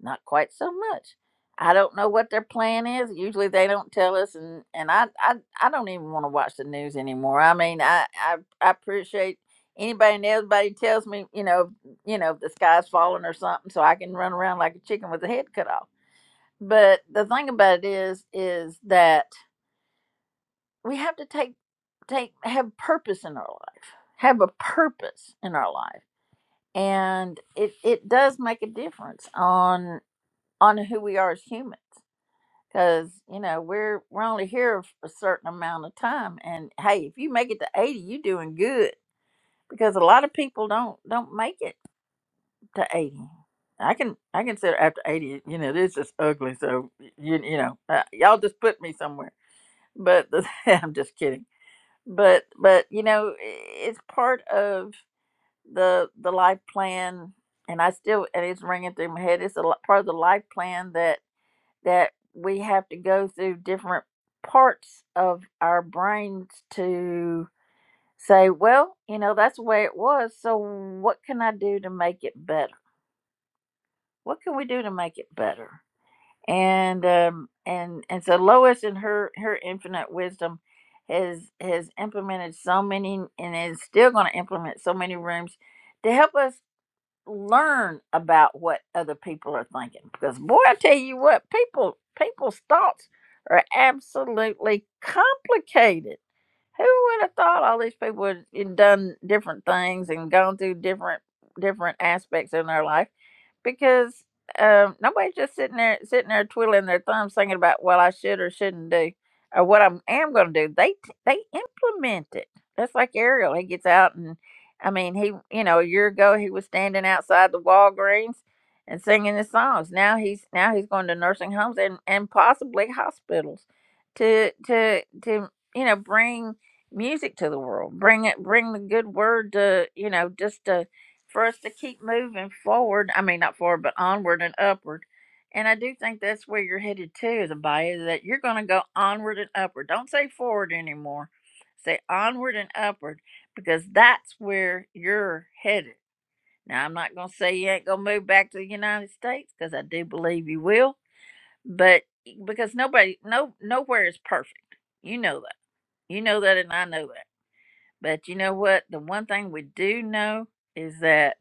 not quite so much. I don't know what their plan is. Usually they don't tell us and, and I, I I don't even want to watch the news anymore. I mean I, I I appreciate anybody and everybody who tells me, you know, you know, the sky's falling or something so I can run around like a chicken with the head cut off. But the thing about it is is that we have to take take have purpose in our life have a purpose in our life and it it does make a difference on on who we are as humans because you know we're we're only here for a certain amount of time and hey if you make it to 80 you're doing good because a lot of people don't don't make it to 80 i can i consider after 80 you know this is ugly so you, you know uh, y'all just put me somewhere but i'm just kidding but but you know it's part of the the life plan and i still and it's ringing through my head it's a li- part of the life plan that that we have to go through different parts of our brains to say well you know that's the way it was so what can i do to make it better what can we do to make it better and um and and so lois and her her infinite wisdom has has implemented so many and is still going to implement so many rooms to help us learn about what other people are thinking because boy i tell you what people people's thoughts are absolutely complicated who would have thought all these people would had done different things and gone through different different aspects in their life? Because um, nobody's just sitting there sitting there twiddling their thumbs thinking about what I should or shouldn't do or what I am going to do. They t- they implement it. That's like Ariel. He gets out and I mean he you know a year ago he was standing outside the Walgreens and singing his songs. Now he's now he's going to nursing homes and and possibly hospitals to to to you know bring music to the world bring it bring the good word to you know just to for us to keep moving forward i mean not forward but onward and upward and i do think that's where you're headed to is abaya that you're going to go onward and upward don't say forward anymore say onward and upward because that's where you're headed now i'm not going to say you ain't going to move back to the united states because i do believe you will but because nobody no nowhere is perfect you know that you know that and i know that but you know what? The one thing we do know is that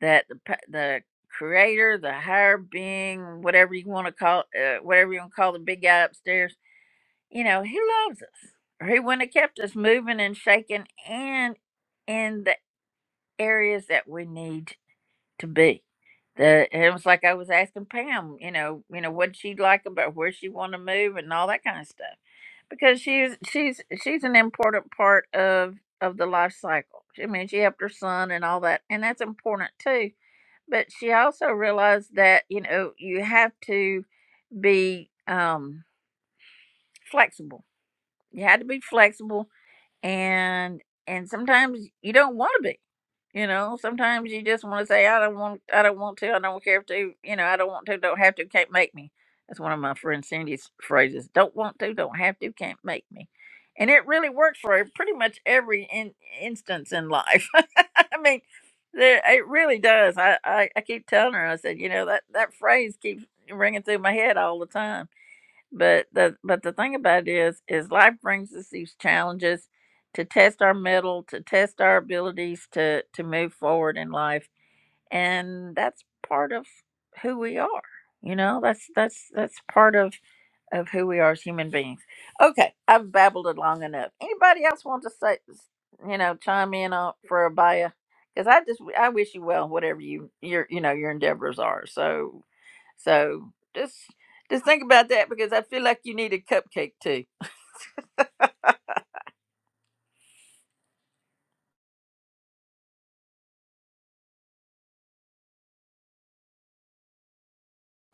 that the pa- the creator, the higher being, whatever you want to call, uh, whatever you want to call the big guy upstairs, you know, he loves us, or he wouldn't have kept us moving and shaking, and in the areas that we need to be. The, it was like I was asking Pam, you know, you know what she like about where she want to move and all that kind of stuff because she's she's she's an important part of of the life cycle. I mean, she helped her son and all that, and that's important too. But she also realized that you know you have to be um, flexible. You had to be flexible and and sometimes you don't want to be you know sometimes you just want to say i don't want i don't want to i don't care if to you know i don't want to don't have to can't make me that's one of my friend cindy's phrases don't want to don't have to can't make me and it really works for pretty much every in, instance in life i mean there, it really does I, I i keep telling her i said you know that that phrase keeps ringing through my head all the time but the but the thing about it is is life brings us these challenges to test our mettle, to test our abilities to to move forward in life, and that's part of who we are. You know, that's that's that's part of of who we are as human beings. Okay, I've babbled it long enough. Anybody else want to say, you know, chime in on for a bio? Because I just I wish you well, whatever you your you know your endeavors are. So so just just think about that because I feel like you need a cupcake too.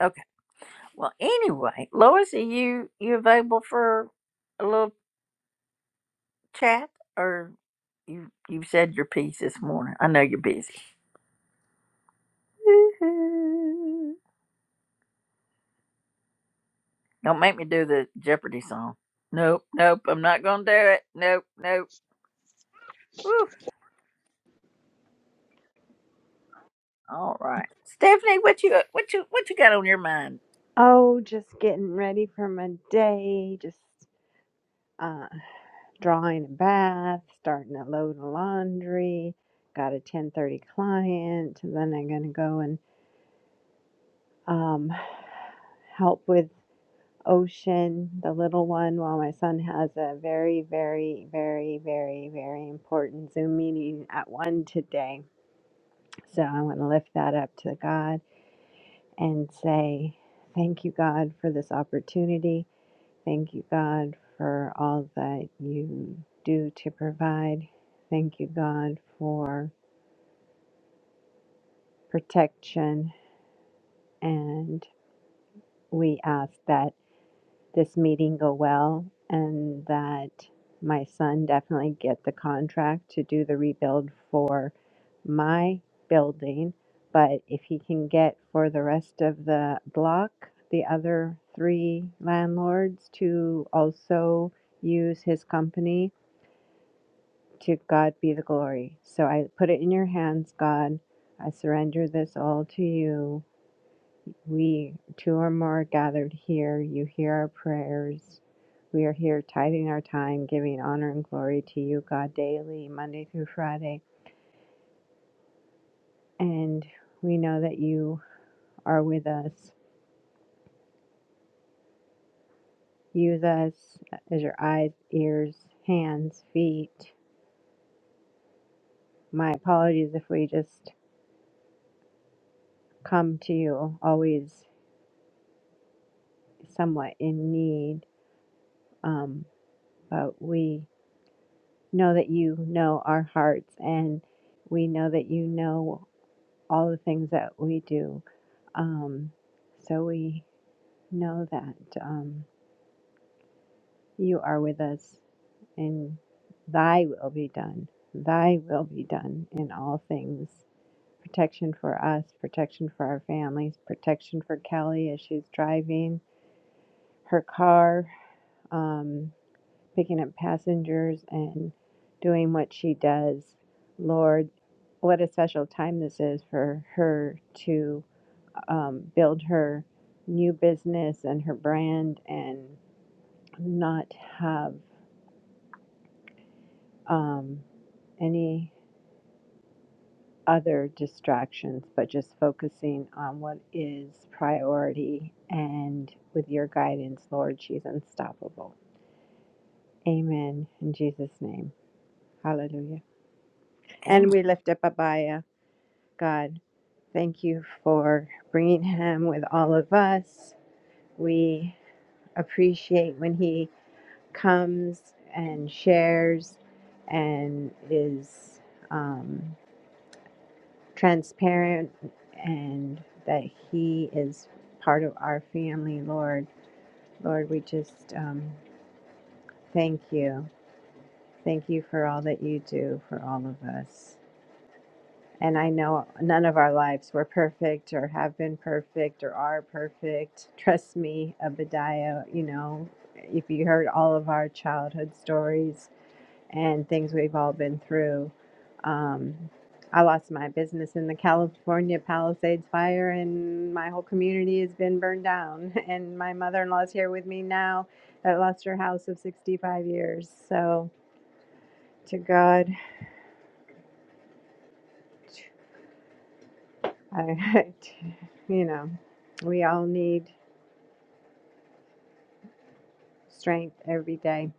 Okay. Well, anyway, Lois, are you you available for a little chat, or you you said your piece this morning? I know you're busy. Woo-hoo. Don't make me do the Jeopardy song. Nope, nope, I'm not gonna do it. Nope, nope. Woo. All right, Stephanie, what you what you what you got on your mind?
Oh, just getting ready for my day, just uh, drawing a bath, starting to load the laundry. Got a 10:30 client, and then I'm gonna go and um, help with Ocean, the little one, while my son has a very, very, very, very, very important Zoom meeting at one today. So I want to lift that up to God and say, Thank you, God, for this opportunity Thank you, God, for all that you do to provide. Thank you, God, for protection. And we ask that this meeting go well and that my son definitely get the contract to do the rebuild for my building. But if he can get for the rest of the block, the other three landlords to also use his company To God be the glory. So I put it in your hands, God. I surrender this all to you. We, two or more, gathered here. You hear our prayers. We are here tithing our time, giving honor and glory to you, God, daily, Monday through Friday. And we know that you are with us. Use us as your eyes, ears, hands, feet. My apologies if we just come to you always somewhat in need. Um, But we know that you know our hearts and we know that you know all the things that we do. Um, so we know that um, you are with us and thy will be done. Thy will be done in all things. Protection for us, protection for our families, protection for Kelly as she's driving her car. Um, picking up passengers and doing what she does. Lord, what a special time this is for her to um, build her new business and her brand and not have um, any other distractions, but just focusing on what is priority. And with your guidance, Lord, she's unstoppable. Amen. In Jesus' name. Hallelujah. And we lift up Abaya, God. Thank you for bringing him with all of us. We appreciate when he comes and shares and is um, transparent and that he is part of our family, Lord. Lord, we just um, thank you. Thank you for all that you do for all of us. And I know none of our lives were perfect or have been perfect or are perfect. Trust me, Obadiah, you know, if you heard all of our childhood stories and things we've all been through, um, I lost my business in the California Palisades fire, and my whole community has been burned down. And my mother in law is here with me now that lost her house of 65 years. So, to God. I, you know, we all need strength every day,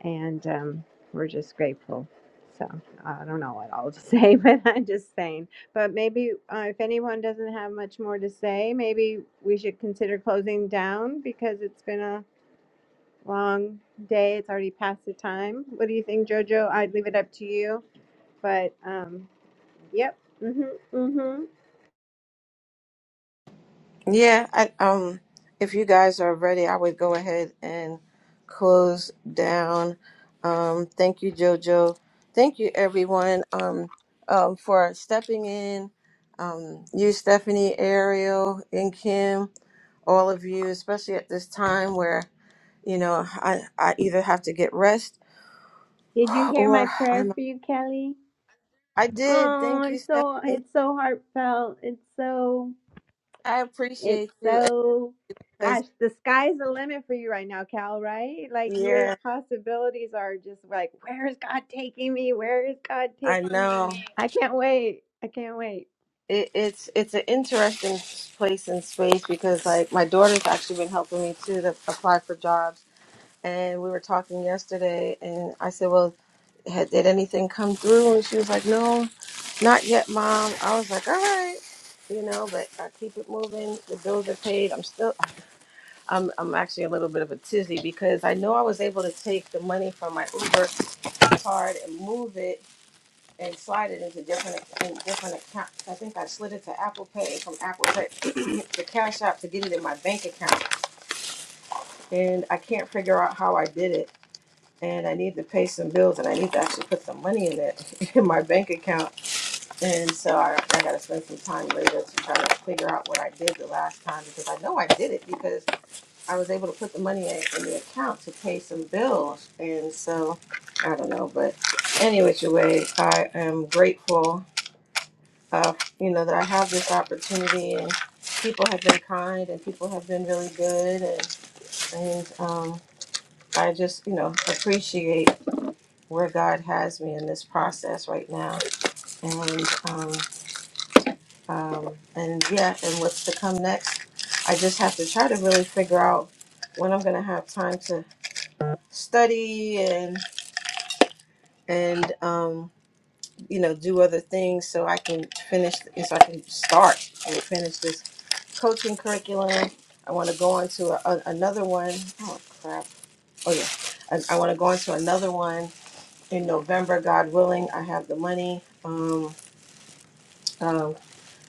and um, we're just grateful. So I don't know what all to say, but I'm just saying. But maybe uh, if anyone doesn't have much more to say, maybe we should consider closing down because it's been a long day. It's already past the time. What do you think, Jojo? I'd leave it up to you. But um, yep. Mhm. Mhm.
Yeah, I, um, if you guys are ready, I would go ahead and close down. Um, thank you, Jojo. Thank you, everyone, um, um, for stepping in. Um, you, Stephanie, Ariel, and Kim, all of you, especially at this time where you know I, I either have to get rest
Did you hear my
or
prayer
I'm.
for you, Kelly?
I did.
Oh,
Thank you,
it's so
Stephanie.
it's so heartfelt. It's so
I
it's
appreciate you.
so
Because
gosh, the sky's the limit for you right now, Cal, right? Like your
yeah,
possibilities are just like, where is God taking me? Where is God
I
taking
know.
me? I can't wait. I can't wait.
it, it's it's an interesting place in space because like my daughter's actually been helping me too to apply for jobs and we were talking yesterday and i said well had, did anything come through and she was like no not yet mom i was like all right you know but i keep it moving the bills are paid i'm still i'm, I'm actually a little bit of a tizzy because i know i was able to take the money from my uber card and move it and slide it into different in different accounts. I think I slid it to Apple Pay and from Apple Pay to Cash App to get it in my bank account. And I can't figure out how I did it. And I need to pay some bills and I need to actually put some money in it in my bank account. And so I, I gotta spend some time later to try to figure out what I did the last time because I know I did it because I was able to put the money in, in the account to pay some bills. And so I don't know, but any which way, I am grateful uh, you know, that I have this opportunity and people have been kind and people have been really good and, and um, I just, you know, appreciate where God has me in this process right now and um, um, and yeah, and what's to come next. I just have to try to really figure out when I'm gonna have time to study and and um, you know, do other things so I can finish, so I can start and finish this coaching curriculum. I want to go on to a, a- another one. Oh crap! Oh yeah, I, I want to go on to another one in November, God willing. I have the money, um, um,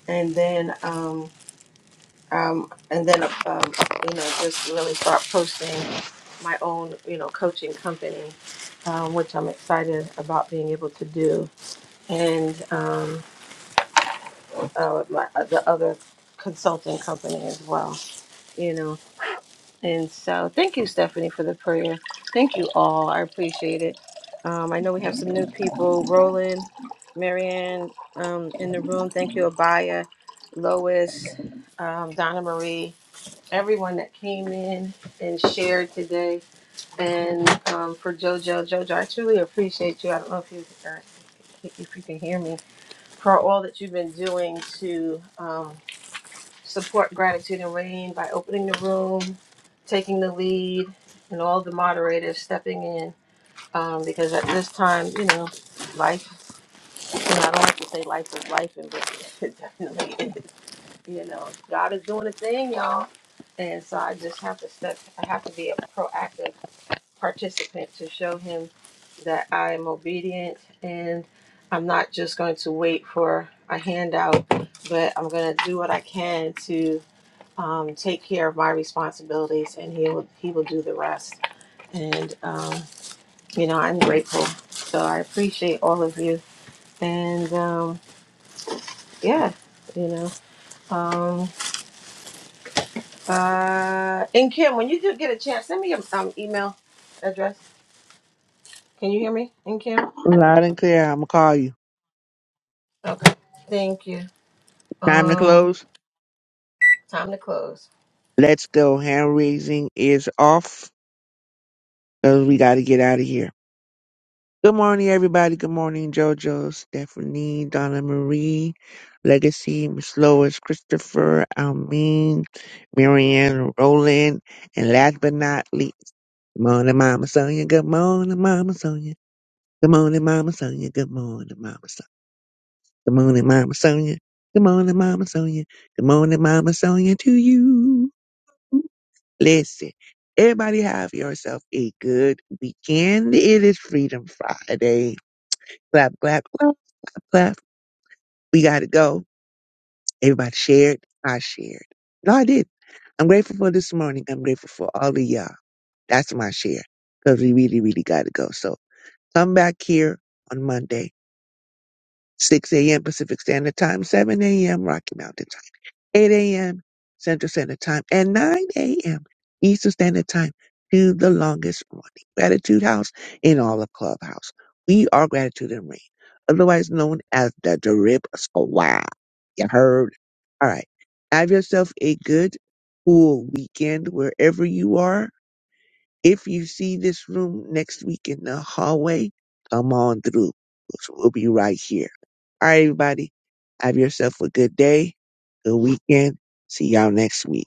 and then um, um, and then um, you know, just really start posting my own, you know, coaching company, um, which I'm excited about being able to do. And um, uh, with my uh, the other consulting company as well. You know, and so thank you, Stephanie, for the prayer. Thank you all. I appreciate it. Um, I know we have some new people. Roland, Marianne, um, in the room. Thank you, Abaya, Lois, um, Donna Marie, everyone that came in and shared today, and um, for JoJo. JoJo, I truly appreciate you. I don't know if you uh, if you can hear me for all that you've been doing to. Um, support gratitude and rain by opening the room, taking the lead, and all the moderators stepping in. Um, because at this time, you know, life, you know, I don't like to say life is life, and but it definitely is. You know, God is doing a thing, y'all. And so I just have to step, I have to be a proactive participant to show him that I am obedient and I'm not just going to wait for a handout, but I'm going to do what I can to um, take care of my responsibilities, and He will He will do the rest. And um, you know, I'm grateful. So I appreciate all of you. And um, yeah, you know. Um, uh, and Kim, when you do get a chance, send me your um, email address. Can you hear me? And Kim,
Loud and clear. I'm gonna call you.
okay. Thank you.
Time to
Um,
close.
time to close.
Let's go. Hand raising is off because we got to get out of here. Good morning, everybody. Good morning, Jojo, Stephanie, Donna Marie, Legacy, Miss Lois, Christopher, Almeen, Marianne, Roland, and last but not least, good morning, Mama Sonia. Good morning, Mama Sonia. Good morning, Mama Sonia. Good morning, Mama Sonia. Good morning, Mama Sonia. Good morning, Mama Sonia. Good morning, Mama Sonia to you. Listen, everybody have yourself a good weekend. It is Freedom Friday. Clap, clap, clap, clap, clap. We got to go. Everybody shared. I shared. No, I did. I'm grateful for this morning. I'm grateful for all of y'all. That's my share because we really, really got to go. So come back here on Monday, 6 a.m. Pacific Standard Time, 7 a.m. Rocky Mountain. 8 a.m. Central Standard Time, and 9 a.m. Eastern Standard Time to the longest running Gratitude House in all of Clubhouse. We are Gratitude and Rain, otherwise known as the Drip Squad. You heard? All right. Have yourself a good, cool weekend wherever you are. If you see this room next week in the hallway, come on through. So We'll be right here. All right, everybody. Have yourself a good day, good weekend. See y'all next week.